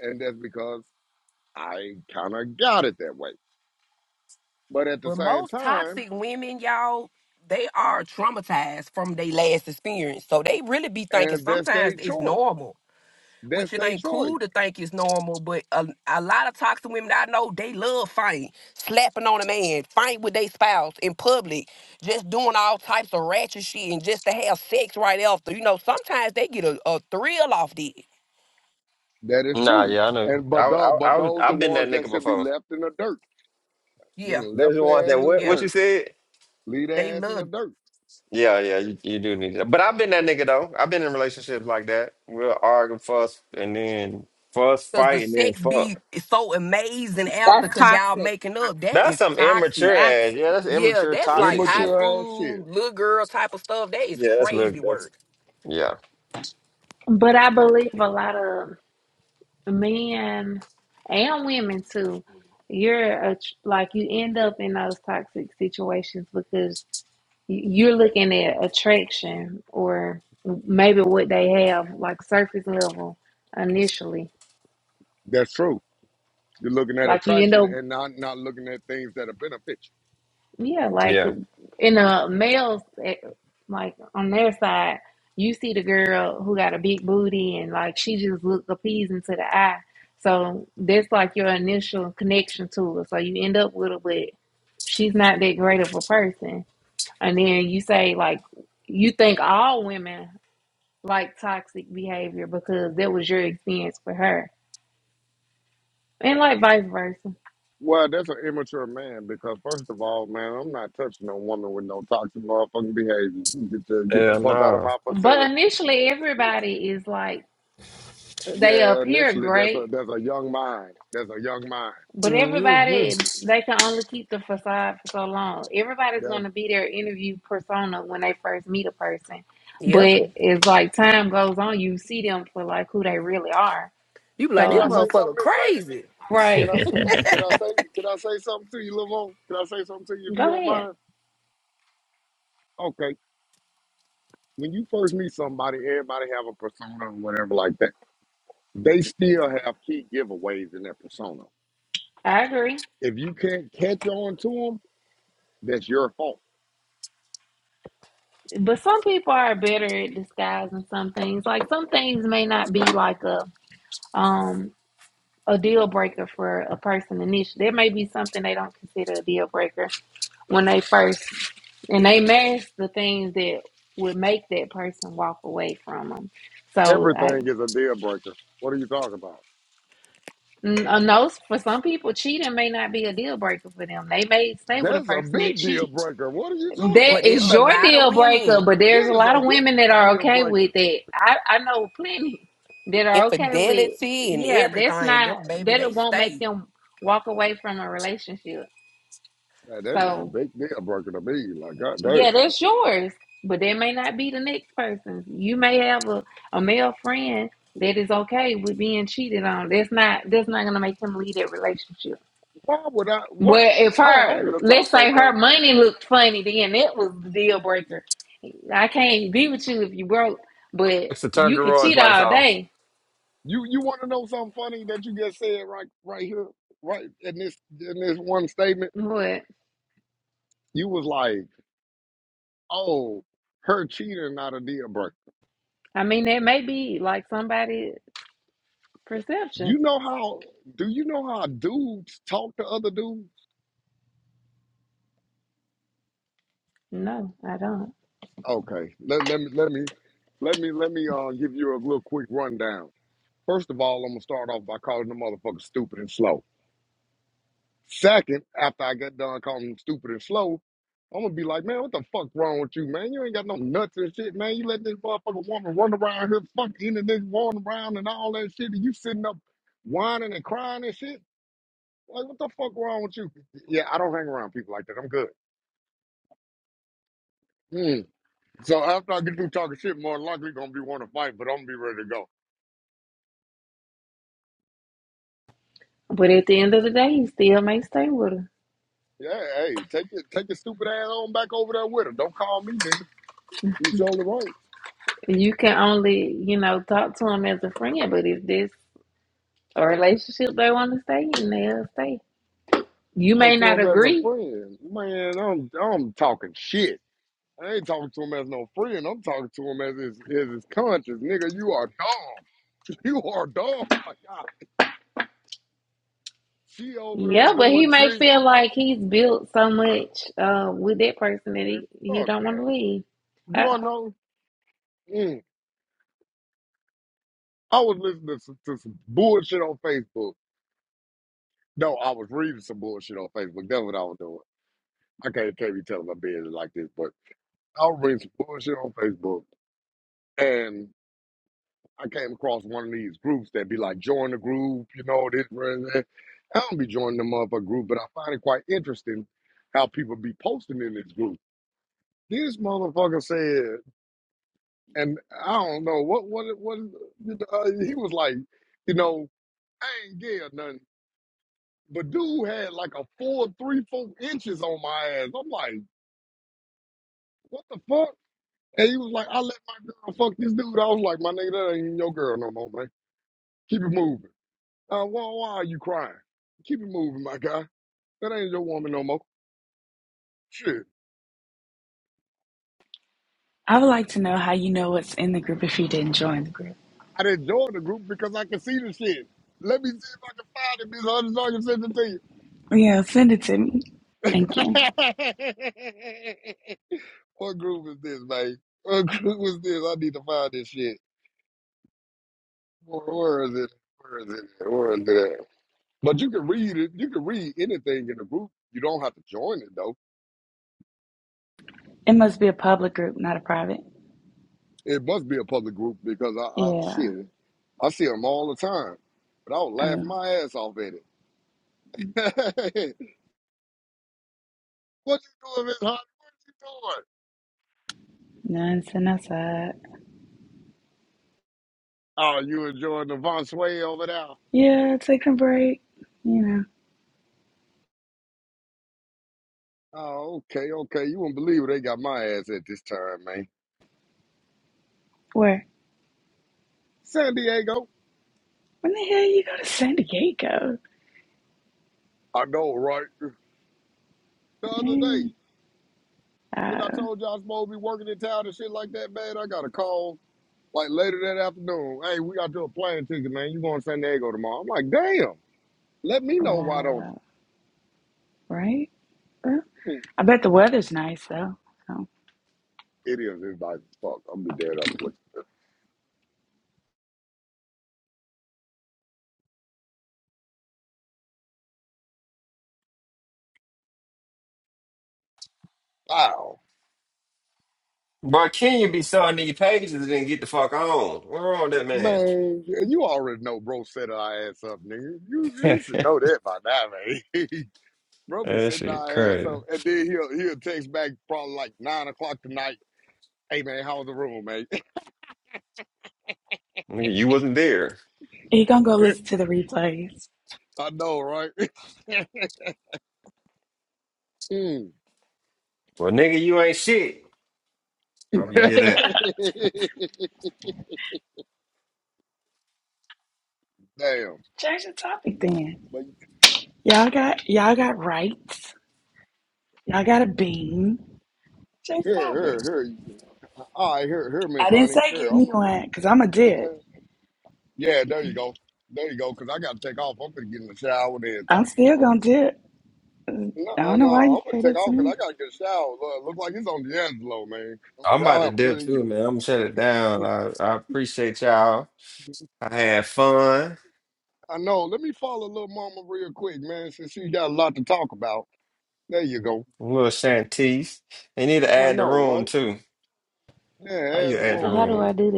and that's because I kind of got it that way. But at the
But
same
most
time.
toxic women, y'all, they are traumatized from their last experience. So they really be thinking
and that's
sometimes
their
it's
choice.
normal.
That's
which it
their
ain't
choice.
cool to think it's normal, but a, a lot of toxic women I know, they love fighting, slapping on a man, fighting with their spouse in public, just doing all types of ratchet shit and just to have sex right after. You know, sometimes they get a, a thrill off that.
That is
Nah,
true.
yeah, I know.
And
I,
but those,
I,
but
I was,
those the
I've been that
ones that
nigga
should be
before.
left in the dirt.
Yeah,
Been
There's
left
the ones
their ass
that
in the
what,
yeah.
what you
dirt.
said.
Leave
They
their ass in the
love
dirt.
Yeah, yeah, you, you do need that. But I've been that nigga though. I've been in relationships like that. We'll argue, fuss, and then fuss,
because the
fight, and then
sex be
fuck.
so amazing after
That's
because y'all
toxic.
making up.
Toxic.
That
That's
is
some
toxic.
immature ass.
Toxic.
Yeah, that's
Yeah,
immature,
that's like
toxic
high
shit.
Immature ass shit.
school, little girl type of stuff. That is
Yeah, that's look.
crazy
That's
work.
yeah,
But I believe a lot of men and women too, you're a, like you end up in those toxic situations because you're looking at attraction or maybe what they have, like surface level initially.
That's true. You're looking at
Like you end
attraction
up
and not not looking at things that will benefit
Yeah, like
yeah,
in a males, eh, like on their side, you see the girl who got a big booty and like she just look appeasing to the eye. So that's like your initial connection to her. So you end up with her, but she's
you.
not that great of a person. And then you say like you think all women like toxic behavior because that was your experience with her, and like vice versa.
Well, that's an immature man because first of all, man, I'm not touching no woman with no toxic motherfucking behavior. You Get the, get the
yeah.
fuck out of
Nah.
my
But
vicinity.
initially, everybody is like they
Yeah,
appear
initially that's
great
a that's a young mind. That's a young
But
Mm-hmm.
everybody, they can only keep the facade for so long. Everybody's going
mind.
to be their interview persona when they first meet a person.
Yep.
Yeah.
But it's like time goes on, you see them for like who they really are.
You be like,
So,
Can
this
I
I
mean,
say something,
motherfucker
Miss Lady?
crazy.
right.
Can I say? Can I say? Can I say something to you, Lavon? Can I say something to you
<laughs>
if you
Go
don't
ahead.
mind? Okay. When you first meet somebody, everybody have a persona or whatever like that. They still have key giveaways in their persona.
I agree.
If you can't catch on to them, that's your fault.
But some people are better at disguising some things. Like some things may not be like a um a deal breaker for a person initially. There may be something they don't consider a deal breaker when they first, and they mask the things that would make that person walk away from them. So I,
Everything is a deal breaker. What are you talking about?
n- a know for some people, cheating may not be a deal breaker for them. They may stay with a
That's a
person that
big deal
cheats.
breaker. What are you talking
That
But it's
is
a
your
about?
lot
<laughs>
of
deal breaker,
women,
but there's
That
a
is
lot
a
of
huge
women that are
deal
okay with
breaker.
it. I, I know plenty that are okay with,
infidelity and
yeah, that's
everything.
not,
Them baby,
that
they
it won't make
stay.
them walk away from a relationship.
Man, that is
So
a big deal breaker to me. Like,
Yeah,
goddamn.
that's yours, but that may not be the next person's. You may have a, a male friend that is okay with being cheated on. That's not that's not gonna make him leave that relationship.
Why would I?
But
What?
if
How I'm
her
gonna talk
let's
so
say her
much?
money looked funny, then it was the deal breaker. I can't be with you if you broke, but
It's to turn
you could
garage
cheat
lights
all
off.
day.
You you want to know something funny that you just said right right here right in this in this one statement?
But
You was like, oh, her cheating not a deal breaker.
I mean that may be like somebody's perception.
You know how? Do you know how dudes talk to other dudes?
No, I don't.
Okay, let let me let me let me let me uh give you a little quick rundown. First of all, I'm gonna start off by calling the motherfucker stupid and slow. Second, after I get done calling him stupid and slow, I'm gonna be like, man, what the fuck wrong with you, man? You ain't got no nuts and shit, man. You let this motherfucking woman run around here, fuck and this walking around and all that shit, and you sitting up whining and crying and shit. Like, what the fuck wrong with you? Yeah, I don't hang around people like that. I'm good. Mm. So after I get through talking shit, more than likely gonna be wanting to fight, but I'm gonna be ready to go.
But at the end of the day, he still may stay with her.
Yeah, hey, take your take your stupid ass on back over there with her. Don't call me, nigga. You surely right.
You can only, you know, talk to them as a friend, but if this a relationship they want to stay in, they'll stay. You may
Talk to
not
him as a
agree.
friend. Man, I'm I'm talking shit. I ain't talking to him as no friend. I'm talking to him as his as his conscience. Nigga, you are dumb. <laughs> You are dumb. Like, ah, she over there
Yeah, but he
doing
may
tricks.
feel like he's built so much uh, with that person that
Man,
he, he
fuck
don't want to
that.
leave.
You
I,
all know? Mm, I was listening to some, to some bullshit on Facebook. No, I was reading some bullshit on Facebook. That's what I was doing. I can't, can't be telling my business like this, but I was reading some bullshit on Facebook. and. I came across one of these groups that be like, join the group, you know, this, and that. I don't be joining the motherfucker group, but I find it quite interesting how people be posting in this group. This motherfucker said, and I don't know what, what, what, uh, he was like, you know, I ain't gay or nothing, but dude had like a four, three, four inches on my ass. I'm like, what the fuck? And he was like, I let my girl fuck this dude. I was like, my nigga, that ain't even your girl no more, man. Keep it moving. Uh, why, why are you crying? Keep it moving, my guy. That ain't your woman no more. Shit.
I would like to know how you know what's in the group if you didn't join the group.
I didn't join the group because I can see the shit. Let me see if I can find it, Miss Hunter, so
Yeah, send it to me. Thank
I
you.
can send it to you. <laughs> what group is this, man? What group is this? I need to find this shit. Where, where is it? Where is it? Where is it? But you can read it. You can read anything in the group. You don't have to join it, though.
It must be a public group, not a private.
It must be a public group because I, I
Yeah.
shit, I see them all the time. But I would laugh
Oh,
my ass off at it. <laughs> what you doing, Miss Holly? What you doing?
nonsense outside.
Oh, you enjoying the Von Sway over there?
Yeah, take a break. You know,
Oh, okay, okay. You wouldn't believe where they got my ass at this time, man.
where?
San Diego.
When the hell you go to San Diego?
I know, right? The other day,
Hey.
when I
Uh,
told you I was supposed to be working in town and shit like that, man, I got a call like later that afternoon. Hey, we got you a plane ticket, man. You going to San Diego tomorrow? I'm like, damn. Let me know why don't you? <laughs>
wow. Right? Well,
Hmm,
I bet the weather's nice, though. So.
It is. It's nice as fuck. I'm be dead on it. What you do. Wow.
Bro, Kenya be starting these pages and then get the fuck on. What's wrong with that man?
Man, yeah, you already know bro set our ass up, nigga. You, you should
<laughs>
know that by now, man. <laughs> bro be
that
setting
shit
our ass
crazy.
up, and then he'll he'll text back probably like nine o'clock tonight. Hey man, how was the room, man?
Nigga, you wasn't there.
You gonna go
<laughs>
listen to the replays.
I know, right? <laughs> Mm.
Well, nigga, you ain't shit.
<laughs> Damn.
Probably hear that.
Change the topic then.
But
Y'all got y'all got rights. Y'all got a bean. Change the topic.
here, here, here. All right, here, here,
I
Miss
didn't
Honey.
say give
Here,
me
I'm.
one because I'm a
A,
dip.
yeah, there you go. There you go. Cause I gotta take off. I'm gonna get in the shower and
I'm
everything.
still gonna dip.
No,
I
uh,
don't know why
no,
you
I'm gonna
gave
take
it to
off because
me.
I gotta get a shower. Look, look like it's on D'Angelo, man.
I'm
Y'all
about to
have a
dip
good
too,
evening.
man. I'm gonna shut it down. I, I appreciate y'all. I had fun.
I know. Let me follow little mama real quick, man, since she got a lot to talk about. There you go.
A little Shantice. They need to
I
add the
know,
room
right?
too. How
Yeah,
you
add the
add the
how
room,
do
room?
I
man.
do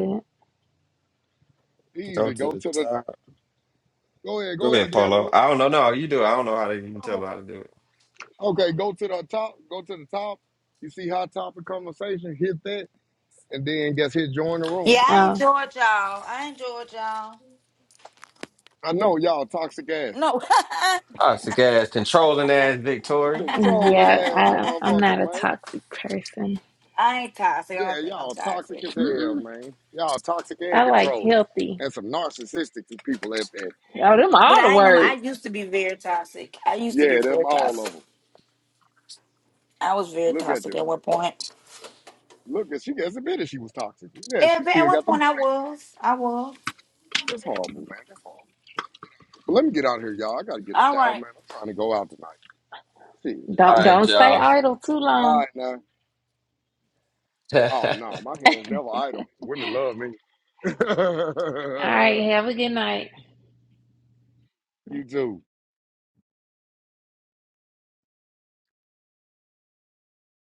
Go
Easy.
to
Go
the
to the.
top.
Go ahead.
Go
Go
ahead,
ahead,
Polo.
D'Angelo.
I don't know. No, you do. it. I don't know how to even tell her
Oh.
how to do it.
Okay, go to the top. Go to the top. You see hot topic conversation. Hit that, and then guess hit join the room.
Yeah,
that?
I
Oh,
enjoyed y'all. I enjoyed y'all.
I know y'all toxic ass
No.
Oh, it's a gas controlling ass Victoria.
controlling
<laughs>
yeah,
ass
I, I'm
motherfucker,
not a
man.
toxic person.
I ain't toxic. I
Yeah,
don't think I'm
y'all toxic
toxic.
as hell,
Mm-mm.
man. Y'all toxic
I
and
like
controlling.
healthy.
And some narcissistic people at that.
Oh, them
But
all the
I ain't gonna lie, I
words.
used to be very toxic. I used to be
Yeah, them
very
all of
toxic.
them.
I was very
Look at
toxic
you.
at one point.
Look at she has admitted she was toxic. Yeah,
Yeah,
she
at
still
one
got them
point I
traits.
was. I was.
That's horrible, man. That's horrible. But let me get out of here, y'all. I gotta get
All
a shower,
right.
man. I'm trying to go out tonight. Shit.
All
Don't
right,
don't stay
y'all.
idle too
All
long.
right now. Oh
<laughs>
no, my hands never idle. Women love me.
All right, have a good night.
<laughs> you too.